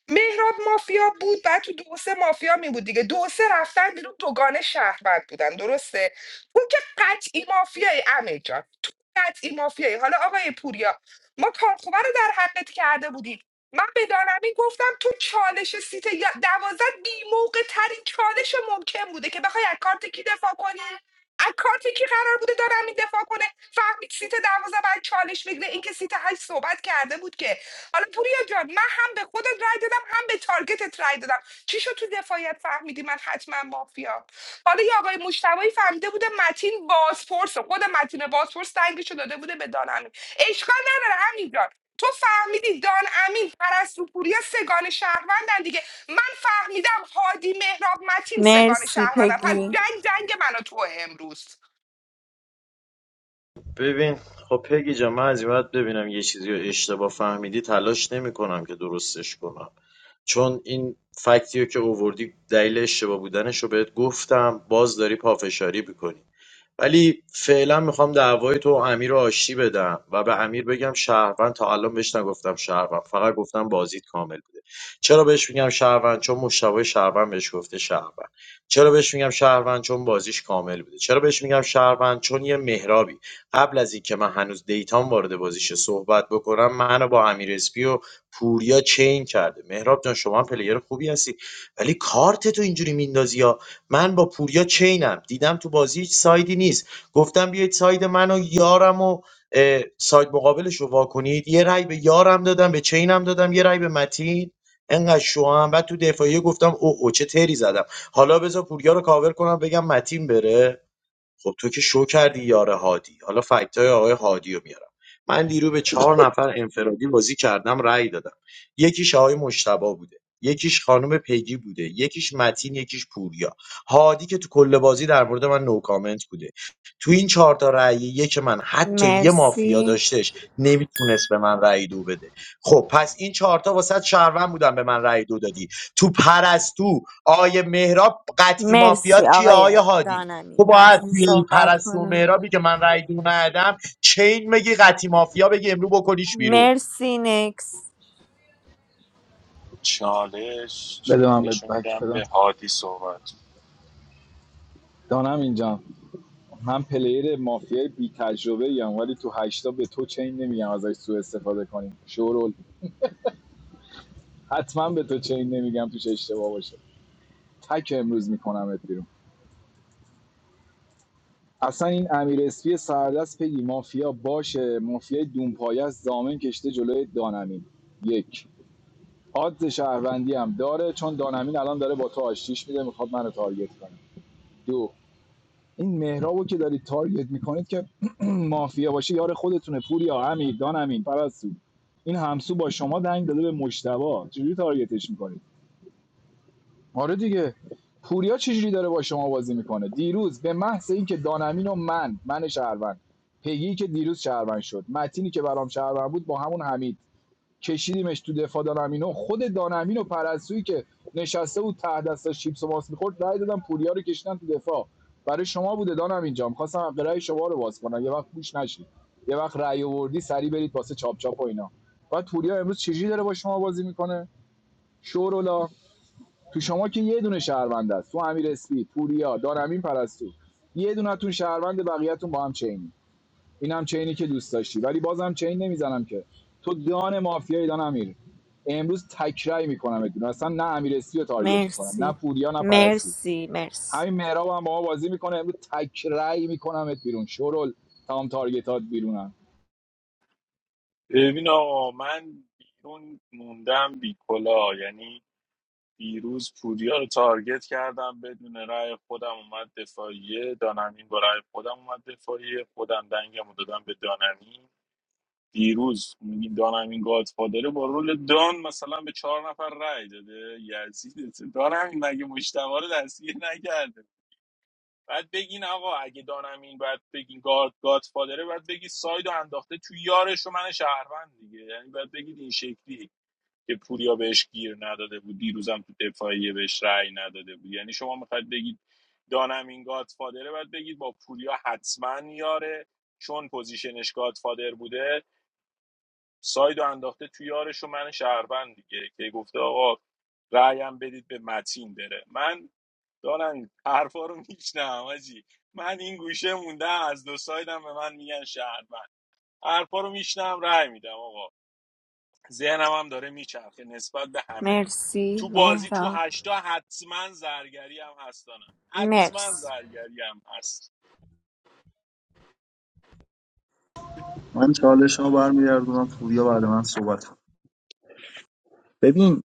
مهراب مافیا بود بعد تو دو سه مافیا می بود دیگه دو سه رفتن بیرون دوگانه شهروند بودن درسته تو که قطعی مافیای امیر جان تو قطعی مافیایی حالا آقای پوریا ما کارخوبه رو در حقت کرده بودیم من به دانمین گفتم تو چالش سیت یا- دوازد بی موقع ترین چالش ممکن بوده که بخوای از کارت کی دفاع کنی از کارت کی قرار بوده دارم این دفاع کنه فهمید سیت دوازده بعد چالش بگیره اینکه سیت هشت صحبت کرده بود که حالا پوریا جان من هم به خودت رای دادم هم به تارگتت رای دادم چی شد تو دفاعیت فهمیدی من حتما مافیا حالا یه آقای مشتبایی فهمیده بوده متین بازپرس خود متین بازپرس دنگشو داده بوده به دانمین اشکال نداره همین تو فهمیدی دان امین پرستو پوریا سگان شهروندن دیگه من فهمیدم هادی مهراب متین سگان
مرسی
شهروندن پس
پگی
جنگ جنگ منو تو امروز
ببین خب پگی جان من از این بعد ببینم یه چیزی رو اشتباه فهمیدی تلاش نمی کنم که درستش کنم چون این فکتی رو که اووردی دلیل اشتباه بودنش رو بهت گفتم باز داری پافشاری میکنی ولی فعلا میخوام دعوای تو و امیر رو آشتی بدم و به امیر بگم شهروند تا الان بهش نگفتم شهروند فقط گفتم بازیت کامل بوده چرا بهش میگم شهروند چون مشتبه شهروند بهش گفته شهروند چرا بهش میگم شهروند چون بازیش کامل بوده چرا بهش میگم شهروند چون یه مهرابی قبل از اینکه من هنوز دیتام وارد بازیش صحبت بکنم منو با امیر اسپی و پوریا چین کرده مهراب جان شما هم پلیر خوبی هستی ولی کارت تو اینجوری میندازی من با پوریا چینم دیدم تو بازی هیچ سایدی نیست گفتم بیاید ساید من و یارم و اه، ساید مقابلش رو وا یه رأی به یارم دادم به چینم دادم یه رأی به متین انقدر شوام بعد تو دفاعیه گفتم او او چه تری زدم حالا بذار پوریا رو کاور کنم بگم متین بره خب تو که شو کردی یار هادی حالا فکت های آقای هادی رو میارم من دیرو به چهار نفر انفرادی بازی کردم رأی دادم یکیش آقای مشتبا بوده یکیش خانم پیگی بوده یکیش متین یکیش پوریا هادی که تو کل بازی در مورد من نو کامنت بوده تو این چهار تا رأی یک من حتی یه مافیا
مرسی
داشتش نمیتونست به من رأی دو بده خب پس این چهار تا واسط شهروند بودن به من رأی دو دادی تو پرستو آیه مهراب قطعی
مرسی
مافیات کیه آیه
آقای
هادی
دانمی
تو باید
متین
توی این
صحبت
پرستو و
کنه
مهرابی که من رای دو ندم چین بگی قطی مافیا بگی امرو بکنیش بیرون
مرسی نکس
چالش
بده من
چالش
بهت
رو
بک
میدم به
بدم
هادی صحبت
دانم اینجا من پلیر مافیای بی تجربه ایم ولی تو هشتا به تو چین نمیگم ازش سوء استفاده کنیم شورول حتما به تو چین نمیگم توش اشتباه باشه تک امروز میکنمت بیرون اصلا این امیر اسپی سردست پگی مافیا باشه مافیای دونپایه است زامن کشته جلوی دانمین یک آدز شهروندی هم داره چون دانمین الان داره با تو آشتیش میده میخواد منو تارگت کنه دو این مهرابو که دارید تارگت میکنید که مافیا باشه یار خودتونه پوریا امیر دان امین پرستو این همسو با شما دنگ داده به مشتبا چجوری تارگتش میکنید آره دیگه پوریا چجوری داره با شما بازی میکنه دیروز به محض اینکه دانمین و من من شهروند پیگی که دیروز شهروند شد متینی که برام شهروند بود با همون حمید کشیدیمش تو دفاع دانمینو خود دانمینو پرستویی که نشسته بود ته دستا چیپس و ماس میخورد رای دادن پوریا رو کشیدن تو دفاع برای شما بوده دانم اینجا میخواستم حق رای شما رو باز کنم یه وقت گوش نشید یه وقت رای آوردی سری برید واسه چاپ چاپ و اینا بعد پوریا امروز چجوری داره با شما بازی میکنه شورولا تو شما که یه دونه شهروند است تو امیر اسپی پوریا دانمین پرستو یه دونتون شهروند بقیه‌تون با هم چینی اینم چینی که دوست داشتی ولی بازم چین نمیزنم که تو دان مافیایی ایران امیر امروز تکرای میکنم ادون اصلا نه امیرسی رو تارگت میکنم نه
مرسی
پوریا نه پرستی
مرسی مرسی
همین مهراب هم با ما بازی میکنه امروز تکرای میکنم ات بیرون شرول تمام تارگتات بیرونم
ببین آقا من بیرون موندم بی کلا یعنی دیروز پوریا رو تارگت کردم بدون رأی خودم اومد دفاعیه دانمین با رأی خودم اومد دفاعیه خودم دنگم رو دادم به دانمین دیروز میگی دانمین گادفادره با رول دان مثلا به چهار نفر رأی داده یزید دانمین مگه مشتبه رو دستگیر نکرده بعد بگین آقا اگه دانم این بعد بگین گاد گاد فادره باید بگی ساید انداخته تو یارش و من شهروند دیگه یعنی بعد بگید این شکلی که پوریا بهش گیر نداده بود دیروزم تو دفاعیه بهش رأی نداده بود یعنی شما میخواید بگید دانم این گاد فادره باید بگید با پوریا حتما یاره چون پوزیشنش گاد فادر بوده ساید انداخته تو یارش و من شهروند دیگه که گفته آقا رایم بدید به متین بره من دارن حرفا رو میشنم آجی من این گوشه مونده از دو سایدم به من میگن شهروند حرفا رو میشنم رای میدم آقا ذهنم هم داره میچرخه نسبت به همه
مرسی
تو بازی تو
مهرا
هشتا حتما زرگری هم هستانم حتما
مرسی
زرگری هم هست
من چالش ها برمیگردونم پوریا بعد من صحبت ببین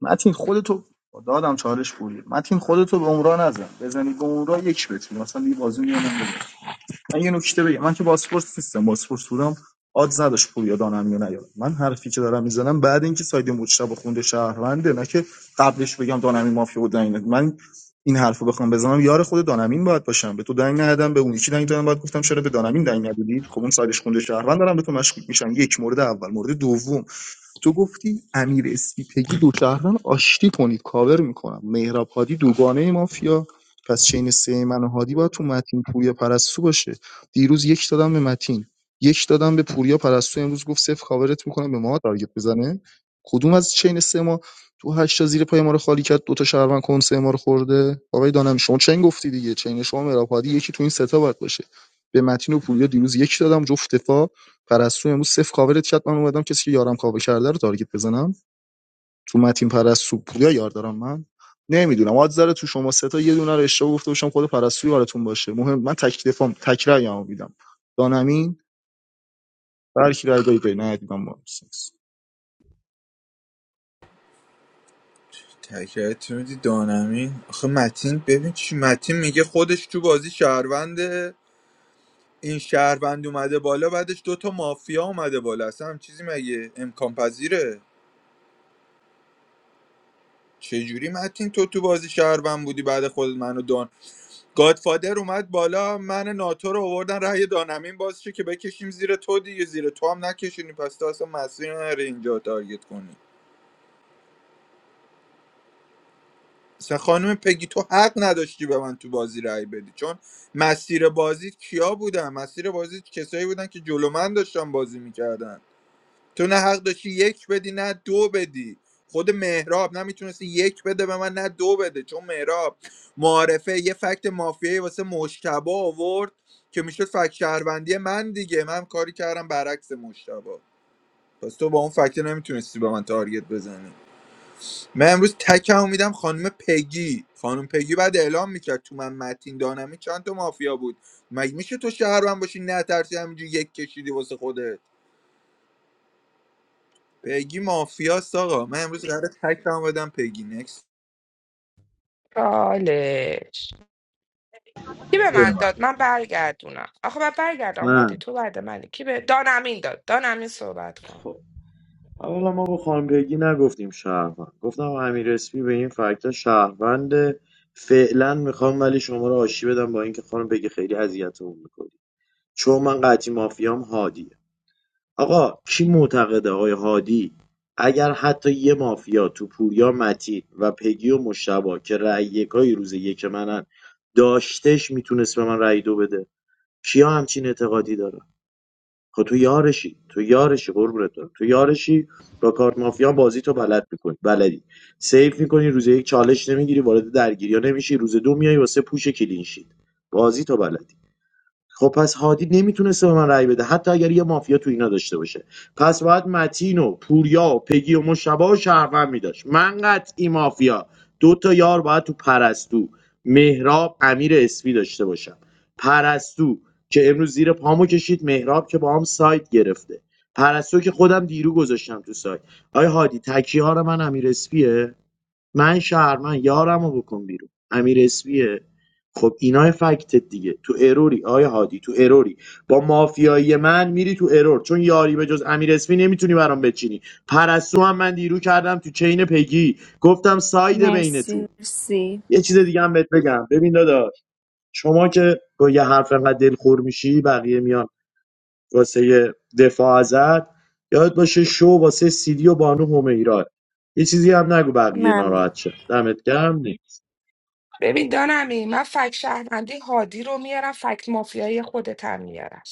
متین خودتو دادم چالش بوری متین خودتو به عمرا نزن بزنی به عمرا یک بتونی مثلا دیگه بازی میونم من یه نکته بگم من که باسپورس نیستم باسپورس بودم آد نداشت پوریا دانم یا نیاد من حرفی که دارم میزنم بعد اینکه ساید مجتبی خونده شهرونده نه که قبلش بگم دانمی مافیا بود نه من این حرفو بخوام بزنم یار خود دانمین باید باشم به تو دنگ ندادم به اون یکی دنگ دادم باید گفتم چرا به دانمین دنگ ندادید خب اون سایدش خونده شهروند دارم به تو مشکوک میشم یک مورد اول مورد دوم تو گفتی امیر اسپیپگی دو شهروند آشتی کنید کاور میکنم مهراب هادی دوگانه مافیا پس چین سه من و هادی باید تو متین پوریا پرستو باشه دیروز یک دادم به متین یک دادم به پوریا پرستو امروز گفت صفر کاورت میکنم به ما تارگت بزنه کدوم از چین سه ما تو هشتا زیر پای ما رو خالی کرد دو تا شهروند کنسه ما رو خورده آقای دانم شما چین گفتی دیگه چین شما مهراب هادی یکی تو این سه تا باید باشه به متین و پوریا دیروز یک دادم جفت دفاع پرستو امروز صفر کاورت کرد من اومدم کسی که یارم کاور کرده رو تارگت بزنم تو متین پرستو پویا یار دارم من نمیدونم آد داره تو شما سه تا یه دونه رو اشتباه گفته باشم خود پرستو یارتون باشه مهم من تک دفام تک رأیمو میدم دانمین برکی رأی دایی دایی ندیدم با
تکرار میدی دانمین آخه متین ببین چی متین میگه خودش تو بازی شهرونده این شهروند اومده بالا بعدش دوتا مافیا اومده بالا اصلا هم چیزی مگه امکان پذیره چجوری متین تو تو بازی شهروند بودی بعد خود منو دان گادفادر اومد بالا من ناتو رو آوردن رأی دانمین باز چه که بکشیم زیر تو دیگه زیر تو هم نکشینی پس تو اصلا مسیر نره اینجا تارگت کنی مثلا خانم پگی تو حق نداشتی به من تو بازی رأی بدی چون مسیر بازی کیا بودن مسیر بازی کسایی بودن که جلو من داشتن بازی میکردن تو نه حق داشتی یک بدی نه دو بدی خود مهراب نمیتونستی یک بده به من نه دو بده چون مهراب معارفه یه فکت مافیایی واسه مشتبه آورد که میشد فکت شهروندی من دیگه من کاری کردم برعکس مشتبه پس تو با اون فکت نمیتونستی به من تارگت بزنی من امروز تکم میدم خانم پگی خانم پگی بعد اعلام میکرد تو من متین دانمی چند تا مافیا بود مگه میشه تو شهروند باشی نه ترسی همینجوری یک کشیدی واسه خودت پگی مافیاست آقا من امروز قراره تک هم بدم پگی نکس
چالش کی به من
بده من.
داد من برگردونم آخه من برگردم هادی
نه
تو بعد منی کی به دان امین داد دان امین صحبت کن
خب اولا ما به خانم بگی نگفتیم شهروند گفتم امیر اسپی به این فکت شهروند فعلا میخوام ولی شما رو آشی بدم با اینکه خانم بگی خیلی اذیتمون میکنی چون من قطعی مافیام هادی آقا کی معتقده آقای هادی اگر حتی یه مافیا تو پوریا متین و پگی و مشتبا که رأی یکای روز یک منن داشتش میتونست به من رأی دو بده کیا همچین اعتقادی داره خب تو یارشی تو یارشی قربونت برم. تو یارشی با کارت مافیا بازی تو بلد میکنی بلدی سیف میکنی روز یک چالش نمیگیری وارد درگیری ها نمیشی روز دو میای واسه پوش کلینشید بازی تو بلدی خب پس هادی نمیتونسته به من رأی بده حتی اگر یه مافیا تو اینا داشته باشه پس باید متین و پوریا و پگی و مشبا و شهروند میداشت من قطعی مافیا دو تا یار باید تو پرستو مهراب امیر اسفی داشته باشم پرستو که امروز زیر پامو کشید مهراب که با هم سایت گرفته پرستو که خودم دیرو گذاشتم تو سایت آیا هادی تکیه ها رو من امیر اسفیه من شهرمند یارمو بکن بیرون امیر اسپیه خب اینا فکتت دیگه تو اروری آیا هادی تو اروری با مافیایی من میری تو ارور چون یاری به جز امیر اسمی نمیتونی برام بچینی پرستو هم من دیرو کردم تو چین پگی گفتم سایده بین
مرسی
تو
مرسی
یه چیز دیگه هم بهت بگم ببین داداش شما که با یه حرف انقدر دلخور میشی بقیه میان واسه یه دفاع ازت یاد باشه شو واسه سیدی و بانو همیرا یه چیزی هم نگو بقیه
ممنون
ناراحت شن دمت گرم
ببین دانمی من فک شهروندی هادی رو میارم فک مافیایی خودت هم میارم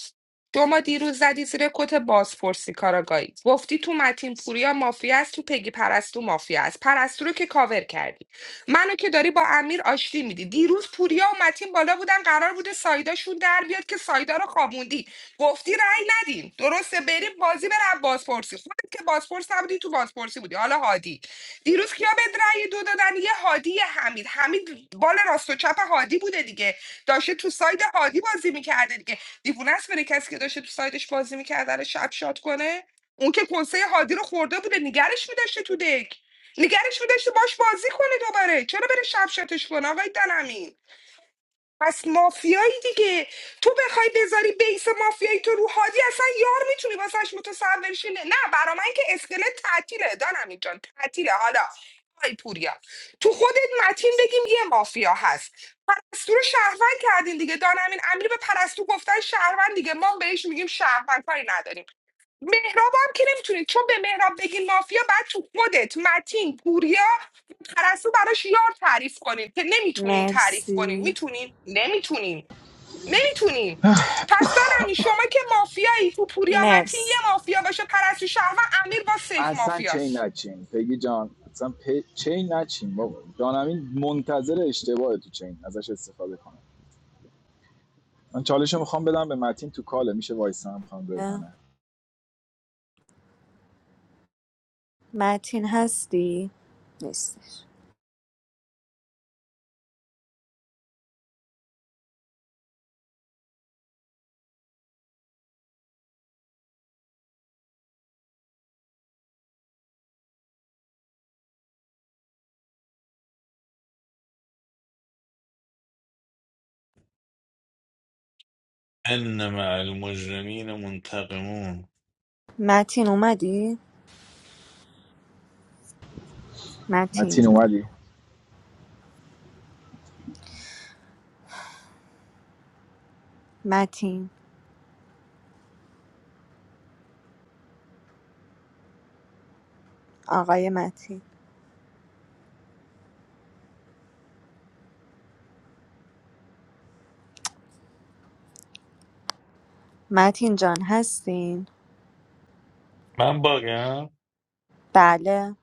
شما دیروز زدی زیر کت بازپرسی کاراگاهی گفتی تو متین پوریا مافیا است تو پگی پرستو مافیا است پرستو رو که کاور کردی منو که داری با امیر آشتی میدی دیروز پوریا و متین بالا بودن قرار بوده سایداشون در بیاد که سایدا رو خوابوندی گفتی رأی ندیم درسته بریم بازی بر بازپرسی خودت که بازپرس نبودی تو بازپرسی بودی حالا هادی دیروز کیا به رأی دو دادن یه هادی یه حمید حمید بال راست و چپ هادی بوده دیگه داشته تو ساید هادی بازی میکرده دیگه دیوونه است بره کسی که داشته تو سایدش بازی میکرده رو شب شاد کنه اون که کنسه هادی رو خورده بوده نگرش میداشته تو دک نگرش میداشته باش بازی کنه دوباره چرا بره شب شاتش کنه آقای دنمین پس مافیایی دیگه تو بخوای بذاری بیس مافیایی تو رو هادی اصلا یار میتونی واسش متصور شی نه نه، برا من که اسکلت تعطیله دانم جان تعطیله حالا آی پوریا تو خودت متین بگیم یه مافیا هست پرستو رو شهروند کردین دیگه دانمین امری به پرستو گفتن شهروند دیگه ما بهش میگیم شهروند کاری نداریم مهراب هم که نمیتونید چون به مهراب بگی مافیا بعد تو خودت متین پوریا پرستو براش یار تعریف کنین که نمیتونین تعریف کنین
مرسی
میتونین نمیتونین نمیتونین پس دانمی شما که مافیایی تو پوریا متین
مرسی
یه مافیا باشه پرستو شهر و امیر با سیف
اصلا چین
مافیاست
نچین پگی جان اصلا پ... چین نچین بابا دانمین منتظر اشتباه تو چین ازش استفاده کنه من چالش میخوام بدم به متین تو کاله میشه وایسم خانم ریحانه
متین هستی؟ نیستش
ان مع المجرمین منتقمون
متین اومدی؟
متین
متین
اومدی
متین آقای متین متین جان هستین؟
من باگم
بله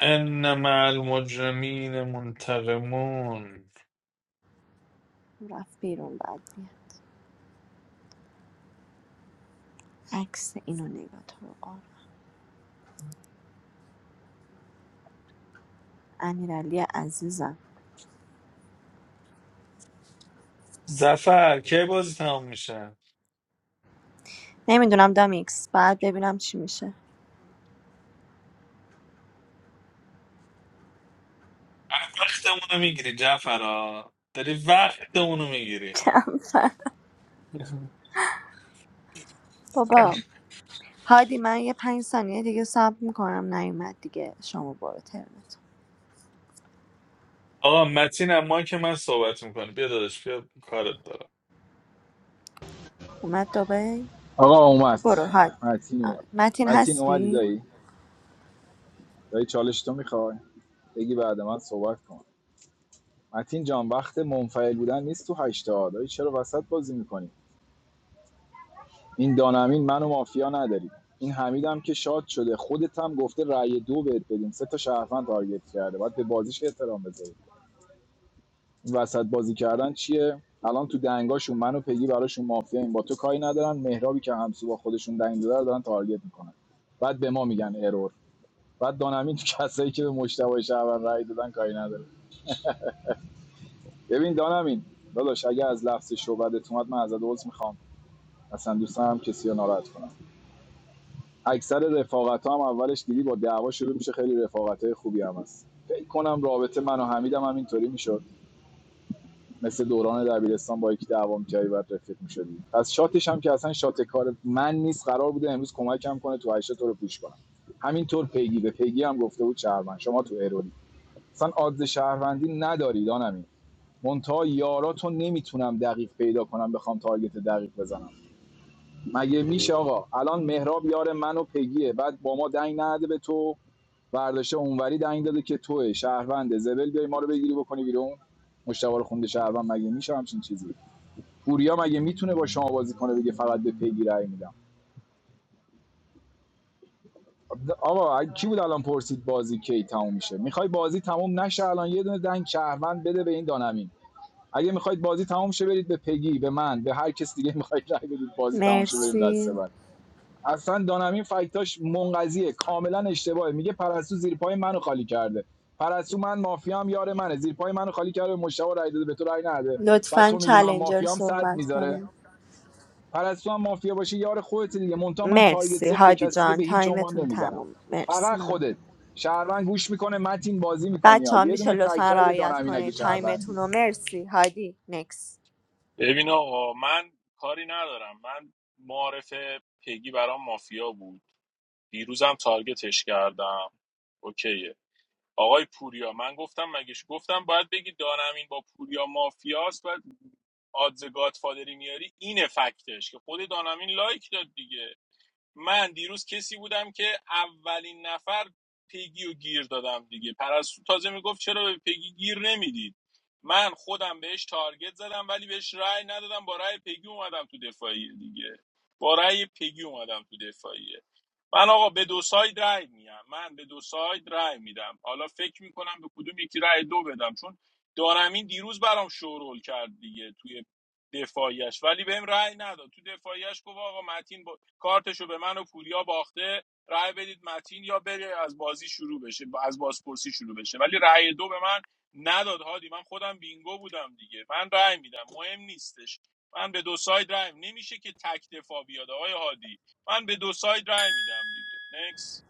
ان مع المجرمین منتقمون
رفت بیرون بعد میاد عکس اینو نگاه تو رو قار. امیرعلی عزیزم
زفر کی بازی تمام میشه
نمیدونم دامیکس بعد ببینم چی میشه
وقتمونو میگیری جعفرا داری وقتمونو میگیری
چند ساعت. بابا هادی من یه پنج ثانیه دیگه صبر میکنم نیومد دیگه شما برو ترمت
آقا متین اما که من صحبت میکنه بیا داداش بیا کارت دارم
اومد دوبه
آقا اومد
برو هادی
متین
آره.
اومد
متین
متین اومدی
هستی
دایی دایی چالش تو میخوای بگی بعد من صحبت کن متین جان وقت منفعل بودن نیست تو هشتا دایی چرا وسط بازی میکنی این دانمین منو مافیا نداری این حمید هم که شاد شده خودت هم گفته رأی دو بهت بدیم سه تا شهروند تارگت کرده باید به بازیش احترام بذاری این وسط بازی کردن چیه الان تو دنگاشون منو پگی براشون مافیا این با تو کاری ندارن مهرابی که همسو با خودشون دنگ داره رو دارن تارگت میکنن بعد به ما میگن ارور بعد دانمین تو کسایی که به مشتبه شهروند رای دادن کاری نداره ببین دانمین داداش اگه از لفظ شعبدت اومد من ازت عذر میخوام اصلا دوست هم کسی رو ناراحت کنم اکثر رفاقت ها هم اولش دیدی با دعوا شروع میشه خیلی رفاقت خوبی هم هست فکر کنم رابطه من و حمیدم هم اینطوری میشد مثل دوران دبیرستان با یکی دعوا میکردی بعد رفیق میشدی از شاتش هم که اصلا شات کار من نیست قرار بوده امروز کمکم کنه تو هشتا تو رو پوش کنم همینطور پیگی به پیگی هم گفته بود شهروند شما تو ایرانی اصلا آدز شهروندی نداری دانمین منتها یاراتو نمیتونم دقیق پیدا کنم بخوام تارگت دقیق بزنم مگه میشه آقا الان مهراب یار منو و پگیه بعد با ما دنگ نده به تو برداشته اونوری دنگ داده که توه شهرونده زبل بیای ما رو بگیری بکنی بیرون مشتاق رو خونده شهروند مگه میشه همچین چیزی پوریا مگه میتونه با شما بازی کنه بگه فقط به پگی رای میدم آقا کی بود الان پرسید بازی کی تموم میشه میخوای بازی تموم نشه الان یه دونه دنگ شهروند بده به این دانمین اگه میخواید بازی تمام شه برید به پگی به من به هر کس دیگه میخواید رای بدید بازی تمام شه بریم دسته
مرسی
بعد اصلا دانمین فکتاش منقضیه کاملا اشتباهه میگه پرستو زیر پای منو خالی کرده پرستو من مافیام یار منه زیر پای منو خالی کرده به مشتاق رای داده به تو رای نده بعد
لطفا
تو میگی من
چالنجر
مافیام صد
صحبت
میذاره
کنه
پرستو هم مافیا باشه یار خودت دیگه مونتا من تارگت
مرسی
صفر به
هادی
کسی دیگه
جان
به هیچ عنوان
تایمتون
نمیزنم
تموم مرسی
فقط
من
خودت شهروند گوش میکنه متین بازی میکنی ها
بچه‌ها
یه
میشه
دونه
لطفا
تکرای به
رعایت
دانمین اگه
کنید تایمتون
شهروندی
رو مرسی هادی نکس
ببین آقا من کاری ندارم من معارف پگی برام مافیا بود دیروزم تارگتش کردم اوکیه آقای پوریا من گفتم مگهش گفتم باید بگی دانمین با پوریا مافیاست و آدز گادفادری میاری اینه فکتش که خود دانمین لایک داد دیگه من دیروز کسی بودم که اولین نفر پگی و گیر دادم دیگه پرستو تازه میگفت چرا به پیگی گیر نمیدید من خودم بهش تارگت زدم ولی بهش رأی ندادم با رأی پگی اومدم تو دفاعیه دیگه با رأی پگی اومدم تو دفاعیه من آقا به دو ساید رأی میدم من به دو ساید رأی میدم حالا فکر میکنم به کدوم یکی رأی دو بدم چون دانمین دیروز برام شورول کرد دیگه توی دفاعیش ولی بهم رأی نداد تو دفاعیش گفت آقا متین کارتشو به من و پوریا باخته رأی بدید متین یا بره از بازی شروع بشه از بازپرسی شروع بشه ولی رأی دو به من نداد هادی من خودم بینگو بودم دیگه من رأی میدم مهم نیستش من به دو ساید رأی میدم. نمیشه که تک دفاع بیاد آقای هادی من به دو ساید رأی میدم دیگه نکس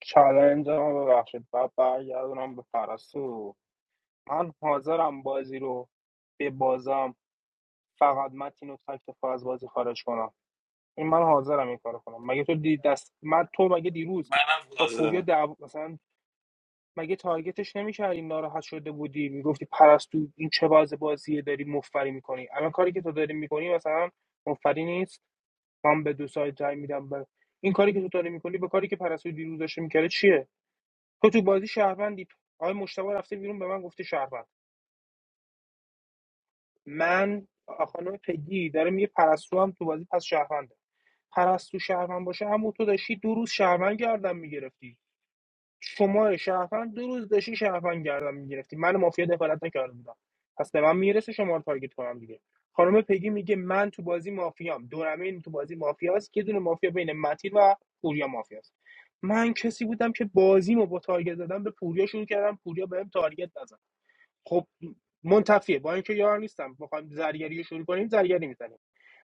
چالنج رو ببخشید بعد برگردونم به پرستو من حاضرم بازی رو به بازم فقط متین و تکتفا از بازی خارج کنم این من حاضرم این کارو کنم مگه تو دی دست من تو مگه دیروز
منم
با پوریا
لازمه
دعوا مثلا مگه تارگتش نمیکردی ناراحت شده بودی میگفتی پرستو این چه باز بازیه داری مفری میکنی الان کاری که تو داری میکنی مثلا مفری نیست من به دو سایت رای میدم به این کاری که تو داری میکنی با کاری که پرستو دیروز داشته میکرده چیه تو تو بازی شهروندی آقای مشتبه رفته بیرون به من گفته شهروند من خانم پگی داره میگه پرستو هم تو بازی پس شهرونده پرستو شهروند باشه همون تو داشتی دو روز شهروند گردم میگرفتی شما شهروند دو روز داشتی شهروند گردم میگرفتی من مافیا دخالت نکرده بودم پس به من میرسه شما رو تارگت کنم دیگه خانم پگی میگه من تو بازی مافیام دورمین تو بازی مافیاست یه دونه مافیا بین متین و پوریا مافیاست من کسی بودم که بازیمو با تارگت دادم به پوریا شروع کردم پوریا بهم تارگت نزد خب منتفیه با اینکه یار نیستم بخوایم زرگری رو شروع کنیم زرگری میزنیم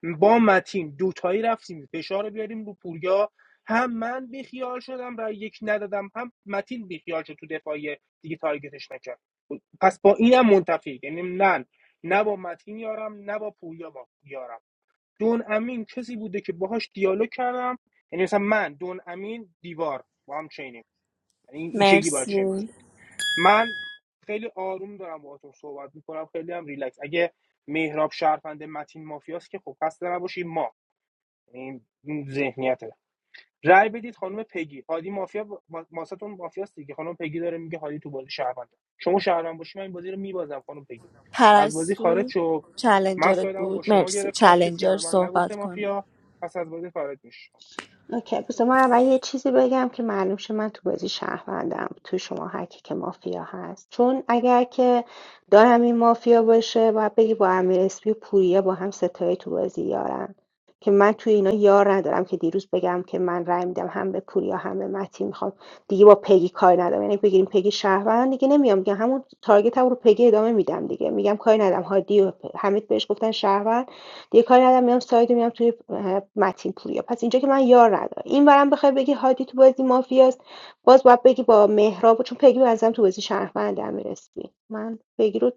با متین دوتایی رفتیم فشار بیاریم رو پوریا هم من بیخیال شدم و یک ندادم هم متین بیخیال شد تو دفاعی دیگه تارگتش نکرد پس با اینم منتفی یعنی نه نه با متین یارم نه با پوریا با یارم دون امین کسی بوده که باهاش دیالوگ کردم یعنی مثلا من دون امین دیوار با هم چینیم یعنی این این شکلی باید چین
مرسی
بشیم من خیلی آروم دارم باهاتون صحبت میکنم خیلی هم ریلکس اگه مهراب شهرفنده متین مافیاست که خب قصد نباشیم ما این این ذهنیته رأی بدید خانم پگی هادی مافیا ما- ماستون مافیاست دیگه خانم پگی داره میگه هادی تو بازی شهرونده شما شهروند باشی من این بازی رو میبازم خانم پگی از بازی خارج
پرستو
شو من
چلنجرت
سایدم رو با
بود
شما
مرسی
گرفتم کسی هم
چلنجر
به من نگفته
صحبت کنه
مافیا پس از بازی خارج میشه
اوکی بس من اول یه چیزی بگم که معلوم شه من تو بازی شهروندم تو شما هر کی که مافیا هست چون اگر که دارم این مافیا باشه باید بگی با امیر اسپی و پوریا با هم ستایی تو بازی یارن که من تو اینا یار ندارم که دیروز بگم که من رای میدم هم به پوریا هم به متی میخوام دیگه با پگی کاری ندارم یعنی بگیریم پگی شهروند دیگه نمیام میگم همون تارگت هم رو پگی ادامه میدم دیگه میگم کاری ندارم هادی و پ- حمید بهش گفتن شهروند یه کاری ندارم میام سایدو میام توی اه، متین پوریا پس اینجا که من یار ندارم اینورم بخوای بگی هادی تو بازی مافیاست باز باید بگی با مهراب چون پگی به نظرم تو بازی شهروند هم میرسی من پگی رو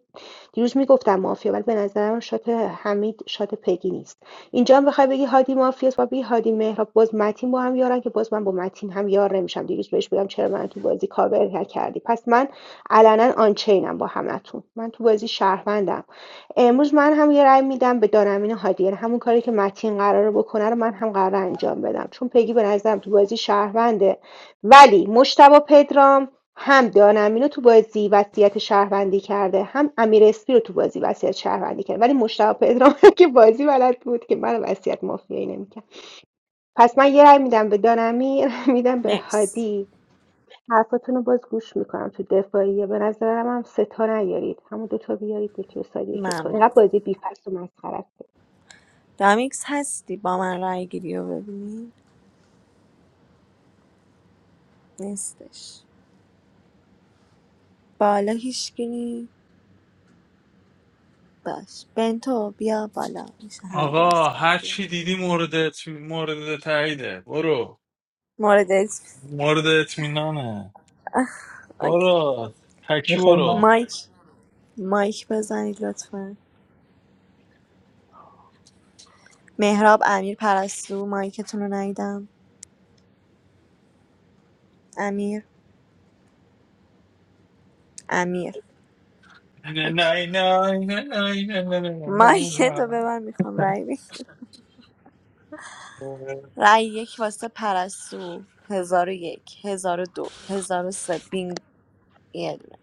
دیروز میگفتم مافیا ولی به نظرم شات حمید شات پگی نیست اینجا هم بخوای بگی هادی مافیاست و بگی هادی مهراب باز متین با هم یارن که باز من با متین هم یار نمیشم دیروز بهش بگم چرا من تو بازی کاور کردی پس من علنا آنچینم با همتون من تو بازی شهروندم امروز من هم یه رأی میدم به دانمین هادی یعنی همون کاری که متین قراره بکنه رو من هم قراره انجام بدم چون پگی به نظرم تو بازی شهرونده ولی مشتبه پدرام هم دانمین رو تو بازی وصیت شهروندی کرده هم امیر اسپی رو تو بازی وصیت شهروندی کرده ولی مشتبه پدرام که بازی بلد بود که من وصیت مافیایی نمیکرد پس من یه رأی میدم به دانمین میدم به
نکس
هادی حرفاتونو باز گوش میکنم تو دفاعیه به نظرم هم سه تا نیارید همون دوتا بیارید یکی به سایه یکی تو اینقدر
ممنون
بازی بیفست و مسخره است
دامیکس هستی با من رای گیری رو ببینی نیستش بالا هیچکی نی باش بنتو بیا بالا میشه هند
آقا
ریز کنی
هر
بیا
چی دیدی مورد اتم... مورد تاییده برو
مورد اسم-
مورد اطمینانه
اوکی.
برو تکی
میخوای من
برو
مایک مایک بزنید لطفا مهراب امیر پرستو مایکتون رو ندیدم امیر امیر
نه نه
اوکی
نه نه نه نه نه نه
من
نه
یه دو
نه.
ببر میخوام رای بی رای یک واسه پرستو هزار و یک هزار و دو هزار و سه بینگ یه دونه.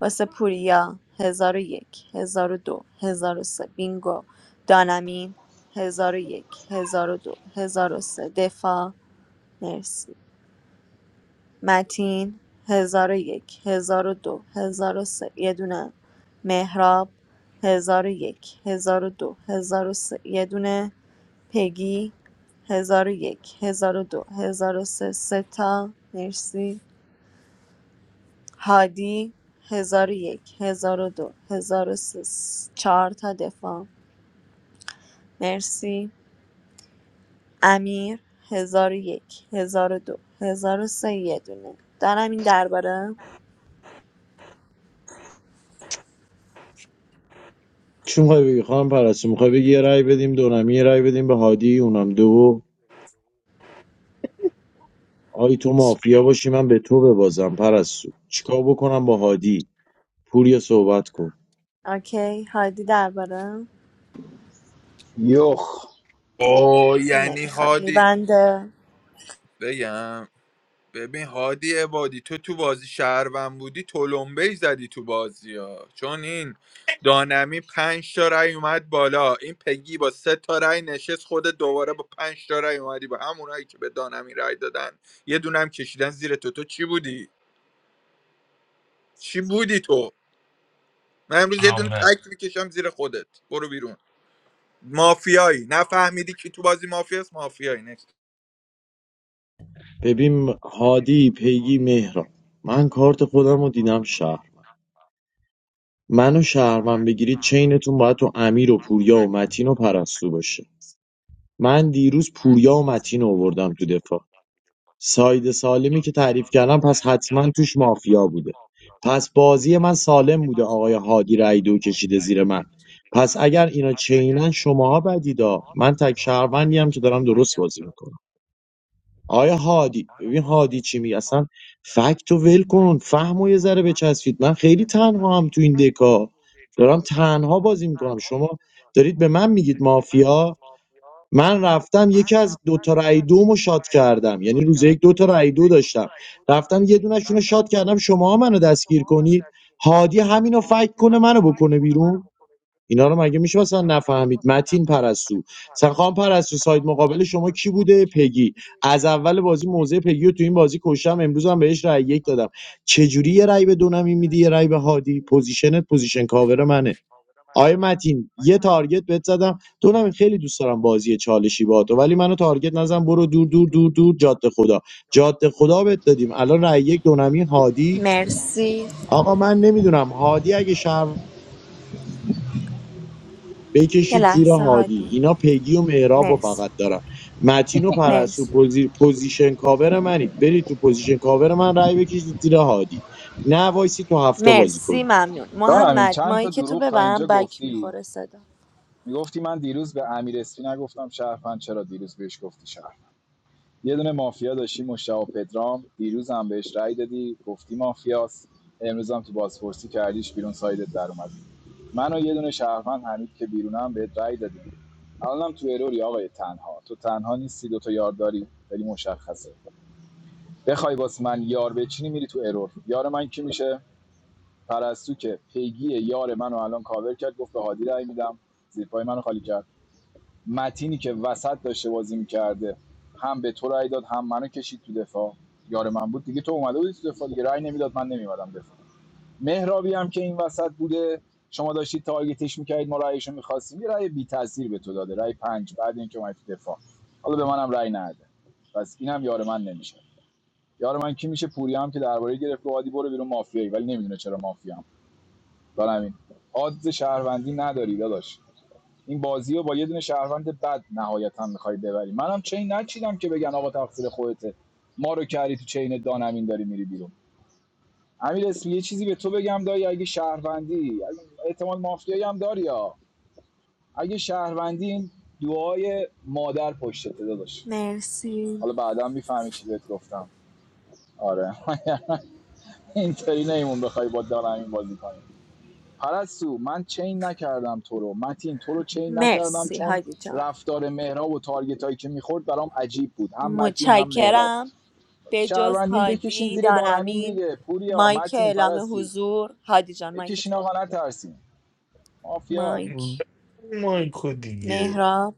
واسه پوریا هزار و یک هزار و دو هزار و سه بینگو دانمین هزار و یک هزار و دو هزار و سه دفاع مرسی متین ۱۰۰۱ ۱۰۰۲ سه یه دونه مهراب ۱۰۰۱ ۱۰۰۲ سه یه دونه پگی ۱۰۰۱ ۱۰۰۲ ۱۰۰۳ سه سه تا مرسی هادی ۱۰۰۱ ۱۰۰۲ ۱۰۰۳ چهار تا دفاع مرسی امیر ۱۰۰۱ ۱۰۰۲ سه یه دونه دارم این درباره
چی میخوای بگی خواهم پرستو میخوای بگی یه رأی بدیم دونم یه رأی بدیم به هادی اونم دو آی تو مافیا باشی من به تو ببازم پرستو چیکار بکنم با هادی پوریا صحبت کن
اوکی هادی درباره
یخ
او یعنی
نمیخواد
هادی
میبنده
بگم ببین هادی عبادی تو تو بازی شهروند بودی تلمبه ای زدی تو بازی ها چون این دانمی پنج تا رای اومد بالا این پگی با سه تا رای نشست خود دوباره با پنج تا رای اومدی با همونایی که به دانمی رای دادن یه دونم کشیدن زیر تو تو چی بودی چی بودی تو من امروز یه دونه
آمه.
تک میکشم زیر خودت برو بیرون مافیایی نفهمیدی کی تو بازی مافیاست مافیایی نه
ببین هادی پیگی مهران من کارت خودم رو دیدم شهر منو شهرمن بگیرید چینتون باید تو امیر و پوریا و متین و پرستو باشه من دیروز پوریا و متین رو آوردم تو دفاع ساید سالمی که تعریف کردم پس حتما توش مافیا بوده پس بازی من سالم بوده آقای هادی رای دو کشیده زیر من پس اگر اینا چینن شماها بدیدا من تک شهروندی هم که دارم درست بازی میکنم آیا هادی ببین هادی چی میگه اصلا فکت و ول کن فهم و یه ذره بچسبید من خیلی تنها هم تو این دکا دارم تنها بازی میکنم شما دارید به من میگید مافیا من رفتم یکی از دو تا رای دومو شات کردم یعنی روز یک دو تا رای دو داشتم رفتم یه دونشون رو شات کردم شما منو دستگیر کنید هادی همینو فکر کنه منو بکنه بیرون اینا رو مگه میشه مثلا نفهمید متین پرستو سخان پرستو ساید مقابل شما کی بوده پگی از اول بازی موزه پگی رو تو این بازی کشتم امروز هم بهش رای یک دادم چجوری یه رأی به دونمی میدی یه رأی به هادی پوزیشنت پوزیشن کاور منه آقای متین یه تارگت بهت زدم تو نمی خیلی دوست دارم بازی چالشی با تو ولی منو تارگت نزن برو دور دور دور دور جاده خدا جاده خدا بهت دادیم الان رای یک دونمی هادی
مرسی
آقا من نمیدونم هادی اگه شهر
یه
بکشید زیر
لحظه
هادی
هادی
اینا پیگی و مهراب و
مرسی
فقط دارن متین و پرسو
مرسی
پوزی... پوزیشن کاور منید برید تو پوزیشن کاور من رای بکشید زیر هادی نه وایسی تو هفته بازی
مرسی
کنید
ممنون
دارم این
محمد
چند
مایی
تا
که تو
دروغ تا
ببرم
اینجا
بک
گفتی
میخوره صدا
میگفتی من دیروز به امیر اسپی نگفتم شهروند چرا دیروز بهش گفتی شهروند یه دونه مافیا داشتی مشتاق پدرام دیروز هم بهش رأی دادی گفتی مافیاست امروز هم تو بازپرسی کردیش بیرون سایدت در اومد من یه دونه شهروند حمید که بیرونم بهت رأی دادی الانم تو اروری آقای تنها تو تنها نیستی دو تا یار داری ولی مشخصه بخوای واسه من یار بچینی میری تو ارور یار من کی میشه پرستو که پیگی یار منو الان کاور کرد گفت به هادی رای میدم زیر پای منو خالی کرد متینی که وسط داشته بازی میکرده هم به تو رای داد هم منو کشید تو دفاع یار من بود دیگه تو اومده بودی تو دفاع دیگه رای نمیداد من نمیومدم دفاع مهرابی هم که این وسط بوده شما داشتید تارگتش میکردید ما رایشو میخواستیم یه رای بی تاثیر به تو داده رای پنج بعد اینکه اومد تو دفاع حالا به منم رای نده پس اینم یار من نمیشه یار من کی میشه پوری هم که درباره گرفت گادی برو بیرون مافیایی ولی نمیدونه چرا مافیا دارم آدز شهروندی نداری داداش این بازی رو با یه دونه شهروند بد نهایتا میخوای ببری منم چین نچیدم که بگن آقا تقصیر خودته ما رو کردی تو چین دانمین داری میری بیرون امیر اسمی یه چیزی به تو بگم دایی اگه شهروندی احتمال مافیایی هم داری ها اگه شهروندی این دعای مادر پشتته داداش
مرسی
حالا بعدا میفهمی چی بهت گفتم آره اینطوری نیمون بخوای با دانمین بازی کنی پرستو من چین نکردم تو رو متین تو رو چین نکردم
مرسی
چون
هادی جان
رفتار مهراب و تارگت هایی که میخورد برام عجیب بود هم متین هم مهراب
متشکرم به جز
شهروندین بکشین
هادی
زیر دانمین
دانمین
دیگه پوریا
مایک
متین
اعلام
پرستو
حضور هادی جان مایک
بکشین
تو ببر
آقا نترسین مافیار
مایک
مایکو دیگه
مهراب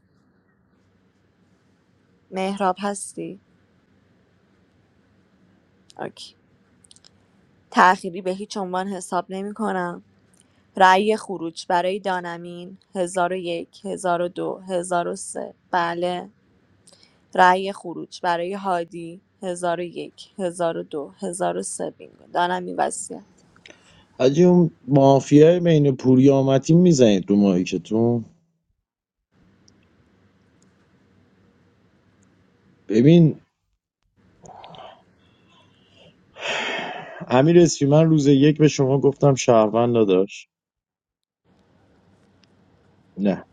مهراب هستی اوکی تأخیری به هیچ عنوان حساب نمی کنم. رأی خروج برای دانمین ۱۰۰۱ ۱۰۰۲ سه بله. رأی خروج برای هادی ۱۰۰۱ ۱۰۰۲ سه بینگو. دانمین وصیت.
حاجی اون مافیای بین پوریا و متین میزنید تو ماهیکتون ببین امیر اسفی من روز یک به شما گفتم شهروند داداش نه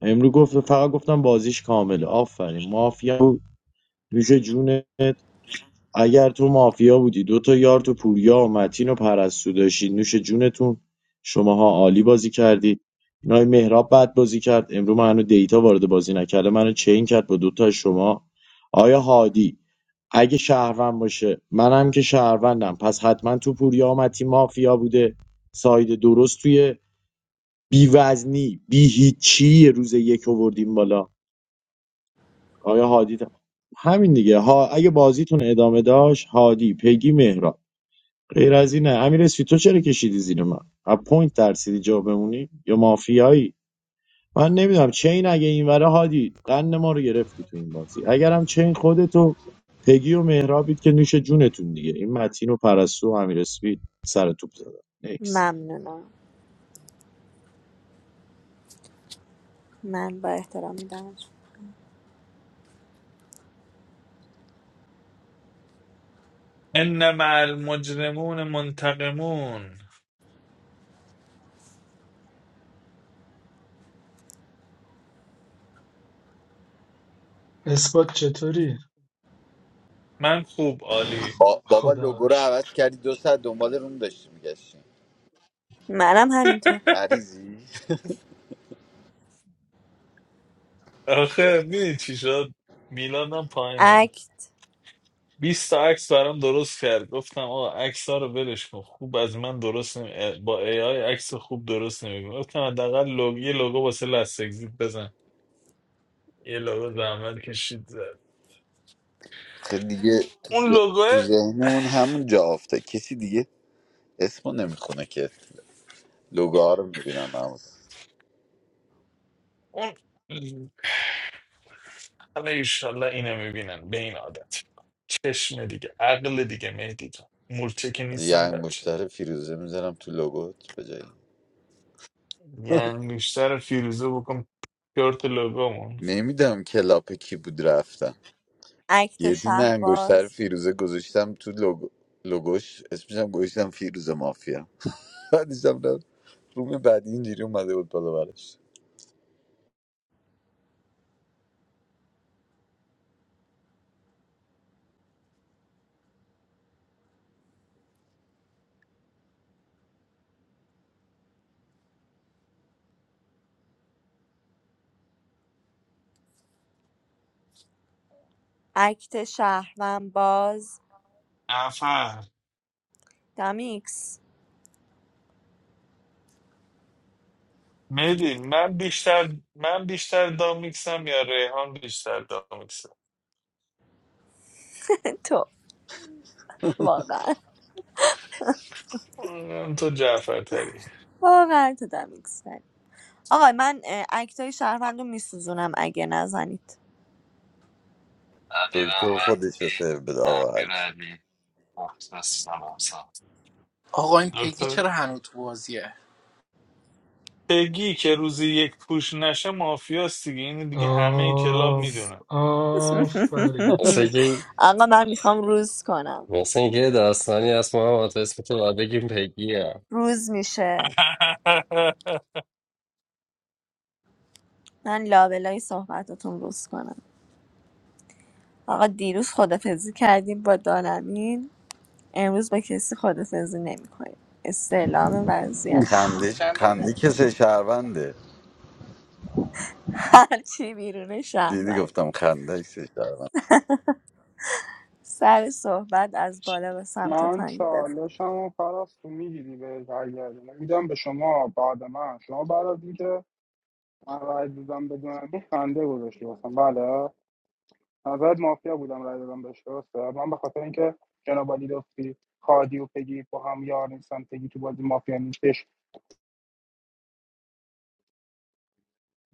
امرو گفت فقط گفتم بازیش کامله آفرین مافیا بود. نوش جون اگر تو مافیا بودی دوتا یار تو پوریا و متین و پرستو داشتی نوش جونتون شماها عالی بازی کردی این مهراب بد بازی کرد امرو منو دیتا وارد بازی نکرده منو چین کرد با دوتا از شما آیا هادی اگه شهروند باشه منم که شهروندم پس حتما تو پوریا و متین مافیا بوده ساید درست توی بی وزنی بی هیچی روز یک آوردیم بالا آیا هادی تا- همین دیگه ها اگه بازیتون ادامه داشت هادی پگی مهراب غیر از اینه امیر اسفی تو چرا کشیدی زیر من از پوینت ترسیدی جا بمونی یا مافیایی من نمیدونم چین اگه این وره هادی قند ما رو گرفتی تو این بازی اگرم چین خودتو پگی و مهرابید که نوش جونتون دیگه این متین و پرستو و امیر اسفی سر توپ زدن نکس
ممنونم. من با احترام میدم.
ان مع المجرمون منتقمون
اثبات چطوری
من خوب عالی
با... بابا
خدا
لوگو
رو
رو
شکر
عوض کردی دو ساعت دنبال روم داشتی میگشتی
منم همینطور.
مریضی
آخه میدونی چی شد میلادم پایینه
اکت
20 تا عکس برام درست کرد گفتم آقا عکس ها رو ولش کن خوب از من درست نمی... با ای آی عکس خوب درست نمی گفتم حداقل لوگ... یه لوگو واسه لست اگزیت بزن یه لوگو زحمت کشید زد.
خیلی دیگه تو,
اون لوگو
تو ذهنمون همون جا افته کسی دیگه اسمو نمیخونه که لوگوها رو میبینم معمولا
اون حالا ایشالله اینه میبینن به این عادت چشم دیگه عقل دیگه مهدی جان مورچه که
یه
نیستم بچه
انگشتر فیروزه میذارم تو لوگوت به جایی
یه انگشتر فیروزه بکن شورت لوگومون
نمیدم کلاپ کی بود رفتم
اکت
یه دونه انگشتر
شهرباز
فیروزه گذاشتم تو لوگو لوگوش اسمشم گذاشتم فیروزه مافیا بعدشم رفت. روم بعدی اینجوری اومده بود بالا برش
اکت شهروند باز
عفا
دمیکس
مهدی من بیشتر من بیشتر دامیکسم یا ریحان بیشتر دامیکسم
تو واقعا
من تو جعفر
واقعا تو دمیکس آقا من اه، اکتای شهروند رو میسوزونم اگه نزنید
دکتر خودش رو
Adivasi,
سیو بده آقا هرکی.
Mirabai, Fox, Ram Sam.
آقا این پگی
دکتر
چرا هنوز تو بازیه
بگی که روزی یک پوش نشه مافیاست دیگه این دیگه همه کلاب
آف
میدونن
آفرین
What's he?
آقا من میخوام روز کنم
What's he? Dasani, Asma, Mati, Smita, Adikim, Thikia.
روز میشه من لابلای صحبتاتون روز کنم آقا دیروز خدافزی کردیم با دانمین امروز با کسی خدافزی نمی کنیم استعلام وضعیت
اوف
میخوام
خنده
چند تا-
خنده که سه شهرونده
هرچی بیرون
دیدی
شهروند
گفتم خنده که سه شهروند
سر صحبت از بالا و سمت
من
پایین بفرم
چالشم و پرست تو میگیری به برگردم میدم به شما بعد من شما بعد از اینکه من رای دادم بدون خنده گذاشتی باسم بله نظرت مافیا بودم رای دادم بهش درسته من به خاطر اینکه جناب علی لطفی خادی و پگی با هم یار نیستن پگی تو بازی مافیا نیستش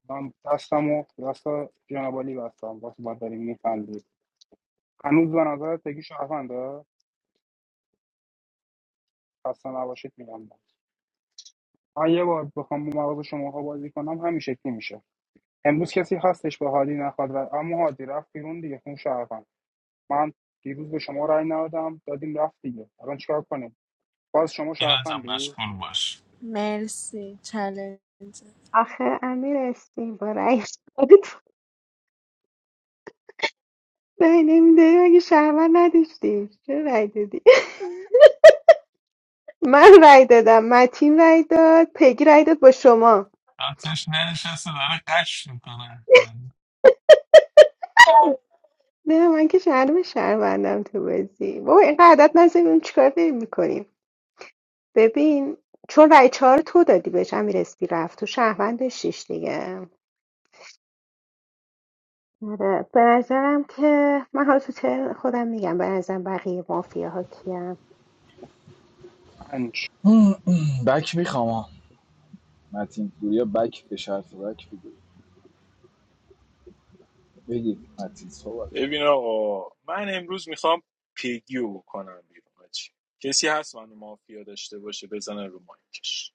من دستم و دست جناب علی بستم واسه ما داریم میخندید هنوز به نظر پگی شهرونده خسته نباشید میگم من یه بار بخوام با مغز شماها بازی کنم همین شکلی میشه امروز کسی هستش به هادی نخواد رای- اما هادی رفت بیرون دیگه خون شهروند من دیروز به شما رای ندادم دادیم رفت دیگه الان چیکار کنیم باز شما
اینا هم
شهروندی
مشغول باش
مرسی چلنج
آخه امیر اسمی با رأی خودت رأی نمیداری مگه شهروند نداشتی چرا رأی دادی من رأی دادم متین رأی داد پگی رأی داد با شما
آتش نشسته داره قش میکنه
نه من که شهرم شهروندم تو بازی بابا اینقدر عدد نزدیم چیکار داریم میکنیم ببین چون رأی چهار تو دادی بهش امیر اسمی رفت تو شهروند داشتیش دیگه آره به نظرم که من حالا تو ترم خودم میگم
پنج
بک میخوام آه. متین پوریا بک به شرط بک بگیر بگی متین صحبت
ببین آقا من امروز میخوام پیگیو بکنم بیرون حاجی. کسی هست منو مافیا داشته باشه بزنه رو مایکش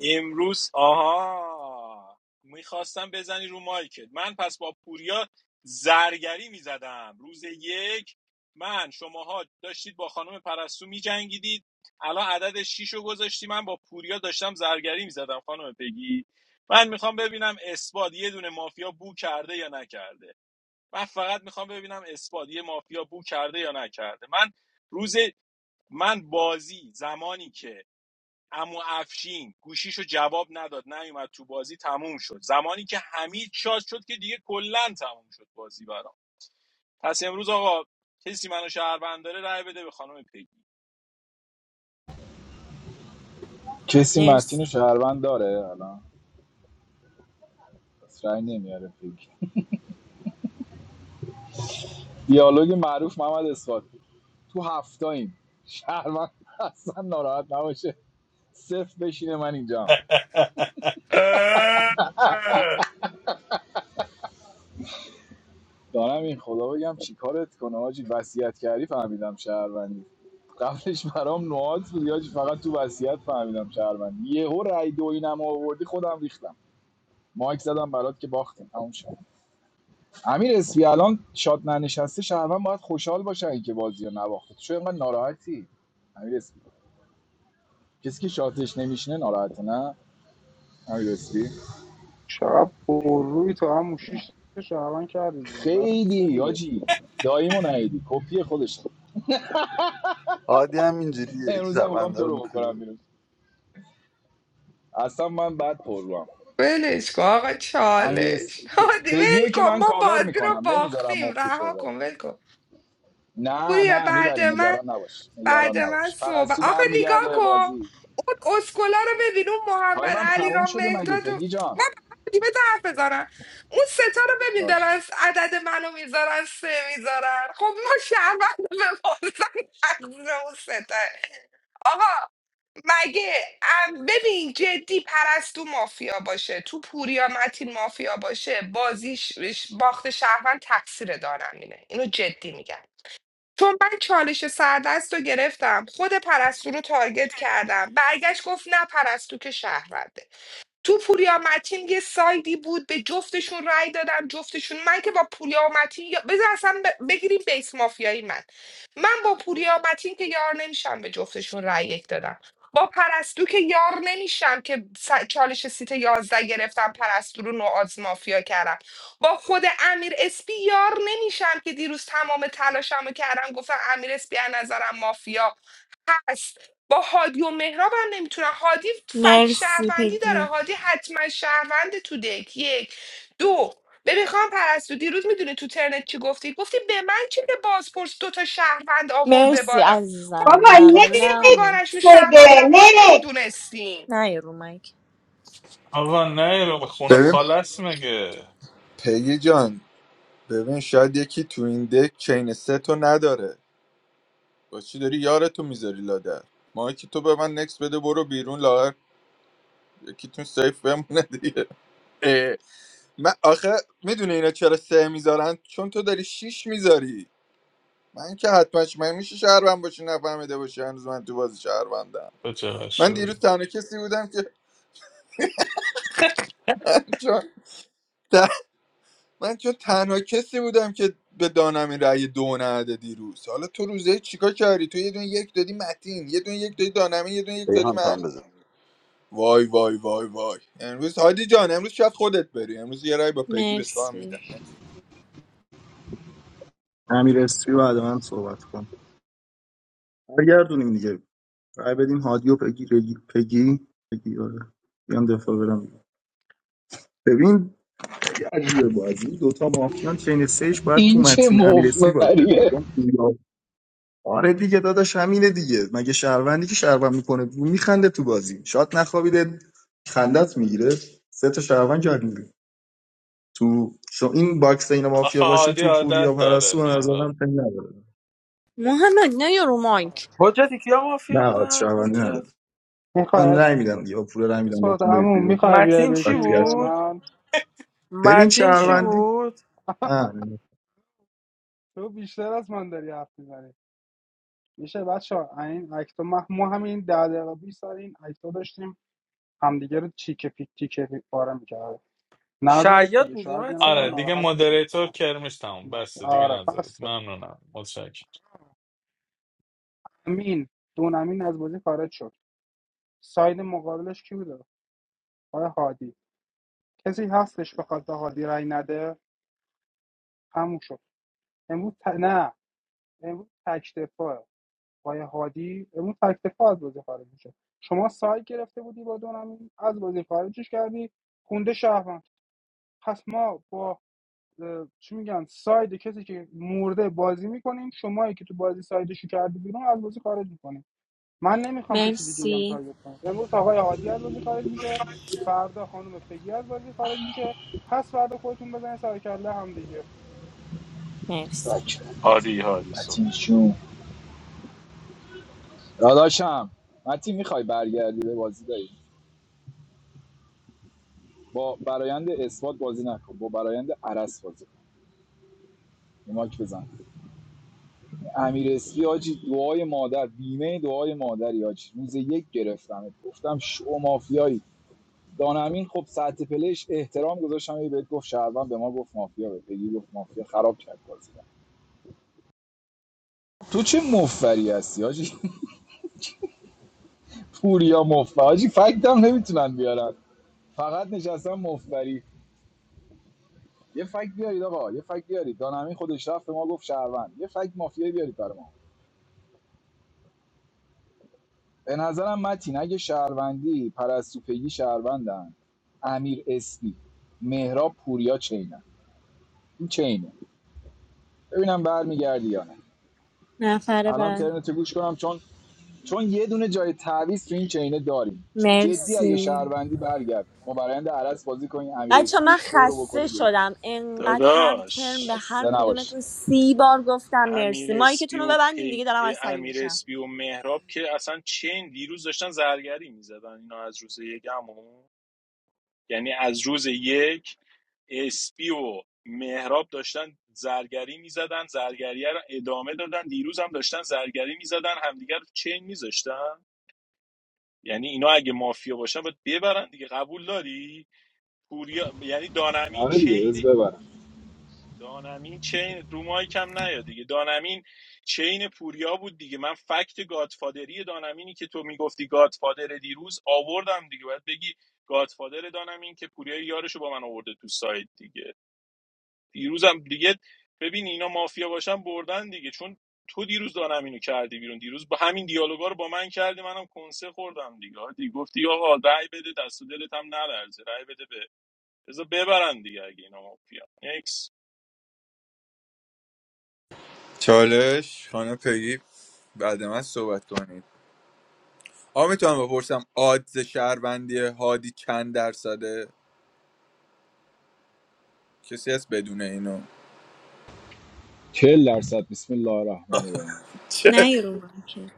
امروز آها میخواستم بزنی رو مایکت من پس با پوریا زرگری میزدم روز یک من شماها داشتید با خانم پرستو میجنگیدید الان عدد شیش رو گذاشتی من با پوریا داشتم زرگری میزدم خانم پگی من میخوام ببینم اثبات یه دونه مافیا بو کرده یا نکرده من فقط میخوام ببینم اثبات یه مافیا بو کرده یا نکرده من روز من بازی زمانی که اما افشین گوشیشو جواب نداد نیومد تو بازی تموم شد زمانی که حمید شاد شد که دیگه کلا تموم شد بازی برام پس امروز آقا کسی منو شهروند داره رأی بده به خانم پیگی
کسی متین
مرسی
رو شهروند داره الان پس رأی نمیاره فکر دیالوگ معروف محمد اثبات تو هفتاییم شهروند اصلا ناراحت نباشه صفر بشینه من اینجام دارم این خدا بگم چیکارت کنه حاجی وصیت کردی فهمیدم شهروندی قبلش برام نواد بود حاجی فقط تو وصیت فهمیدم شهروندی یهو رای دو اینم آوردی خودم ریختم مایک زدم برات که باختیم تموم شد امیر اسپی الان شاد ننشسته شهروند باید خوشحال باشه اینکه بازی رو نباخته تو چرا اینقدر ناراحتی امیر اسپی کسی که شاتش نمیشینه ناراحته نه امیر اسپی
چقدر پر روی تو هم شیش تا شهروند کردی بیرون بس
خیلی
دیگه
حاجی داییمو نهیدی کپی خودش
عادی هم اینجوریه
امروز هم میخوام
شهرونده
تو
رو
رو بکنم
میکنیم
بیرون اصلا من بد پر رو هم
ولش کن آقا
امیر
چالش هادی ول
پیگیو که
کن
من
ما
کاور
بازی رو
میکنم نمیذارم
باختیم
مفتشه
رها
ولی
کن ول کن
نه
پوریا
نه
بعد
میبریم
من
نگران نباش
بعد
نگران
من
نباش
صبح
پرستو
آخه نگاه
برمیگرده به
کن
بازی
اون اسکولا رو ببین اون محمد
تایمم
علی
تموم
را
شده مگه
مهداد و-
پگی جان
من دیمه حرف بزنم اون ستا رو ببین دارن
باش
س- عدد منو میذارن سه میذارن خب ما شهروند بپرسن اون ستا آقا مگه ام، ببین جدی پرستو مافیا باشه تو پوریا متین مافیا باشه بازیش باخت شهروند تقصیر دارن اینه اینو جدی میگم چون من چالش سردست رو گرفتم خود پرستو رو تارگت کردم برگشت گفت نه پرستو که شهرونده تو پوریا متین یه سایدی بود به جفتشون رأی دادم جفتشون من که با پوریا متین یا- بذار اصلا ب- بگیریم بیس مافیایی من من با پوریا متین که یار نمیشم به جفتشون رأی یک دادم با پرستو که یار نمیشم که س- چالش سیت 11 گرفتم پرستو رو نوآز مافیا کردم با خود امیر اسپی یار نمیشم که دیروز تمام تلاشمو کردم گفتم امیر اسپی از نظرم مافیا هست با هادی و مهراب هم نمیتونم هادی فک
مرسی
شهروندی داره
پگی
هادی حتما شهروند تو دک یک دو ببین خانم پرستو دیروز میدونی تو ترنت چی گفتی گفتی به من چه که بازپرس دوتا شهروند آورده
مرسی
بالا خب
عزیزم
هم میدونستی
ممنونم نه
دوگانشون شهروندم ما نمیدونستیم
نه یه رو مایک.
آقا نه رو خونه
ببین
خالص مگه
پگی جان ببین شاید یکی تو این دک چین سه تو نداره با چی داری یارتو میذاری لادر ما که تو به من نکس بده برو بیرون لاغر یکیتون سیف بمونه دیگه اه. من آخه میدونه اینا چرا سه میذارن چون تو داری شیش میذاری من که حتما ش- من میشه شهروند باشی نفهمیده باشی هنوز من تو بازی شهروندم
تو چقدر
من
شوی
دیروز تنها کسی بودم که من جان من چون تنها کسی بودم که به دانم این رأی دو نده دیروز حالا تو روزه چیکار کردی تو یه دونه یک دادی متین یه دونه یک دادی دانمی یه دونه یک دادی
ریحان تو
من
هم بزن
وای وای وای وای امروز هادی جان امروز شاید خودت بری امروز یه رای با پیگی به تو هم میدم
مرسی
نه.
امیر استری بعد من صحبت کن برگردونیم دیگه رأی بدیم هادیو پگی رگی پگی پگی آره بیام دفاع برم ببین خیلی عجیبه بازی دوتا مافیان چین سهش باید تو
این چه
متین امیر استری
مفبریه
باشه آره دیگه داداش همینه دیگه مگه شهروندی که شهروند میکنه میخنده تو بازی شاید نخوابیده خندت میگیره سه تا شهروند کرد میگیره تو شو این باکس اینا مافیا
آخه
باشه
هادی
تو پوریا
عادت
پرستو به
داره
نظرم خیلی نداره
محمد نه یارو مایک
حجتی کیا مافیا
نه آت
بودن
شهروندی نداره
حجت
میخوای
من
اس...
رأی میدم دیگه با پوریا رأی میدم
اثبات
بهتون برید
عمو
بیرون
میخوای بیای
متین چی
بشی
وصیت
اینجا
کن
بود
من
ببین
متین چی
اثبات
شهروندی
بود
نه
تو بیشتر از من داری حرف میزنی میشه بچه ها این اکتا ما, ما همین ده دقیقه 20 سر این اکتا داشتیم همدیگه رو چیکه پیک تیکه پیک پاره میکرد نذارید
شیاد
دیگه
بودی
شاید یه نفر
آره
متین
دیگه
ناراحت بشه
مودریتور
مثلا
کرمش تموم
این اکتا.
بسته دیگه
آره
نذارید
پس
ممنونم متشکرم
امین دون امین از بازی خارج شد ساید مقابلش کی بوده آقای هادی کسی هستش بخواد به هادی رای نده تموم شد امروز ت... نه امروز تک دفاع آقای هادی امروز تک دفاع از بازی خارج میشه شما سایت گرفته بودی با دونمی از بازی خارجش کردی خونده شهروند پس ما با چی میگن ساید کسی که مرده بازی میکنیم شمایی که تو بازی سایدشو کردی بیرون از بازی خارج میکنیم من نمیخوام کسی دیگه هم
مرسی
تارگت کنم امروز آقای هادی از بازی خارج میشه فردا خانم پگی از بازی خارج میشه پس فردا خودتون بزنید سر کله هم دیگه
مرسی
بچه
هادی هادی
متین
صحبت
جون داداشم متین میخوای برگردی به بازی داری با برایند اثبات بازی نکن با برایند عرس بازی یه ماک بزن امیر اسفی آجی دعای مادر بیمه دعای مادری آجی روز یک گرفتم گفتم شو مافیایی دانمین خب ساعت پلش احترام گذاشتم یه بهت گفت شهروند به ما گفت مافیا به پگی گفت مافیا خراب کرد بازی تو چه مفری هستی آجی پوریا مفری آجی فکتم نمیتونن بیارن فقط نشستم مفری یه فکت بیارید آقا یه فکت بیارید دانمین خودش رفت به ما گفت شهروند یه فکت مافیایی بیارید برای به نظرم متین اگه شهروندی پرستوپگی شهروندن امیر اسپی مهراب پوریا چینن این چینه ببینم برمیگردی یا نه
نفر
الان
بعد
ترنتو گوش کنم چون چون یه دونه جای تعویض تو این چینه داریم جدی اگه
مرسی
شهروندی برگرد ما برنده عرض بازی کنیم امیر
بچه
اسپی
من
شو رو
خسته
بکنیم بیرون
شدم انقدر هر ترم
داداش
به هر
خسته نباش
کدومتون سی بار گفتم مرسی
امیر اسپی
مایکتون رو
و
ببندین دیگه
پی...
دارم عصبی
امیر
میشم
اسپی و مهراب که اصلا چین دیروز داشتن زرگری میزدن اینا از روز یکمون یعنی از روز یک اسپی و مهراب داشتن زرگری میزدن زرگریه رو ادامه دادن دیروز هم داشتن زرگری میزدن همدیگر رو چین میذاشتن یعنی اینا اگه مافیا باشن باید ببرن دیگه قبول داری پوریا... یعنی دانمین
آره دیگه
چین
بز ببرم
دانمین چین رو مایک هم نیا دیگه دانمین چین پوریا بود دیگه من فکت گادفادری دانمینی که تو میگفتی گادفادر دیروز آوردم دیگه باید بگی گادفادر دانمین که پوریا یارشو با من آورده تو سایت دیگه دیروزم دیگه ببین اینا مافیا باشن بردن دیگه چون تو دیروز دانمینو کردی بیرون دیروز با همین دیالوگا رو با من کردی منم کنسه خوردم دیگه دیگه گفتی آقا رأی بده دست و دلت هم نلرزه رأی بده به بذار ببرن دیگه اگه اینا مافیا نکس
چالش خانم پیگی بعد من صحبت کنید آ میتونم بپرسم آدز شهروندی هادی چند درصده کسی هست بدون اینو
40 درصد بسم الله الرحمن الرحیم
چه؟
نه یارو مایک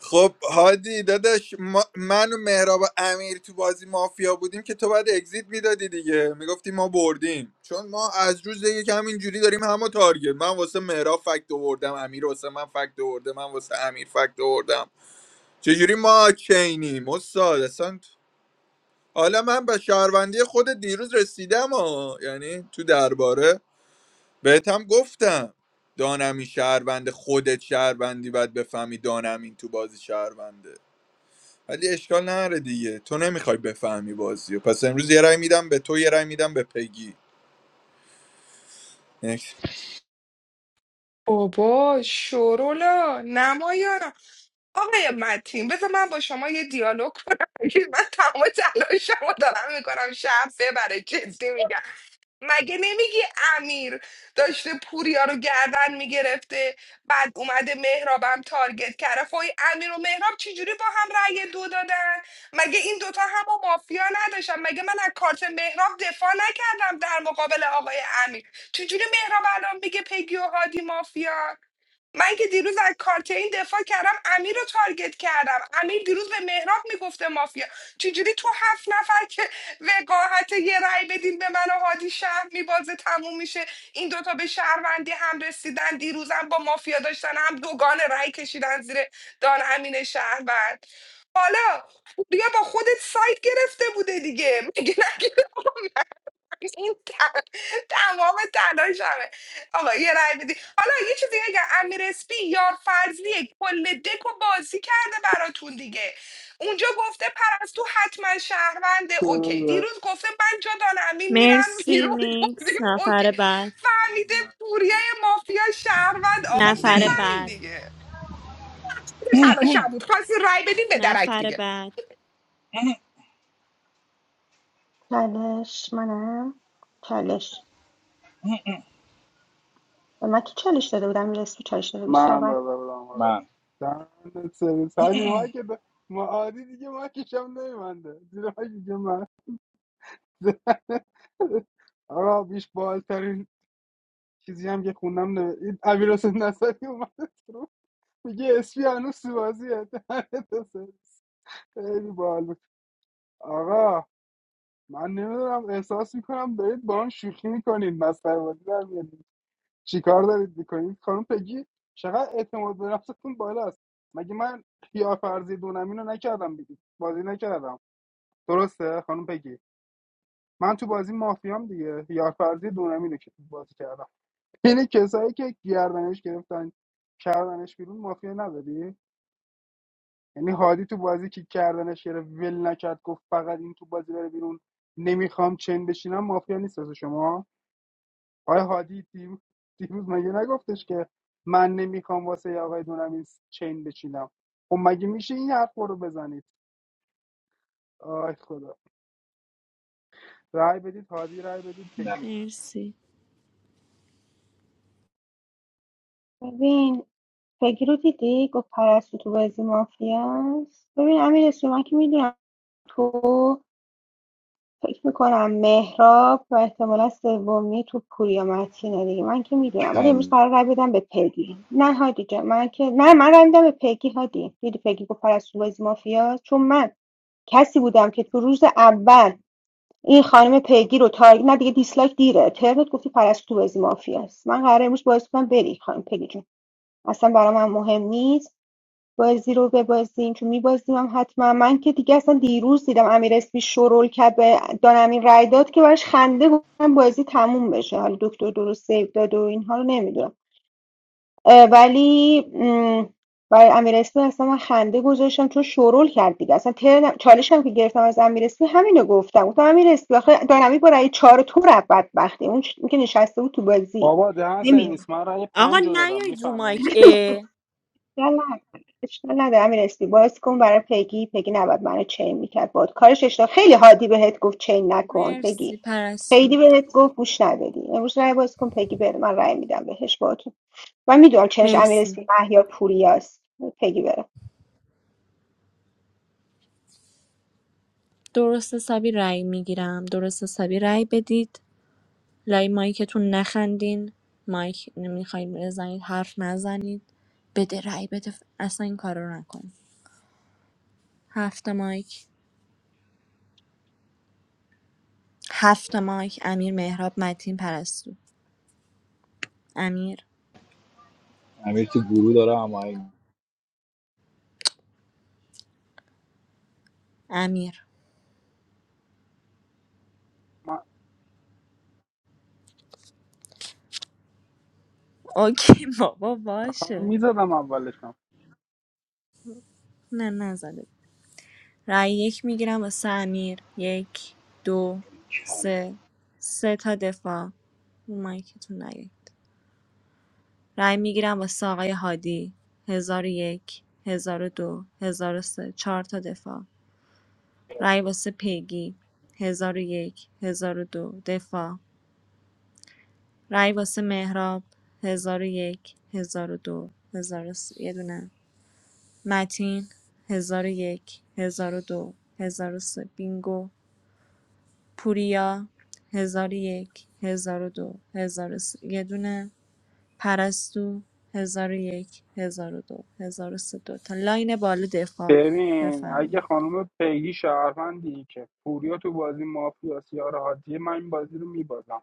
خب هادی داداش ما من و مهراب و امیر تو بازی مافیا بودیم که تو بعد اگزیت میدادی دیگه میگفتی ما بردیم چون ما از روز یک همینجوری داریم همو تارگت من واسه مهراب فکت آوردم امیر واسه من فکت آورده من واسه امیر فکت آوردم چجوری ما چینیم استاد اصلا حالا من به شهروندی خود دیروز رسیدم ها یعنی تو درباره بهت هم گفتم دانمی شهروند خودت شهروندی باید بفهمی دانمین تو بازی شهرونده ولی اشکال نره دیگه تو نمیخوای بفهمی بازی رو. پس امروز یه رای میدم به تو یه رای میدم به پگی Next.
بابا شورولا نمایانا آقای متین بذار من با شما یه دیالوگ کنم من تمام تلاشمو دارم میکنم شهر ببره جدی میگم مگه نمیگی امیر داشته پوریا رو گردن میگرفته بعد اومده مهرابم تارگت کرده فای امیر و مهراب چجوری با هم رأی دو دادن مگه این دوتا هم مافیا نداشتن مگه من از کارت مهراب دفاع نکردم در مقابل آقای امیر چجوری مهراب الان میگه پگی و هادی مافیا من که دیروز از کارت این دفاع کردم امیر رو تارگت کردم امیر دیروز به مهراب میگفته مافیا چجوری تو هفت نفر که وقاحت یه رأی بدین به من و هادی شهر میبازه تموم میشه این دوتا به شهروندی هم رسیدن دیروزم با مافیا داشتن هم دوگان رأی کشیدن زیر دان امین شهروند حالا بیا با خودت سایت گرفته بوده دیگه میگه نگیره. این تم- تمام تلاشمه آقا یه رای بدی حالا یه چیزی اگر امیر اسپی یار فرضیه کل دک و بازی کرده براتون دیگه اونجا گفته پرستو حتما شهرونده اوکی
من
دیروز گفته من جا امین میرم
مرسی
بیرون
نیکس
گفتیم اوکی
نفر بعد
فهمیده پوریه مافیا شهروند آقا
نفر
بفهمین
بعد
دیگه تلاشم بود خواستین رای بدین به درک
نفر
دیگه
بعد
چالش منم چالش به من صحبت کن.
دادم حالا
من
دهنت سرویس حاجی ما که د- ما عادی دیگه ما کشم نمیبنده زیر ما دیگه من آقا بیش بالترین چیزی هم که خوندم نه این امیر حسین نصری اومد رو میگه اسپی هنوز تو بازیه دهنت سرویس. خیلی بال بود آقا من نمیدونم احساس میکنم دارید با هم شوخی میکنید مسخره بازی در میارید. چیکار دارید میکنید خانم پگی چقدر اعتماد به نفستون بالاست مگه من کیافرزی دونم اینو نکردم بی- بازی نکردم درسته خانم پگی من تو بازی مافیام دیگه یارفرزی دونم اینو که تو بازی کردم یعنی کسایی که گردنش گرفتن کردنش بیرون مافیا نداری یعنی هادی تو بازی که کردنش گرفت ول نکرد گفت فقط این تو بازی بره بیرون نمیخوام چند بشینم مافیا نیست واسه شما آقای هادی دیروز, دیروز مگه نگفتش که من نمیخوام واسه آقای دونم این چین بچینم خب مگه میشه این حرف رو بزنید آی خدا رای بدید هادی رای بدید
نه
بگی
مرسی
ببین پگی رو دیدی گفت پرستو تو بازی مافیاست ببین امیر اسمی من که میدونم تو فکر میکنم مهراب و احتمالا سومی تو پوریا متینه دیگه من که میدونم ولی امروز
کل
قرار رای بدم به پگی نه هادی جان من که نه من رای میدم به پگی هادی دیدی پگی گفت پرستو تو بازی مافیاست چون من کسی بودم که تو روز اول این خانم پگی رو تایید نه دیگه دیسلایک دیره ترنت گفتی پرستو تو بازی مافی است من قراره امروز بازی کنم بری خانم پگی جون اصلا برای من مهم نیست بازی رو ببازیم چون میبازیم هم حتما من که دیگه اصلا دیروز دیدم امیر اسمی شرول کرد به دانمین رای داد که براش خنده بود من بازی تموم بشه حالا دکتر درست سیو داد و اینها رو نمیدونم آه، ولی م، برای امیر اسپی اصلا من خنده گذاشتم چون شورول کرد دیگه اصلا ترنم چالش هم که گرفتم از امیر اسپی همینو گفتم گفتم امیر اسپی آخه دارمی با رأی چهار تو رفت بدبختی اون چ- اون که نشسته بود تو بازی
بابا دهن
نمیاد
سرویس من رای
آقا
پنج رو دادم
نیاید رو
میفهمی
مایک اه.
اشکال نداره اشکال نداره امیر اسپی باز کن برای پگی پگی نباید منو چین میکرد باد کارش اشتباه خیلی حادی بهت گفت چین نکن
مرسی
پگی
پرستو
خیلی بهت گفت گوش ندادی امروز رأی باز کن پگی بره من رأی میدم بهش باهاتون من میدونم چنش امیر
مرسی
اسپی مهیار پوریاست پگی بره
درست حسابی رأی میگیرم درست حسابی رأی بدید لای مایکتون نخندین مایک نمیخواید بزنید حرف نزنید بده رأی بده اصلا این کارا رو نکنید هفت مایک هفت مایک امیر مهراب متین پرستو امیر
امیر تو گروه داره اما این.
امیر
من
اوکی بابا
آخه من
باشه
میزدم اولشم
نه نزده رأی یک میگیرم واسه امیر یک دو سه سه تا دفاع رو مایکتون نیاید. رای میگیرم واسه آقای هادی ۱۰۰۱ ۱۰۰۲ ۱۰۰۳ چهار تا دفاع. رای واسه پیگی ۱۰۰۱ ۱۰۰۲ دفاع. رای واسه مهراب ۱۰۰۱ ۱۰۰۲ ۱۰۰۳ یه دونه. متین ۱۰۰۱ ۱۰۰۲ ۱۰۰۳ بینگو. پوریا ۱۰۰۱ ۱۰۰۲ ۱۰۰۳ یه دونه. پرستو هزار ۱۰۰۲ ۱۰۰۳ دوتا لاین بالا دفاع
ببین اگه
بفرمایید
خانم پیگی شهروندی که پوریا تو بازی مافیا سیار هادیه من این بازی رو میبازم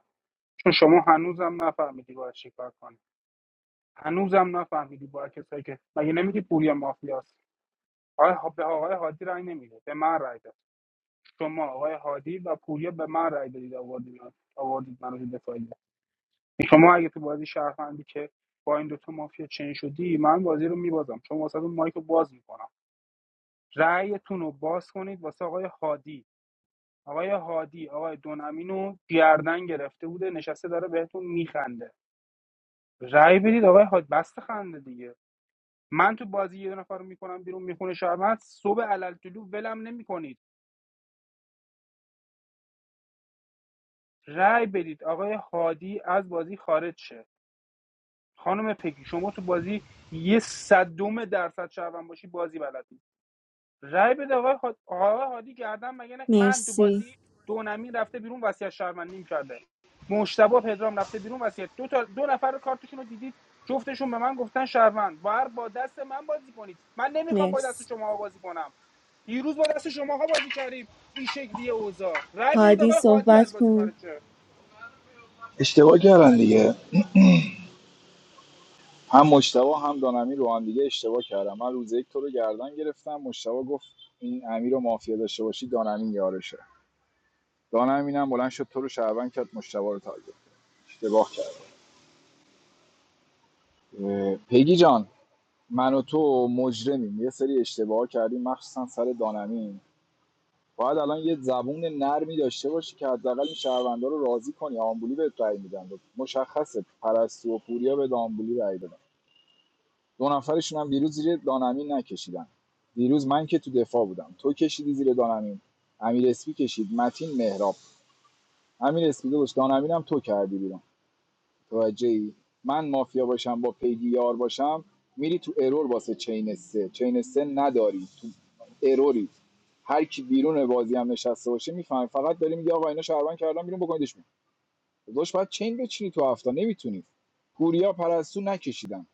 چون شما هنوزم نفهمیدی باید چیکار کنی هنوزم نفهمیدی با کسایی که مگه نمیگی پوریا مافیاست آقای ها- به آقای هادی رای نمیده به من رای داد شما آقای هادی و پوریا به من رای دادید آوردید آوردید من رو تو شما اگه تو بازی شهروندی که با این دوتا مافیا چین شدی من بازی رو میبازم شما واسه اون مایک رو باز میکنم رأیتون رو باز کنید واسه آقای هادی آقای هادی آقای دونامین رو گردن گرفته بوده نشسته داره بهتون میخنده رأی بدید آقای هادی بست خنده دیگه من تو بازی یه نفر رو میکنم بیرون میخونه شهروند صبح علل جلو ولم نمیکنید رأی بدید آقای هادی از بازی خارج شه خانم پگی شما تو بازی یه صدم درصد شهروند باشی بازی بلد نیست رأی بده آقای, هاد... آقای هادی گردن مگه نه من تو
مرسی
بازی دونمی رفته بیرون وصیت شهروندیم کرده مشتبه پدرام رفته بیرون وصیت دو تا دو نفر کارتشون رو دیدید جفتشون به من گفتن شهروند بر با دست من بازی کنید من نمیخوام با دست
مرسی
شما بازی کنم دیروز با دست شماها بازی کردیم این شکلیه اوضاع رأی بدید
هادی
آقای هادی از
صحبت
بازی
کن
خارج شه
اشتباه کردن دیگه هم مشتبه هم دانمی رو هم دیگه اشتباه کردم من روز یک تو رو گردن گرفتم مشتبه گفت این امیر رو مافیا داشته باشی دانمی یارشه دانمینم بلند شد تو رو شهروند کرد مشتبه رو تارگت کرد. اشتباه کرد اه، جان من و تو مجرمیم یه سری اشتباه کردیم مخصوصا سر دانمین باید الان یه زبون نرمی داشته باشی که حداقل این شهروندا رو راضی کنی آمبولی بهت رأی میدن مشخصه پرستو و پوریا به آمبولی رأی دادن. دو نفرشون هم دیروز زیر دانمین نکشیدن دیروز من که تو دفاع بودم تو کشیدی زیر دانمین امیر اسپی کشید متین مهراب امیر اسپی داشت دانمین هم تو کردی بیرون توجه ای من مافیا باشم با پیگی یار باشم میری تو ارور واسه چین سه چین سه نداری تو اروری هر کی بیرون بازی هم نشسته باشه میفهمه فقط داری میگه آقا اینا شهروند کردن بیرون بکنیدش بیرون داش باید چین بچینی تو هفته نمیتونی پوریا پرستو نکشیدن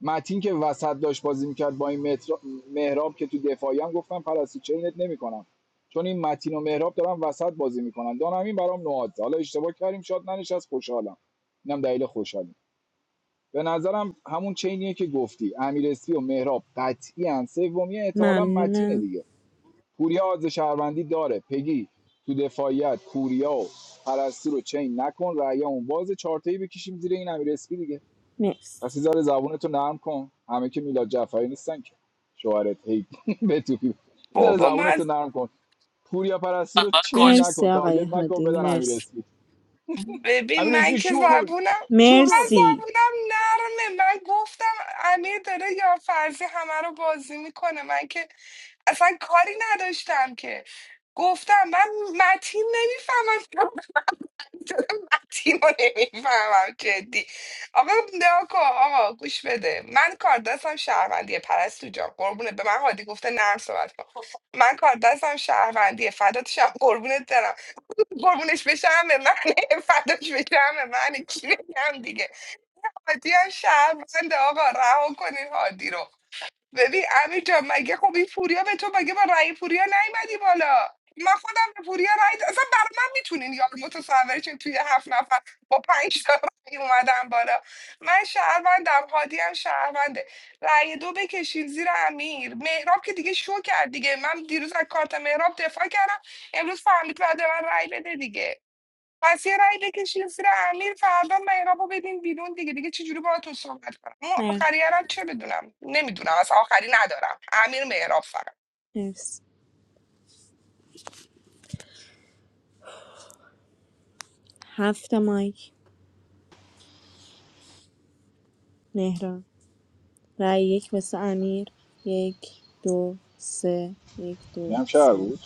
متین که وسط داشت بازی میکرد با این مهراب که تو دفاعی هم گفتم پرستو چرنت نمیکنم چون این متین و مهراب دارن وسط بازی میکنن دانمین برام نواد حالا اشتباه کردیم شاد ننشست خوشحالم اینم دلیل خوشحالی به نظرم همون چینیه که گفتی امیر اسپی و مهراب قطعی ان سومیه احتمالا متینه
ممنونم
دیگه پوریا آز شهروندی داره پگی تو دفاعیت پوریا و پرستو رو چین نکن رأی اون باز چارتایی بکشیم زیر این امیر اسپی دیگه پس
مرسی
یه ذره زبونتو نرم کن همه که میلاد جعفری نیستن که شوهرت هی بتوپی یه ذره
بابا من
زبونتو نرم کن پوریا پرستو رو چین
مرسی
نکن
آقای
تارگت نکن
هادی
بدن امیر
مرسی
اسمی
ببین
امیر
من
اسمی
که
شورول
زبونم من
شورول
مرسی
زبونم نرمه من گفتم امیر داره یا فرضی همه رو بازی میکنه من که اصلا کاری نداشتم که گفتم من متین نمیفهمم متین رو نمیفهمم جدی آقا نکو آقا گوش بده من کار دستم شهروندیه پرستو جان قربونه به من هادی گفته نرم صحبت کن من کار دستم شهروندیه فدات شم قربونت برم قربونش بشم به من فداش بشم به من کی بگم دیگه هادی هم شهروند آقا رها کنین هادی رو ببین امیر جان مگه خب این پوریا به تو مگه با رأی پوریا نیومدی بالا من خودم به پوریا رأی د- اصلا برای من میتونین یا متصورشین توی هفت نفر با پنج تا رأی اومدم بالا من شهروندم هادی هم شهرونده رأی دو بکشین زیر امیر مهراب که دیگه شو کرد دیگه من دیروز از کارت مهراب دفاع کردم امروز فهمید بعد من رأی بده دیگه پس یه رأی بکشین زیر امیر فردا مهراب رو بدین بیرون دیگه دیگه چجوری باهاتون صحبت کنم اون
مر-
آخریه رو چه بدونم نمیدونم از آخری ندارم امیر مهراب فقط
مرسی هفت مایک مهران رای یک واسه امیر یک دو سه یک دو
این هم شهر
سه
بود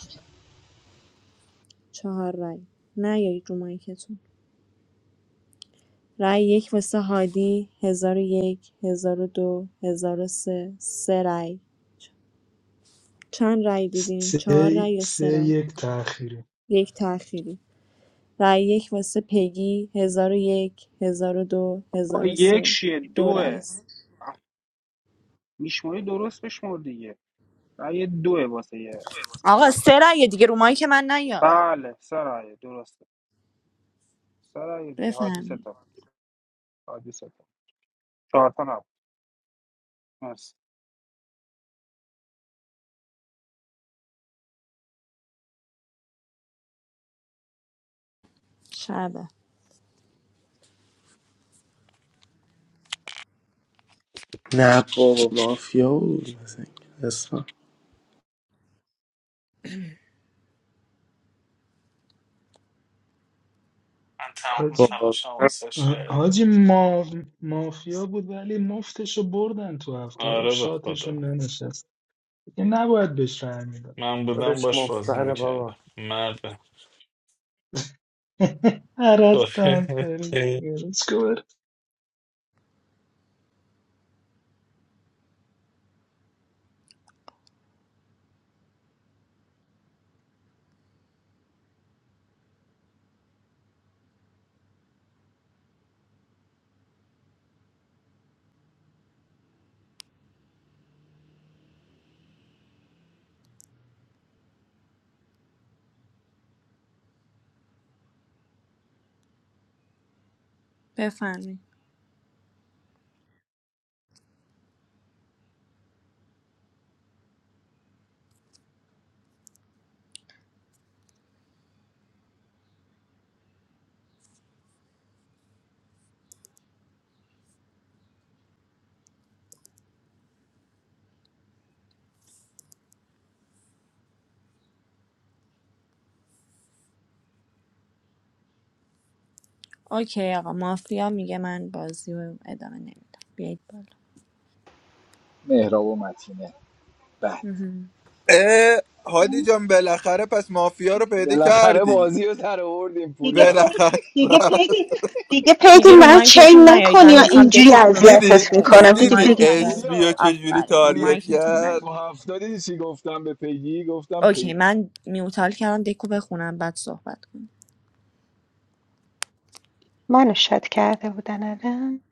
چهار رای نه یا رو مایکتون رای یک واسه هادی ۱۰۰۱ ۱۰۰۲ ۱۰۰۳ سه سه رای چند رای دیدین؟ چهار
سه
رای یا
سه
سه رای؟
یک تأخیری
یک تأخیری رای یک واسه پگی ۱۰۰۱ ۱۰۰۲ ۱۰۰۳ دو
با
هزار و
یک
سه،
شیه
دو رای
دوه
است
آه، میشماری درست بشمار دیگه رأی دوه واسه یه یه
آقا
نفر
سه رأیه دیگه رو مایی که من نیا
بله سرایه درسته سرایه دیگه حادیثه
بفهمی
تا حادیثه تا چهار تا نبود مرسی
شبه
Napoli mafia. I think that's what.
من تمام
حاجی
تلاشم
What
واسش
آ-
کردم
حاجی ما... مافیا بود ولی مفتشو بردن تو هفته اف
آره به
شاتشون
خدا
ننشست دیگه نباید بهش رأی میدادن
من بودم
is
باش
most
بازی
valuable?
میکردم مرد
هر از تنفری
بفهمی اوکی آقا مافیا میگه من بازی رو ادامه نمیدم بیایید
مهراب و متینه بد
بالا
اه، هادی جان بالاخره پس مافیا رو پیدا
بالاخره
کردی
بازی رو در آوردیم
دیگه
پوریا
پی...
بالاخره
دیگه پیگی دیگه پیگی
دیگه رو
منو چین
مایکتون نیایید
نکنی
من
یا
آجی،
میخوام
اینجوری
دکتون رو
دیدی
بخونم
اذیتت
تو
میکنم
مرسی رو
دیدی
هفته
دیدی
مایک
پیگی جون
نیایید
اسبی و
پوریا
چجوری
آفرین رو
پوریا
تاریت
مایکتون
تو
کرد
نیایید
هفته دیدی چی گفتم به پیگی گفتم
اوکی
پیگی.
من میوتال کردم دکو بخونم بعد صحبت کنم
منو شاد کرده بودن الان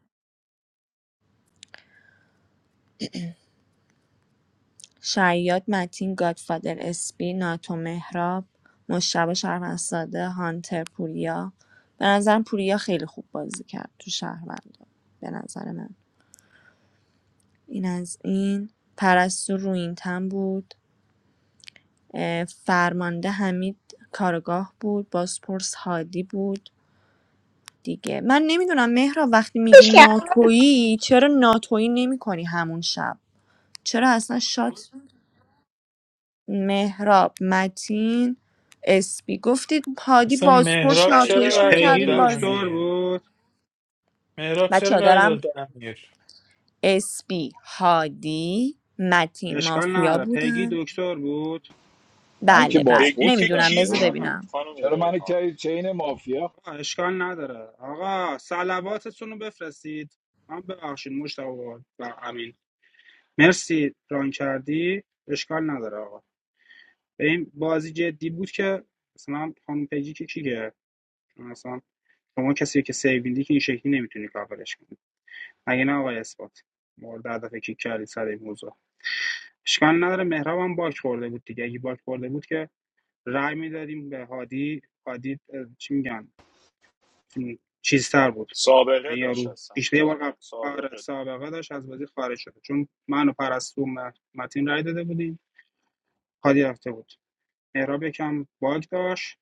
شیاد متین گادفادر اسپی ناتو مهراب مشتبه شهروندساده هانتر پوریا به نظرم پوریا خیلی خوب بازی کرد تو شهروند به نظر من این از این پرستو روینتن بود اه، فرمانده حمید کارگاه بود بازپرس هادی بود دیگه من نمیدونم مهرا وقتی میگی
خوش کردم.
ناتویی چرا ناتویی نمیکنی همون شب چرا اصلا شات مهراب متین اسپی گفتید هادی
اصلا
بازپرس
مهراب چرا
شیاد
ناتویش
رای داد
پیگی
میکردین
به
بازی
دکتر
امیر
بود
مهراب چرا
بچه
رای
دارم
داد به امیر
اسپی هادی متین
اشکال
مافیا
نداره پیگی
بودن
دکتر بود
من که
بله بله
پگی
بازپرس
که
بودم
نمیدونم
که
بذار
کیک
ریحان.
آقا
بود
ببینم
خانم
چرا من
ریحان
چین مافیا
آقا، اشکال نداره آقا سلواتتون رو بفرستید من ببخشید مشتاق و امین مرسی ران کردی اشکال نداره آقا این بازی جدی بود که مثلا خانم پیجی که کی گرفت چون شما کسی که سیویندی که این شکلی نمیتونی کاورش کنی مگه نه آقای اثبات مورد هدف کیک کردی سر این موضوع اشکال نداره مهراب هم باک خورده بود دیگه اگه باک خورده بود که رای میدادیم به هادی هادی اه، چی میگن چیزتر بود
سابقه
این
داشت
یارو
اصلا
بیشتر یه بار قبل آره،
سابقه
سابقه داشت از بازی خارج شده چون من و پرستو و متین رأی داده بودیم هادی رفته بود مهراب یکم باگ داشت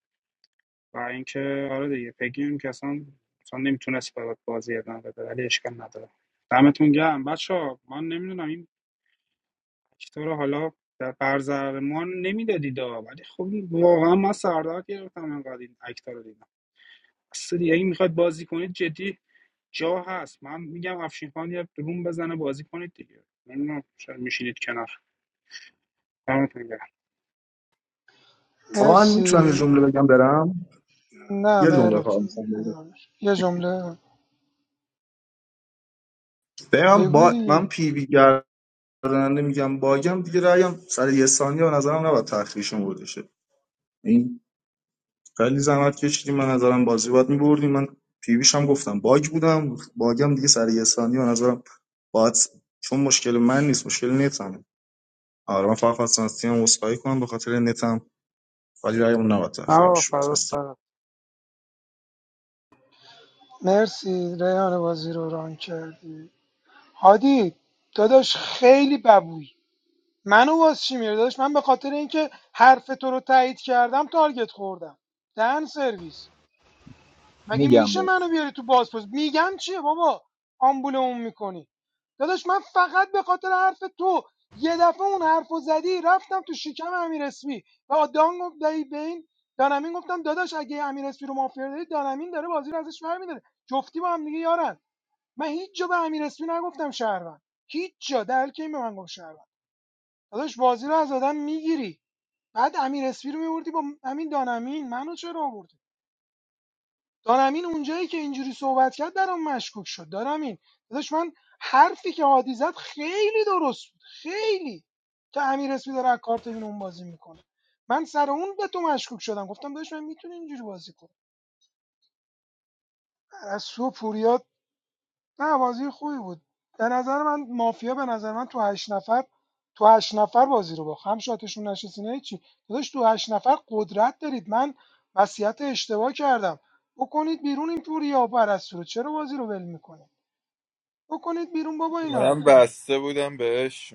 و اینکه آره دیگه پگی که اصلا اصلا نمیتونست برات بازی ادامه بده ولی اشکال نداره دمتون گرم بچه ها من نمیدونم این اکتا حالا در برزر ما نمیدادید ها. ولی خب واقعا من سردار گرفتم انقدر این اکتا رو دیدم اصلا دیگه این میخواد بازی کنید جدی جا هست من میگم افشین خان یه روم بزنه بازی کنید دیگه نمیدونم شاید میشینید کنار دمتون گرم
آقا من میتونم یه
مرسی
جمله بگم برم
نه
یه جمله
مهراب
فقط
جون
می‌خوام بگم
ادامش. یه جمله
بگم
بگو
با من
دیگه
پی وی گردنده میگم باگم دیگه رأیم سر یه ثانیه به نظرم نباید تأخیرشون بوده این خیلی زحمت کشیدیم من نظرم بازی باید میبردیم من پیویش هم گفتم باگ بودم باگم دیگه سر یه ثانیه به نظرم باید چون مشکل من نیست مشکل نتمه آره من فقط خواستم از تیم عذرخواهی کنم به خاطر نتم ولی رای اون نباید تأخیر
آه فدا
میشد
سرت.
مرسی ریان بازی رو ران کردی هادی داداش خیلی ببوی منو واس چی میره داداش من به خاطر اینکه حرف تو رو تایید کردم تارگت خوردم دهن سرویس مگه
میگم
میشه منو بیاری تو بازپرس میگم چیه بابا آمبولمون میکنی داداش من فقط به خاطر حرف تو یه دفعه اون حرفو زدی رفتم تو شکم امیر اسمی و دان گفت دایی بین دانمین گفتم داداش اگه امیر اسمی رو مافیا داری دانمین داره بازی رو ازش برمیداره جفتی با هم دیگه یارن من هیچ جا به امیر اسمی نگفتم شهروند هیچ جا در که این به من گفت شهروند داداش بازی رو از آدم میگیری بعد امیر اسمی رو میوردی با همین دانمین منو چرا آوردی دانمین اونجایی که اینجوری صحبت کرد برام مشکوک شد دانمین داداش من حرفی که هادی زد خیلی درست بود خیلی که امیر اسمی داره از کارت این اون بازی میکنه من سر اون به تو مشکوک شدم گفتم داداش من میتونی اینجوری بازی کنی از سو پوریا نه بازی خوبی بود به نظر من مافیا به نظر من تو هشت نفر تو هشت نفر بازی رو باخت هم شاتشون نشست نه چی داداش تو هشت نفر قدرت دارید من وصیت اشتباه کردم بکنید بیرون این پوریا پرستو رو چرا بازی رو ول میکنید بکنید بیرون بابا اینا رو
من بسته بودم بهش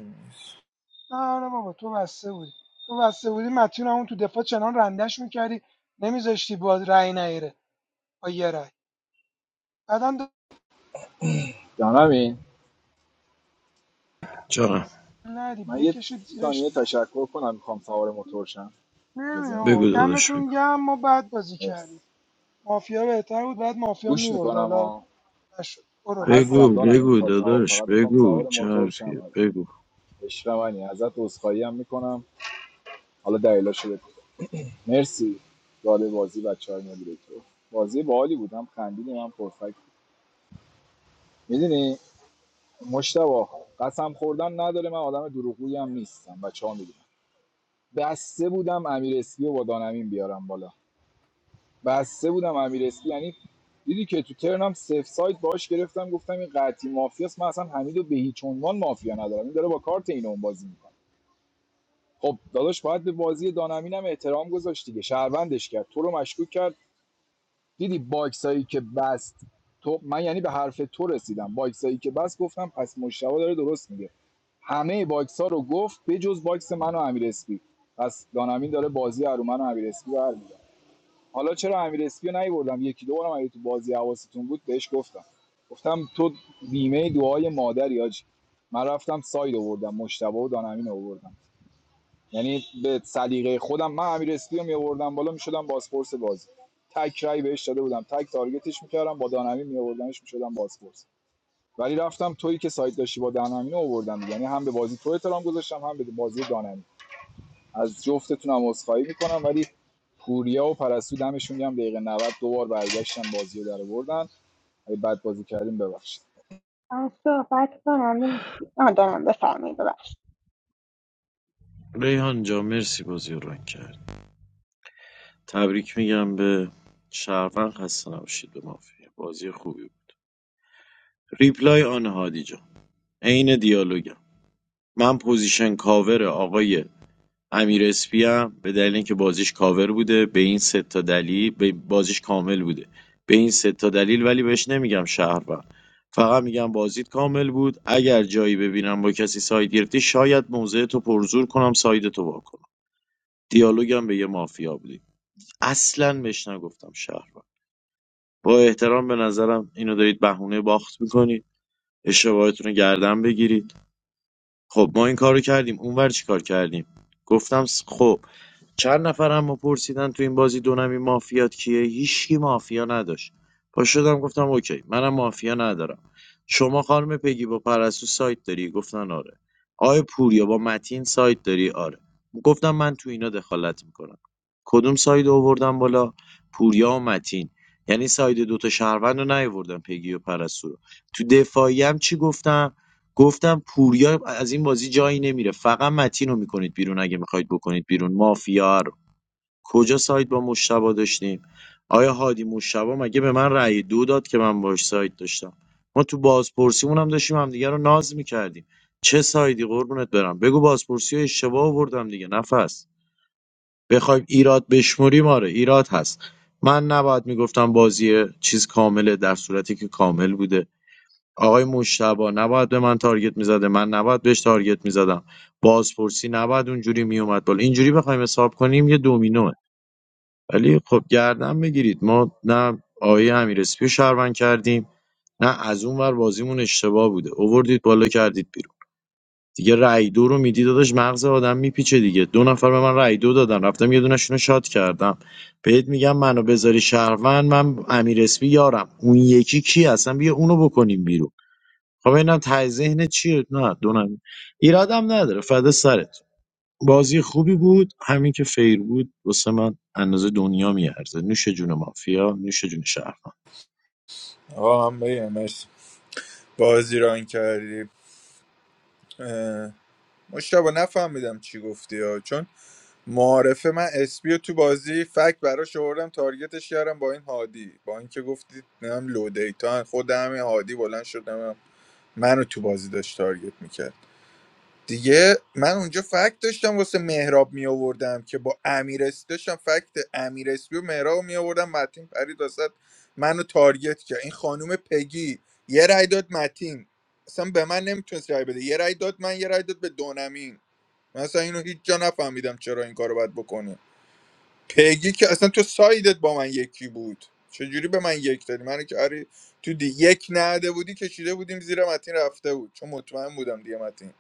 نه نه بابا تو بسته بودی تو بسته بودی متیون همون تو دفاع چنان رندش میکردی نمیذاشتی باز رأی نیره با یه رأی بعدا
جانمین
چرا؟
ندی
من یه
بکشید زیرش
ثانیه تشکر کنم میخوام سوار موتور شم اجازه
نمیدونم
میدی
آقا،
بگو داداش بگو
دمتون گرم ما بعد بازی کردیم
مرسی
مافیا بهتر بود بعد مافیا
گوش
میبرد
میکنم
حالا
ها
نشد برو عادی
بگو
هستم دانم این
بگو
تا تا
داداش
فقط میخوام
بگو
سوار
چه
موتور شم
حرفیه
آره.
بگو
عشق منی ازت عذرخواهی هم میکنم حالا دلیلاشو بگو مرسی داده بازی بچه های مدیره تو بازی باحالی بودم خندیدیم هم پرفکت میدونی مشتبه قسم خوردن نداره من آدم دروغگویی هم نیستم بچه ها میدونم بسته بودم امیر اسپی و با دانمین بیارم بالا بسته بودم امیر اسپی یعنی دیدی که تو ترنم سف سایت باش گرفتم گفتم این قطعی مافیاست من اصلا حمیدو به هیچ عنوان مافیا ندارم این داره با کارت اینو اون بازی میکنه خب داداش باید به بازی دانمین هم احترام گذاشت دیگه شهروندش کرد تو رو مشکوک کرد دیدی باکسایی که بست تو من یعنی به حرف تو رسیدم باکسایی که بست گفتم پس مشتبه داره درست میگه همه باکس ها رو گفت بجز باکس من و امیر اسپی پس دانمین داره بازی رو من و امیر اسپی برمی‌داره. حالا چرا امیر اسپیو نیوردم یکی دو بارم اگه تو بازی حواستون بود بهش گفتم گفتم تو بیمه دعای مادری آجی من رفتم ساید آوردم مشتبه و دانمین آوردم یعنی به سلیقه خودم من امیر اسپیو می آوردم بالا میشدم بازپرس بازی تک رای بهش داده بودم تک تارگتش میکردم با دانمین می آوردمش میشدم بازپرس ولی رفتم تویی که ساید داشتی با دانمین آوردم یعنی هم به بازی تو احترام گذاشتم هم به بازی دانمین از جفتتونم عذرخواهی میکنم ولی پوریا و پرستو دمشون گرم دقیقه 90 دوبار برگشتن بازی رو در آوردن اگه بد بازی کردیم ببخشید
آه، من صحبت کنم این- آه دارم بفرمایید ببخش
ریحان جا مرسی بازی رو رنگ کرد تبریک میگم به شهروند خسته نباشید به مافیا بازی خوبی بود. ریپلای آن هادی جان عین دیالوگم من پوزیشن کاور آقای امیر اسپی به دلیل اینکه بازیش کاور بوده به این سه تا دلیل به بازیش کامل بوده به این سه تا دلیل ولی بهش نمیگم شهروند فقط میگم بازیت کامل بود اگر جایی ببینم با کسی ساید گرفتی شاید موضع تو پرزور کنم ساید تو وا کنم دیالوگم به یه مافیا بودی اصلا بهش نگفتم شهروند با احترام به نظرم اینو دارید بهونه باخت میکنید اشتباهتون رو گردن بگیرید خب ما این کارو کردیم اونور چیکار کردیم گفتم س- خب چند نفر هم پرسیدن تو این بازی دونمی مافیات کیه هیچکی مافیا نداشت پا شدم گفتم اوکی منم مافیا ندارم شما خانم پگی با پرستو سایت داری گفتن آره آیا پوریا با متین سایت داری آره گفتم من تو اینا دخالت میکنم کدوم ساید آوردم بالا پوریا و متین یعنی ساید دوتا شهروند رو نیاوردم پگی و پرستو رو تو دفاعیم چی گفتم گفتم پوریا از این بازی جایی نمیره فقط متین رو میکنید بیرون اگه میخواید بکنید بیرون مافیا رو کجا سایت با مشتبا داشتیم آیا هادی مشتبا مگه به من رأی دو داد که من باش سایت داشتم ما تو بازپرسیمون هم داشتیم همدیگه رو ناز میکردیم چه سایدی قربونت برم بگو بازپرسی رو اشتباه آوردم دیگه نفس بخوایم ایراد بشموریم آره ایراد هست من نباید میگفتم بازی چیز کامله در صورتی که کامل بوده آقای مجتبی نباید به من تارگت میزده من نباید بهش تارگت میزدم بازپرسی نباید اونجوری میومد بالا اینجوری بخوایم حساب کنیم یه دومینوه ولی خب گردن بگیرید ما نه آقای امیر اسپی رو شهروند کردیم نه از اون ور بازیمون اشتباه بوده اووردید بالا کردید بیرون دیگه رای دو رو میدی داداش مغز آدم میپیچه دیگه دو نفر به من رای دو دادن رفتم یه دونشون رو شات کردم بهت میگم منو بذاری شهروند من امیر اسپی یارم اون یکی کی اصلا بیا اونو بکنیم بیرون خب اینم ته ذهن چیه نه دو ایرادم نداره فدا سرت بازی خوبی بود همین که فیر بود واسه من اندازه دنیا میارزه نوش جون مافیا نوش جون شهرمان
آقا هم بگم مرسی. بازی ران کردی اه، مشتبه نفهمیدم چی گفتی ها. چون معارفه من اسپیو تو بازی فکت براش آوردم تارگتش کردم با این هادی با اینکه گفتید نمیدونم لو دیتا خود همین هادی بلند شد نمیدونم منو تو بازی داشت تارگت میکرد دیگه من اونجا فکت داشتم واسه مهراب می آوردم که با امیر اس- داشتم فکت امیر اسپیو و مهراب می آوردم متین پرید واسه منو تارگت کرد این خانم پگی یه رای داد متین اصلا به من نمیتونست رای بده یه رای داد من یه رای داد به دونمین من اصلا اینو هیچ جا نفهمیدم چرا این کارو باید بکنه پیگی که اصلا تو سایدت با من یکی بود چجوری به من یک دادی من که آره تو دی یک نده بودی کشیده بودیم زیر متین رفته بود چون مطمئن بودم دیگه متین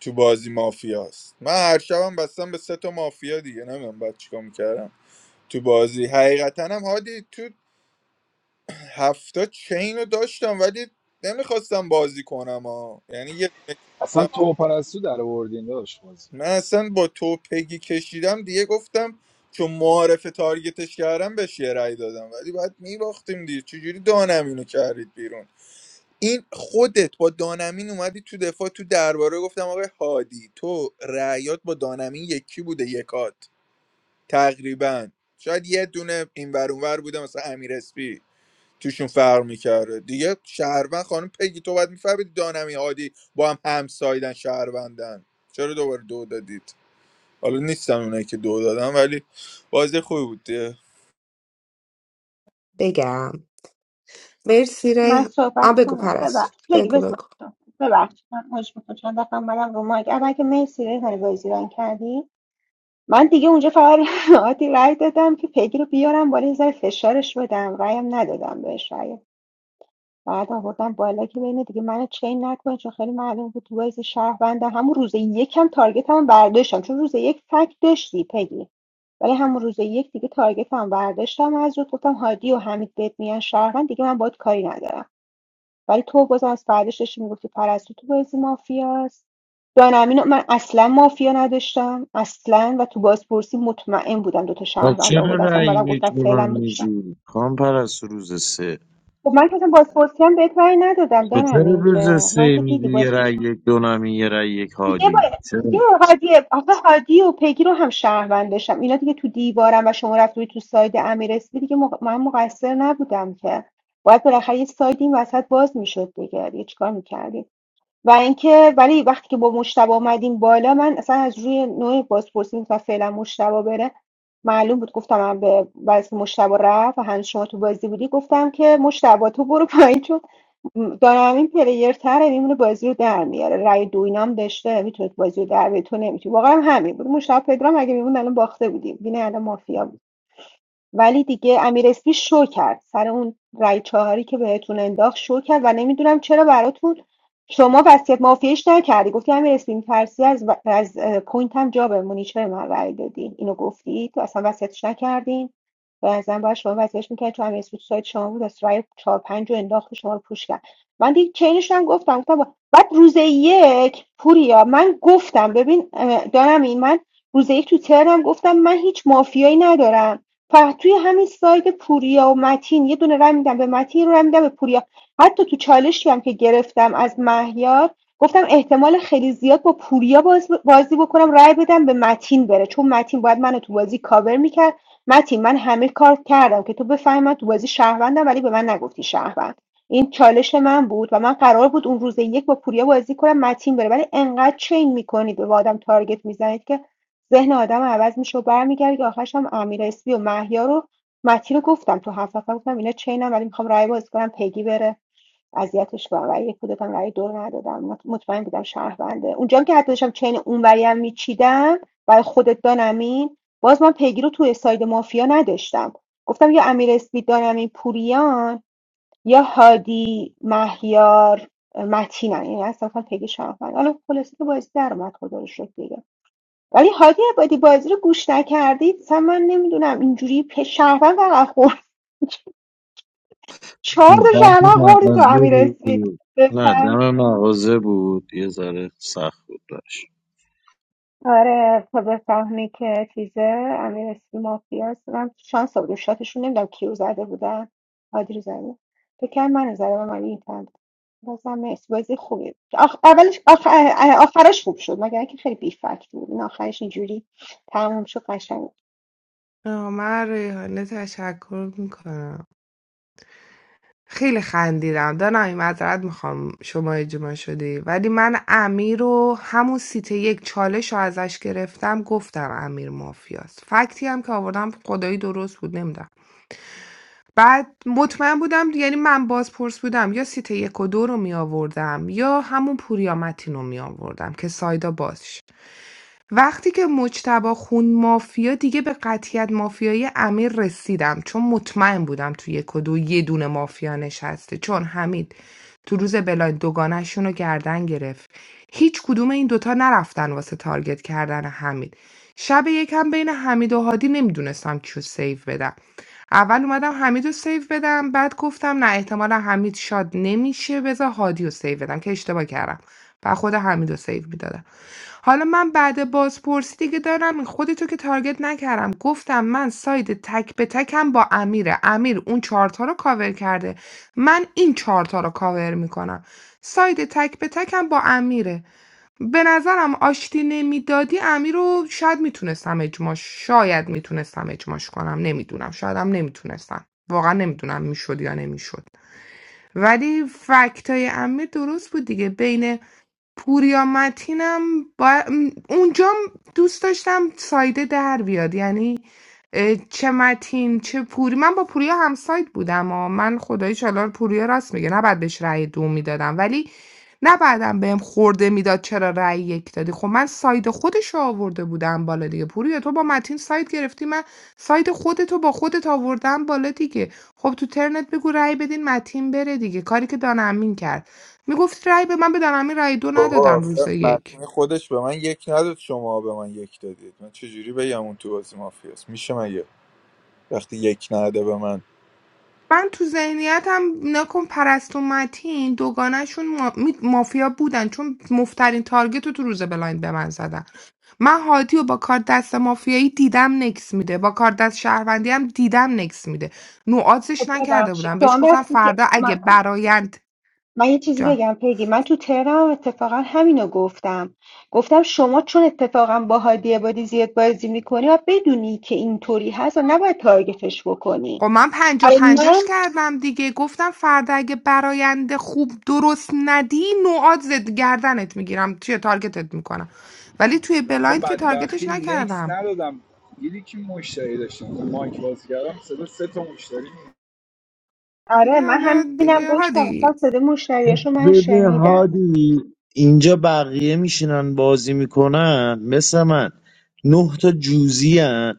تو بازی مافیاست من هر شبم بستم به سه تا مافیا دیگه نمیدونم بعد چیکار میکردم تو بازی حقیقتا هم هادی تو هفتا چین رو داشتم ولی نمیخواستم بازی کنم ها یعنی یه دونه
اصلا تو و
کشیدم
پرستو در آوردین داداش بازی
من اصلا با تو پگی کشیدم دیگه گفتم چون معارف تارگتش کردم بهش یه رأی دادم ولی بعد میباختیم دیگه چجوری دانمینو کردید بیرون این خودت با دانمین اومدی تو دفاع تو درباره گفتم آقای هادی تو رأیات با دانمین یکی بوده یکات تقریبا شاید یه دونه این ور اون ور بوده مثلا امیر اسپی توشون فرق میکرده دیگه شهروند خانم پگی تو باید میفهمید دانمی هادی با هم همسایدن شهروندن چرا دوباره دو دادید حالا نیستم اونایی که دو دادم ولی بازی خوبی بود دیگه
بگم مرسی
من
ری
صحبت
آ بگو
کنم
پرست
ببخش پیگی
بگو
بزن
بگو
ببخش من مجبور میکنم چند دفعه اومدم رو مایک اول که مرسی ریحان بازی ران کردی من دیگه اونجا فقط آتی رای دادم که پیگی رو بیارم بالا یه ذره فشارش بدم رایم ندادم بهش بعد آوردم بالا که بین دیگه منو چین نکنه چون خیلی معلوم بود تو بازی شهروندم همون روز یکم تارگتم برداشتم چون روز یک فک داشتی پگی ولی همون روز یک دیگه تارگتم برداشتم از رو گفتم هادی و حمید بهت میان شهروند دیگه من باید کاری ندارم ولی تو باز از فرداش داشتی میگفتی پرستو تو بازی مافیاست دانمین من اصلا مافیا نداشتم اصلا و تو بازپرسی مطمئن بودم دوتا
و
شهروند
چرا
آورد اصلا
رأی
اومدم گفتم
یک به من
فعلا
میدی کام پرست روز سه
خب من که اصلا بازپرسی هم بهت رأی ندادم
به چرا
دارم این
روز
که من
سه
که دیدی
میگی یه رأی
بازپرسی
یک دونمی یه رأی یک
دیگه با
هادی
دیگه
چرا
هادی آخه هادی و پیگی رو هم شهروند داشتم اینا دیگه تو دیوارم و شما رفتی تو ساید امیر اسپی دیگه مق... من مقصر نبودم که باید بالاخره یه ساید این وسط باز میشد دیگه دیگه چیکار میکردیم و اینکه ولی وقتی که با مشتبه آمدیم بالا من اصلا از روی نوع بازپرسی و فعلا مشتبه بره معلوم بود گفتم من به واسه مشتبه رفت و هنوز شما تو بازی بودی گفتم که مشتبه تو برو پایین چون م، دارم این پلیر تره میمونه بازی رو در میاره رای دو اینام داشته میتونه بازی رو در بیاره تو نمیتونی واقعا همین بود مشتاق پدرام اگه میمون الان باخته بودیم بینه الان مافیا ولی دیگه امیراسپی شو کرد سر اون رای چهاری که بهتون انداخت شو کرد و نمیدونم چرا براتون شما وصیت مافیایش نکردی گفتی امیراسپی میترسی از, و- از پوینت هم جا بمونی چرا من رای دادی اینو گفتی تو اصلا وصیتش نکردین و ازم باید شما وصیتش میکرد چون امیراسپی تو سایت شما بود از رای چهار پنج رو انداخت شما رو پوش کرد من دیگه چینش رو هم گفتم گفتم با- بعد روز یک پوریا من گفتم ببین دارم این من روز یک تو ترم گفتم من هیچ مافیایی ندارم فقط توی همین ساید پوریا و متین یه دونه رای میدم به متین یه میدم به پوریا حتی تو چالشی هم که گرفتم از مهیار گفتم احتمال خیلی زیاد با پوریا باز- بازی بکنم رای بدم به متین بره چون متین باید منو تو بازی کاور میکرد متین من همه کار کردم که تو بفهمی من تو بازی شهروندم ولی به من نگفتی شهروند این چالش من بود و من قرار بود اون روز یک با پوریا بازی کنم متین بره ولی انقدر چین میکنید به آدم تارگت میزنید که ذهن آدمو عوض میشه و برمیگرده که آخرش هم امیر اسپی و مهیار و متی رو گفتم تو هفت نفر گفتم اینا چینم ولی میخوام رای باز کنم پگی بره اذیتش کنم ولی یک کودتم رای دور ندادم مطمئن بودم شهرونده اونجا که حتی داشتم چین اونوری هم میچیدم برای خودت دانمین باز من پیگی رو توی ساید مافیا نداشتم گفتم یا امیر اسپی دانمین پوریان یا هادی مهیار متینن یعنی اصلا پیگی شهروند حالا خلاصه که بازی در اومد خدا رو شکر ولی هادی عبادی بازی رو گوش نکردید اصلا من نمیدونم اینجوری پ- شهروند فقط خورد چهار تا
دم
شهروند خوردی تو
مغازه
امیر
بود
اسمی
نه
بفهم
دم مغازه بود یه ذره سخت بود براش
آره تا بفهمی که چیزه امیر اسمی مافیاست من شانس آوردیم شاتشون نمیدونم کیو زده بودن هادی رو زده فکر من زده و من این تن بازم مرسی بازی خوبی بود. آخ... اولش آخ... آخرش خوب شد مگر اینکه خیلی بی فکت بود این آخرش اینجوری تموم شد قشنگ
آه، من از ریحانه تشکر میکنم خیلی خندیدم دانایی معذرت میخوام شما اجماع شدی ولی من امیر رو همون سیت یک چالش رو ازش گرفتم گفتم امیر مافیاست فکتی هم که آوردم خدایی درست بود نمیدونم بعد مطمئن بودم یعنی من بازپرس بودم یا سیت 1 و 2 رو می‌آوردم یا همون پوریا متین رو می آوردم که سایدا باز وقتی که مجتبی خون مافیا دیگه به قطعیت مافیای امیر رسیدم چون مطمئن بودم تو یک و دو یه دونه مافیا نشسته چون حمید تو روز بلایند دوگانه‌شون رو گردن گرفت هیچ کدوم این دوتا نرفتن واسه تارگت کردن حمید شب یکم بین حمید و هادی نمیدونستم کیو سیو بدم اول اومدم حمید رو سیو بدم بعد گفتم نه احتمالا حمید شاد نمیشه بذار هادی رو سیو بدم که اشتباه کردم و خود حمید رو سیو میدادم حالا من بعد بازپرسی دیگه دارم خودتو که تارگت نکردم گفتم من ساید تک به تکم با امیره امیر اون چهارتا رو کاور کرده من این ۴ تا رو کاور میکنم ساید تک به تکم با امیره به نظرم آشتی نمیدادی امیر رو شاید میتونستم اجماش شاید میتونستم اجماش کنم نمیدونم شایدم نمیتونستم واقعا نمیدونم میشد یا نمیشد ولی فکتای امیر درست بود دیگه بین پوریا متینم با... اونجا دوست داشتم سایده در بیاد یعنی اه، چه متین چه پوری من با پوریا هم سایت بودم و من خدای چالار پوریا راست میگه نباید بهش رأی دو میدادم ولی نه بعدم بهم خورده میداد چرا رأی یک دادی خب من ساید خودش رو آورده بودم بالا دیگه پوریا تو با متین ساید گرفتی من ساید خودتو با خودت آوردم بالا دیگه خب تو ترنت بگو رأی بدین متین بره دیگه کاری که دانمین کرد میگفت رأی به من بدن همین رأی دو
بابا
ندادم روز
آخه
یک
متین خودش به من یک نداد شما به من یک دادید من چجوری بگم اون تو بازی مافیاست میشه مگه وقتی یک نده به من
من تو ذهنیتم نکن پرست و متین دوگانهشون ما... می- مافیا بودن چون مفترین تارگت رو تو روز بلایند به من زدن من هادی و با کار دست مافیایی دیدم نکس میده با کار دست شهروندی هم دیدم نکس میده
خب
نوعاتش نکرده
ببخشید
بودم
تو
بهش
هم
گفتم
رفتی که
فردا اگه برایند
من یه چیزی
جا
بگم پیگی من تو تهرانم اتفاقا همینو گفتم گفتم شما چون اتفاقا با هادی عبادی زیاد بازی میکنی و بدونی که اینطوری هست و نباید تارگتش بکنی
خب من پنجا
من
پنجاش کردم دیگه گفتم فردا اگه براینده خوب درست ندی نوعات زد گردنت میگیرم توی تارگتت میکنم ولی توی
آخه
بلایند که تارگتش
بدبختی نکس
نکردم
ندادم دیدی که مشتری داشتم تو مایک باز کردم صدا سه تا مشتری می‌اومد.
آره
دیگه
من
حالا
همینم
دیگه
گفتم
هادی
گفتم صدای مشتریاشو من
ببین
شنیدم
هادی اینجا بقیه میشینن بازی میکنن مثل من نه تا جوزی هن.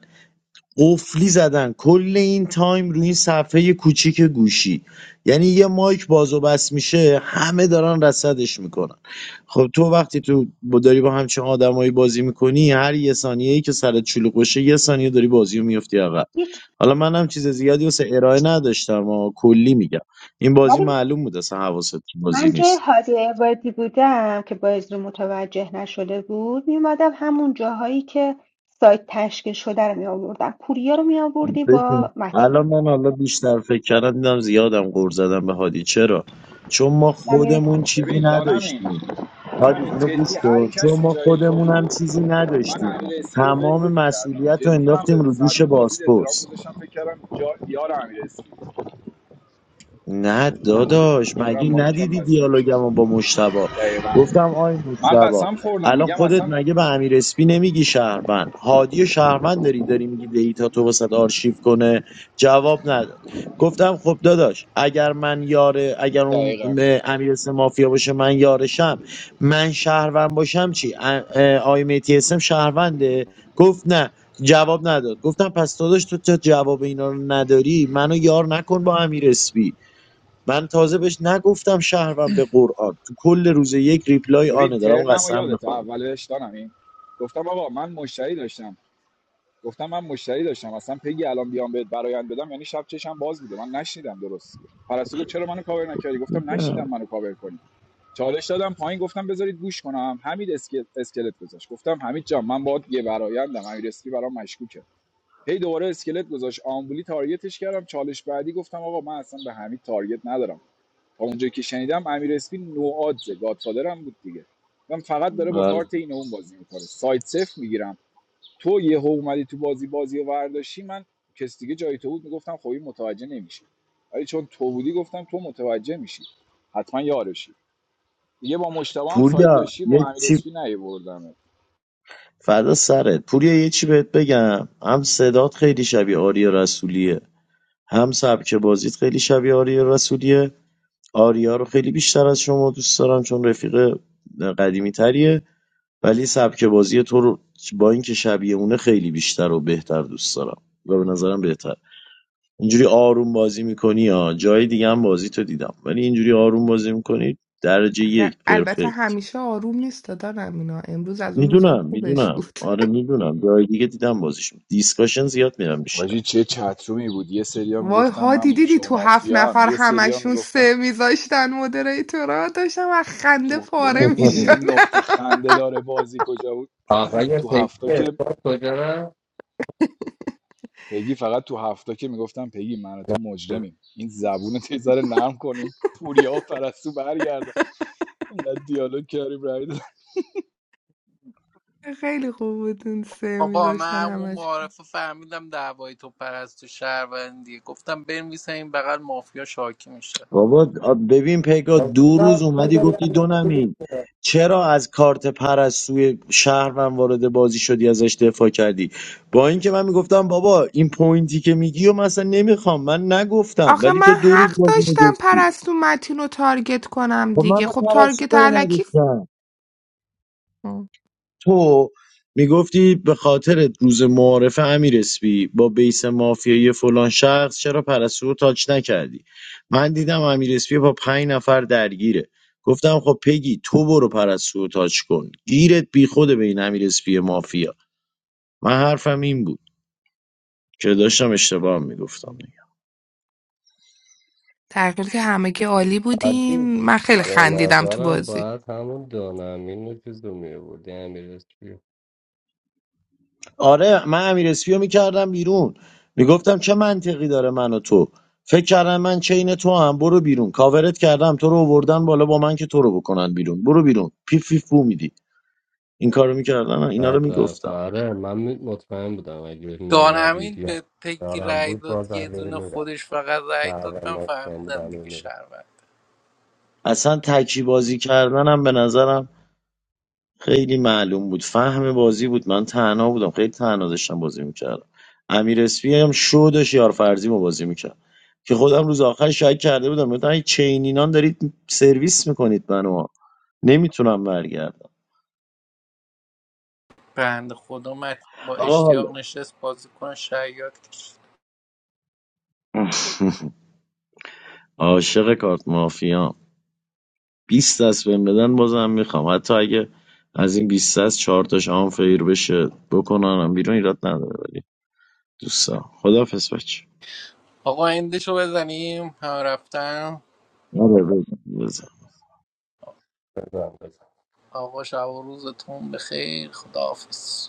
قفلی زدن کل این تایم روی این صفحه کوچیک گوشی یعنی یه مایک باز و بس میشه همه دارن رصدش میکنن خب تو وقتی تو با داری با همچین آدمایی بازی میکنی هر یه ثانیه ای که سرت شلوغ بشه یه ثانیه داری بازی رو میفتی عقب
هیچ
حالا منم چیز زیادی واسه ارائه نداشتم و کلی میگم این بازی
ولی
معلوم بود اصلا حواست تو بازی
من
نیست
جای هادی عبادی بودم که باز رو متوجه نشده بود میومدم همون جاهایی که سایت تشکیل شده رو می آوردم پوریا رو می آوردی
ببین
با متین
الان من حالا بیشتر فکر کردم دیدم زیادم غور زدم به هادی چرا چون ما خودمون چیزی
ببین دانم این
نداشتیم
دانم
هادی
این
اینو
جدی
گوش
هر
کن چون
کسی
ما
جای تو
خودمون هم
بود
چیزی
من
نداشتیم
امیر اسپی رو
تمام
ول کردم
مسئولیت رو
جدی من
انداختیم
به
رو دوش
ساعت بازی احترام
بازپرس
گذاشتم فکر کردم جا... یار امیر اسپی
نه داداش مگه
دورم مایکم
ندیدی
بسته نمیشه
دیالوگمو با مشتبا گفتم آی
من
مشتبا
قسم خوردم
الان
میگم
خودت
اصلا
مگه به امیر اسپی نمیگی شهروند هادی و شهروند داری داری میگی دیتا تو واسه آرشیو کنه جواب نداد گفتم خب داداش اگر من یاره اگر اون
دقیقا
م- امیر اسم مافیا باشه من یارشم من شهروند باشم چی ا- اه، آی میتی اسم شهرونده گفت نه جواب نداد گفتم پس داداش تو تا جواب اینا رو نداری منو یار نکن با امیر اسپی من تازه بهش نگفتم شهروند به قرآن تو کل روز یک ریپلای
ببین
آنه دارم
ترنم و
قسم
یادت
میخورم
اولش دانم این گفتم آقا من مشتری داشتم گفتم من مشتری داشتم اصلا پگی الان بیام بهت برایند بدم یعنی شب چشم باز بوده من نشنیدم درست پرستو گفت چرا منو کاور نکردی گفتم نشنیدم منو کاور کنی چالش دادم پایین گفتم بذارید گوش کنم حمید اسکل... اسکلت گذاشت گفتم حمید جان من باید یه برایندم امیر اسکی برام مشکوکه هی دوباره اسکلت گذاشت آمبولی تارگتش کردم چالش بعدی گفتم آقا من اصلا به حمید تارگت ندارم تا اونجایی که شنیدم امیر اسپین نوآدزه گادفادر هم بود دیگه من فقط داره با
بله.
کارت این اون بازی میکنه سایت صفر میگیرم تو یه اومدی تو بازی بازی و ورداشتی من کس دیگه جای تو بود میگفتم خب این متوجه نمیشه ولی چون تو بودی گفتم تو متوجه میشی حتما یارشی دیگه با مشتبه هم سایت
پوریا
داشتی با
یه
امیر
چی
اسپی نیوردم
فدا سرت پوریا یه چی بهت بگم هم صدات خیلی شبیه آریا رسولیه هم سبک بازیت خیلی شبیه آریا رسولیه آریا رو خیلی بیشتر از شما دوست دارم چون رفیق قدیمی تریه ولی سبک بازی تو رو با اینکه شبیه اونه خیلی بیشتر و بهتر دوست دارم و به نظرم بهتر اینجوری آروم بازی میکنی ها جای دیگه هم بازی تو دیدم ولی اینجوری آروم بازی میکنی درجه
در-
یک
البته
پرفکت
همیشه آروم نیست دادارم اینا امروز از اون روزای
میدونم
خوبش
میدونم
بود
آره میدونم جای دیگه دیدم بازیش دیسکاشن زیاد میرم میشینم
واجی چه چترومی بود یه سریا
وای
میگفتم من
هادی دیدی تو
شما
هفت
هم
نفر
یه سریا
همشون
میگفتم
سه میذاشتن مدریتورا داشتم از خنده
تو
پاره
ببین میدونی
میشدن
نقطه خنده داره بازی کجا بود
Ah, kya
تو هفته
Thikia?
که
What happened?
پگی فقط تو هفته که میگفتم پگی من و تو مجرمیم این زبون رو یه ذره نرم کنیم پوریا و پرستو برگردن اینقدر دیالوگ کردیم رای
خیلی خوب بود اون سه
بابا من
میذاشتن
همون معارفه فهمیدم دعوای تو پرست و شهروندی گفتم بنویسه این بغل مافیا شاکی میشه
بابا آ، ببین پیگا
What
دو روز اومدی
happened? What
گفتی دو نمین
happened?
چرا از کارت پر از سوی شهر من وارد بازی شدی ازش دفاع کردی با اینکه من میگفتم بابا این پوینتی که میگی و مثلا نمیخوام من نگفتم
آخه
ولی تو
من
دو روز
حق
بازی
داشتم
میگفتی
پرستو متین رو تارگت کنم
خب من
دیگه
به
خب
پر
تارگت
کاری
علکی
نداشتم تو میگفتی به خاطر روز معارف امیر اسپی با بیس مافیایی فلان شخص چرا پرستو رو تاچ نکردی من دیدم امیر اسپی با پنج نفر درگیره گفتم خب پگی تو برو پرستو رو تاچ کن گیرت بیخوده به این امیر اسپی مافیا من حرفم این بود که داشتم اشتباه میگفتم
در حالی که همه همگی عالی
I
بودین
see.
من خیلی
Now,
خندیدم تو
after
بازی
that, Hamudana, Minu, Kizdomi, who didn't understand.
آره من امیر اسپی رو میکردم بیرون میگفتم چه منطقی داره من و تو فکر کردم من چین تو هم برو بیرون کاورت کردم تو رو آوردن بالا با من که تو رو بکنن بیرون برو بیرون پیف پیف بو میدی این کارو میکردم من اینا رو
After that,
میگفتم
Sir, I'm not confident. I'm going to marry
دانمین
him.
به پگی
And I'm
رای
very
داد یه
happy.
دونه خودش فقط رای داد من
I'm going
فهمیدم دیگه
to
شهروند
اصلا تکی بازی کردنم به نظرم خیلی معلوم بود فهم بازی بود من تنها بودم خیلی تنها داشتم بازی میکردم امیر اسپی هم شو داشت یار فرضی ما بازی میکرد که خودم روز آخر شاید کرده بودم گفتم این چینینان دارید سرویس میکنید منو نمیتونم برگردم
بند خدا مت با
آقا حالا
اشتیاق نشست بازی کنه شیاد کشید
عاشق کارت مافیا 20 دست بهم بدن بازم میخوام حتی اگه از این 20 دست 4 تاش آنفیر بشه بکننم بیرون ایراد نداره ولی دوستا خدافظ بچه
آقا اندشو بزنیم هم رفتم
آره بزن بزن.
marry him.
آقا شب و روزتون بخیر خداحافظ